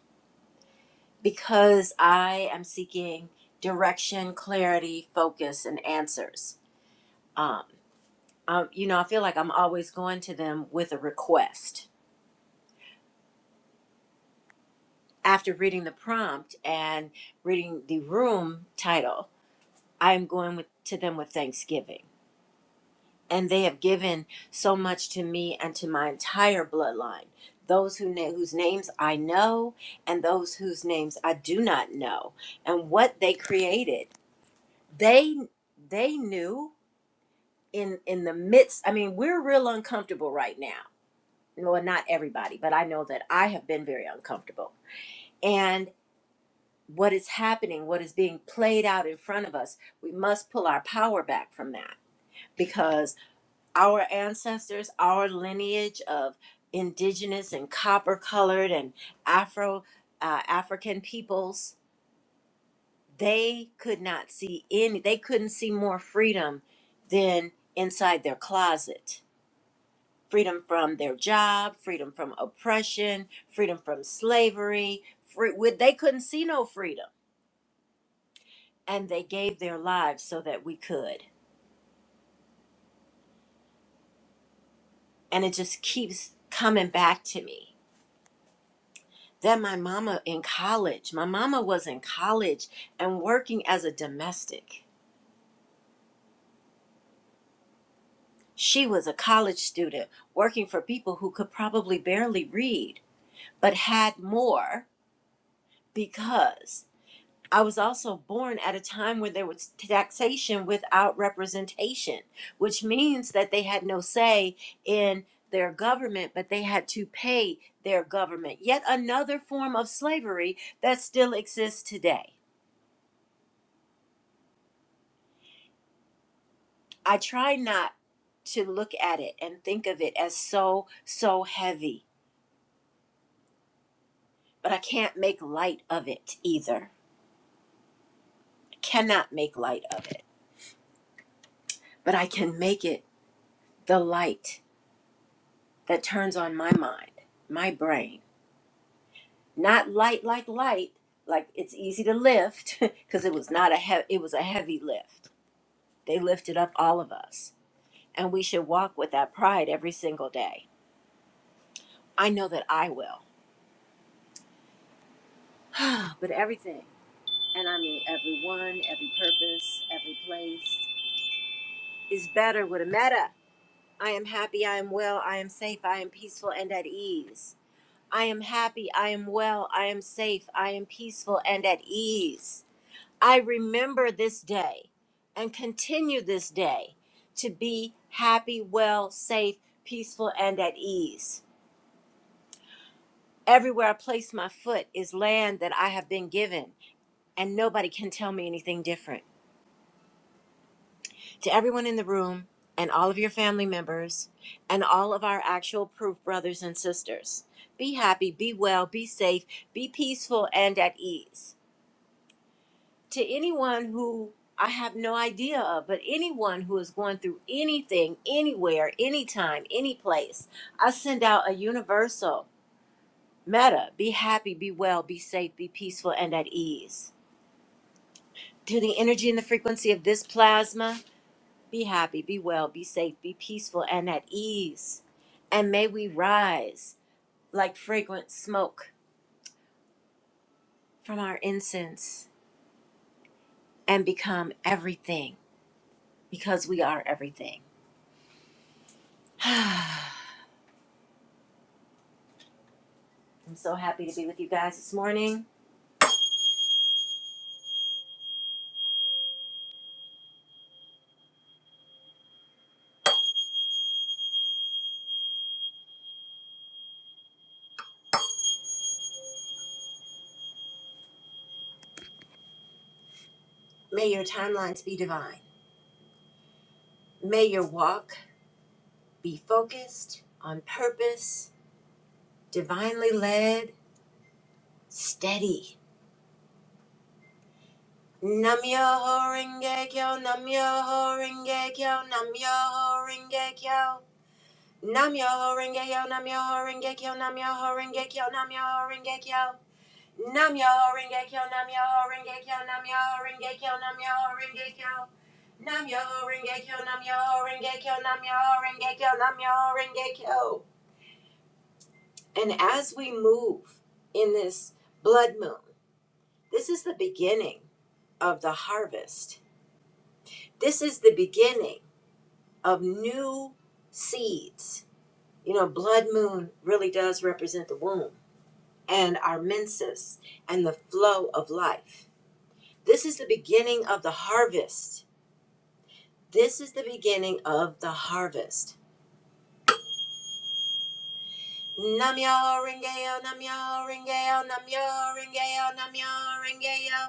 because I am seeking direction, clarity, focus, and answers. Um. um, you know, I feel like I'm always going to them with a request. After reading the prompt and reading the room title, I am going with, to them with thanksgiving. And they have given so much to me and to my entire bloodline. Those who know, whose names I know and those whose names I do not know, and what they created. They they knew in in the midst. I mean, we're real uncomfortable right now well, not everybody, but I know that I have been very uncomfortable. And what is happening, what is being played out in front of us, we must pull our power back from that because our ancestors, our lineage of indigenous and copper colored and Afro uh, African peoples, they could not see any, they couldn't see more freedom than inside their closet freedom from their job, freedom from oppression, freedom from slavery. Free, they couldn't see no freedom, and they gave their lives so that we could. And it just keeps coming back to me that my mama in college, my mama was in college and working as a domestic. She was a college student working for people who could probably barely read, but had more because I was also born at a time where there was taxation without representation, which means that they had no say in their government, but they had to pay their government. Yet another form of slavery that still exists today. I try not to look at it and think of it as so, so heavy, but I can't make light of it either. Cannot make light of it, but I can make it the light that turns on my mind, my brain not light like light like it's easy to lift because it was not a he- it was a heavy lift they lifted up all of us and we should walk with that pride every single day i know that i will but everything and i mean everyone every purpose every place is better with a meta i am happy i am well i am safe i am peaceful and at ease i am happy i am well i am safe i am peaceful and at ease I remember this day and continue this day to be happy, well, safe, peaceful, and at ease. Everywhere I place my foot is land that I have been given, and nobody can tell me anything different. To everyone in the room, and all of your family members, and all of our actual proof brothers and sisters, be happy, be well, be safe, be peaceful, and at ease. to anyone who I have no idea of, but anyone who is going through anything, anywhere, anytime, any place, I send out a universal meta be happy, be well, be safe, be peaceful, and at ease. To the energy and the frequency of this plasma, be happy, be well, be safe, be peaceful, and at ease. And may we rise like fragrant smoke from our incense and become everything because we are everything. I'm so happy to be with you guys this morning. May your timelines be divine. May your walk be focused, on purpose, divinely led, steady. Nam yo ho renge kyo, nam yo ho renge kyo, nam yo ho renge kyo. Nam yo ho renge kyo, nam yo ho renge kyo, nam yo ho renge kyo, nam yo ho renge kyo. Nam Yoho Renge Kyo, Nam Yoho Renge Kyo, Nam Yoho Renge Kyo, Nam Yoho Renge Kyo. Nam Yoho Renge Kyo, Nam Yoho Renge Kyo, Nam Yoho Renge Kyo, Nam Yoho Renge Kyo. And as we move in this blood moon, this is the beginning of the harvest. This is the beginning of new seeds. You know, blood moon really does represent the womb and our menses and the flow of life. This is the beginning of the harvest. This is the beginning of the harvest. Namyo Renge-yo, Namyo Renge-yo, Namyo Renge-yo, Namyo Renge-yo.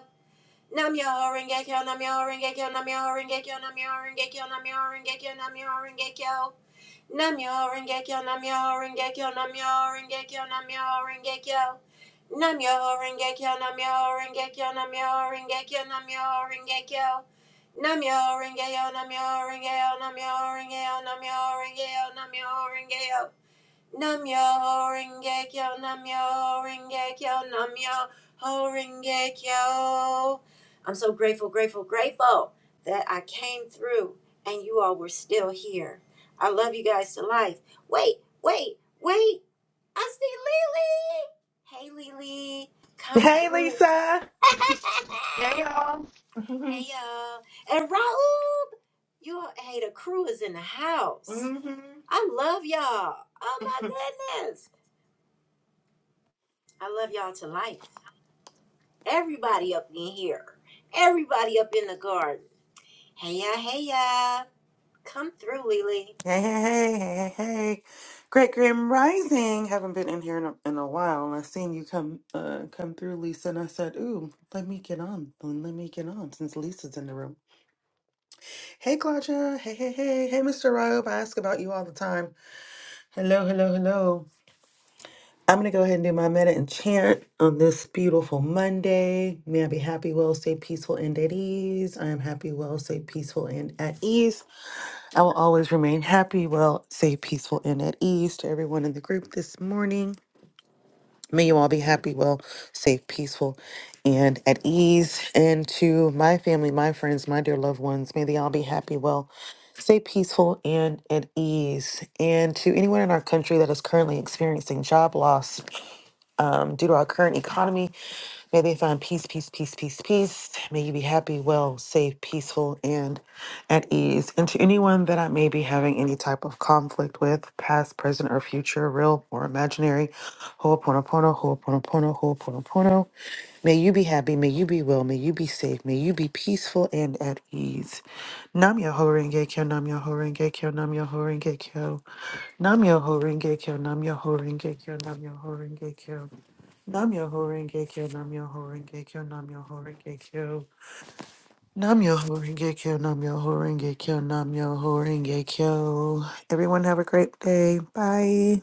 Namyo Renge-kyo, Namyo Renge-kyo, Namyo Renge-kyo, Namyo Renge-kyo, Namyo Renge-kyo, Namyo Renge-kyo. Namyo Rengekyo, Namyo Rengekyo, Namyo Rengekyo, Namyo Rengekyo. Namyo Rengekyo, Namyo Rengekyo, Namyo Rengekyo, Namyo Rengekyo. Namyo Rengeyo, Namyo Rengeyo, Namyo Rengeyo, Namyo Rengeyo, Namyo Rengeyo. Nam yo ho renge kyo, nam yo ho renge kyo, nam yo ho renge kyo. I'm so grateful, grateful, grateful that I came through and you all were still here. I love you guys to life. Wait, wait, wait. I see Lily. Hey, Lily, come Hey, through. Lisa. Hey y'all. hmm hey, y'all. And Raoub, you all, hey, the crew is in the house. I love y'all. Oh my goodness. I love y'all to life. Everybody up in here. Everybody up in the garden. Hey ya, hey ya. Come through, Lily. Hey, hey, hey, hey, hey. hey. Great Grand Rising. Haven't been in here in a, in a while, and I seen you come uh, come through, Lisa, and I said, "Ooh, let me get on. Let me get on." Since Lisa's in the room. Hey, Claudia. Hey, hey, hey, hey, Mr. Robe. I ask about you all the time. Hello, hello, hello. I'm gonna go ahead and do my meta and chant on this beautiful Monday. May I be happy, well, stay peaceful and at ease. I am happy, well, stay peaceful and at ease. I will always remain happy, well, safe, peaceful, and at ease to everyone in the group this morning. May you all be happy, well, safe, peaceful, and at ease. And to my family, my friends, my dear loved ones, may they all be happy, well, safe, peaceful, and at ease. And to anyone in our country that is currently experiencing job loss um, due to our current economy, May they find peace, peace, peace, peace, peace. May you be happy, well, safe, peaceful, and at ease. And to anyone that I may be having any type of conflict with, past, present, or future, real or imaginary, ho'oponopono, ho'oponopono, ho'oponopono. May you be happy, may you be well, may you be safe, may you be peaceful and at ease. Nam yo ho renge kyo, nam yo ho renge kyo, nam yo ho renge kyo, nam yo ho renge kyo, nam yo ho renge kyo, nam yo ho renge kyo. Nam Namyo Horenge Kyo, Namyo Horenge Kyo, Namyo Horenge Kyo. Namyo Horenge Kyo, Namyo Horenge Kyo, Namyo Horenge Kyo. Everyone have a great day. Bye.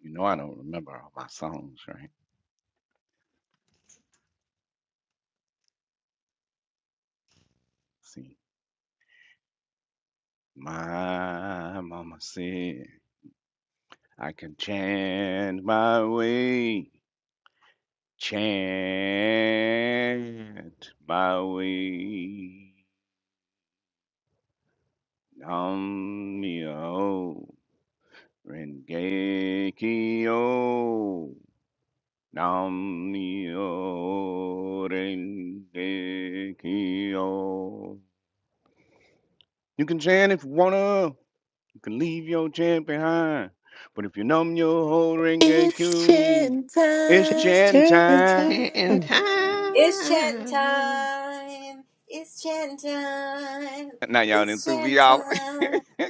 You know I don't remember all my songs, right? See. My mama said I can chant my way chant my way. Nam yo rengeki yo. Nam yo rengeki yo. You can chant if you wanna. You can leave your chant behind. But if you numb your whole It's rengeki, chin it's time. It's chant chanting time. time. Shintan. It's chanting time. It's chanting time. Now y'all done It's threw me chanting off. time. I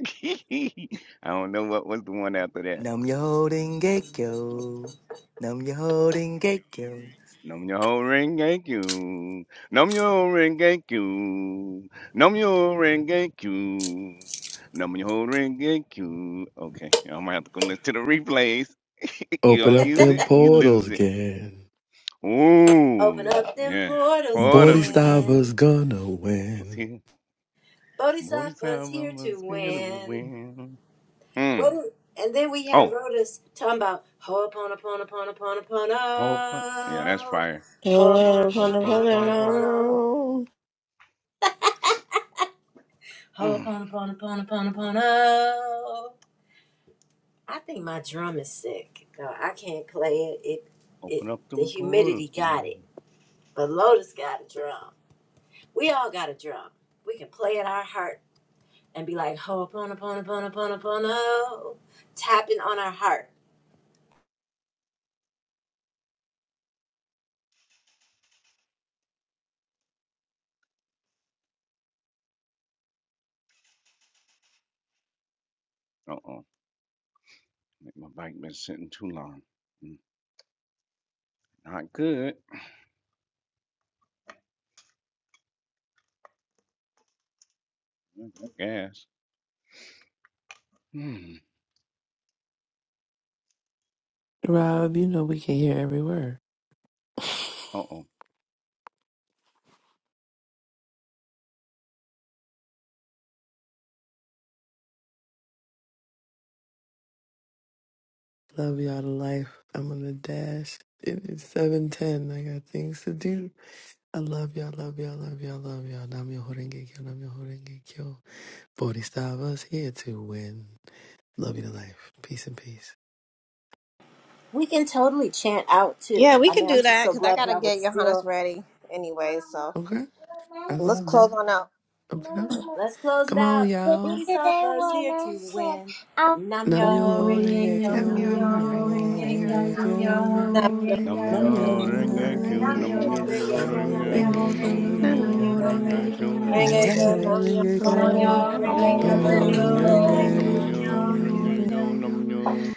don't know what was the one after that. Nam yo holding gekyo. Nam yo holding gekyo. Nom your whole ring, thank you. Nom your whole ring, thank you. Nom your whole ring, thank you. Nom your whole ring, thank you. Okay, I'm gonna have to go listen to the replays. You Open don't up use it, them you portals lose it. again. Open Ooh, up them yeah. portals Quarters again. Bodhisattva's again. gonna Let's win. see. Forty Bodhisattva's time here I'm to scared of a win. win. Hmm. Well, and then we had Oh, Lotus talking about hope. huh? Yeah, that's Ho'oponoponoponoponopono. fire. Ho'oponoponopono. Ho'oponoponoponoponopono. Mm. Ho'oponoponoponoponopono. I think my drum is sick. No, I can't play it. It, it, Open up the them humidity portals. got it. Uh But Lotus got a drum. We all got a drum. We can play at our heart and be like ho'oponoponoponoponopono, tapping on our heart. oh. My bike been sitting too long. Mm, Not good. Mm, I guess. Hmm. Rob, you know we can hear every word. Uh oh. Love y'all to life. I'm on the dash. It is 7.10. I got things to do. I love y'all, love y'all, love y'all, love y'all. Namyo Horenge Kyo, Namyo Horenge Kyo. Bodhisattva's here to win. Love you to life. Peace and peace. We can totally chant out too. Yeah, we I can mean, I'm do just that so because I glad got to y'all was get still Johannes ready anyway. So. Okay? I Let's love close that. on out. Okay. up. Let's close it Come on, out. y'all. Booty Today Sofas here to when I said, win. Nam Namyo Namyo yo renge Horenge kyo, Rengekyo, Kyo, nam Namyo Namyo yo Namyo Horenge renge Kyo, kyo, Horenge nam Rengekyo, Kyo, Namyo yo Namyo renge Horenge kyo. Nam Horenge Kyo, Kyo, Namyo nyo Namyo Namyo ring a Rengekyo, q Nam yo Horenge Horenge nam nyo renge Kyo. kyo, ring Namyo Kyo. nam a yo q Renge Kyo, renge nam kyo, nam Rengekyo, nyo Namyo yo ring a renge Horenge Kyo, Nam-myoho-renge-kyo, kyo. Namyo q Namyo Horenge Kyo, Namyo Horenge Kyo, Rengekyo, Namyo Horenge Nam yo Nam-myoho-renge-kyo, Kyo, Nam-myoho-renge-kyo, nam renge nam kyo, I Namyo nam nyo renge yo ring kyo Namyo Namyoho a renge q Renge Kyo, kyo, Namyoho nam nam yo nyo Renge ring Kyo. renge Rengekyo, a kyo. q Horenge Kyo, nam nyo Namyo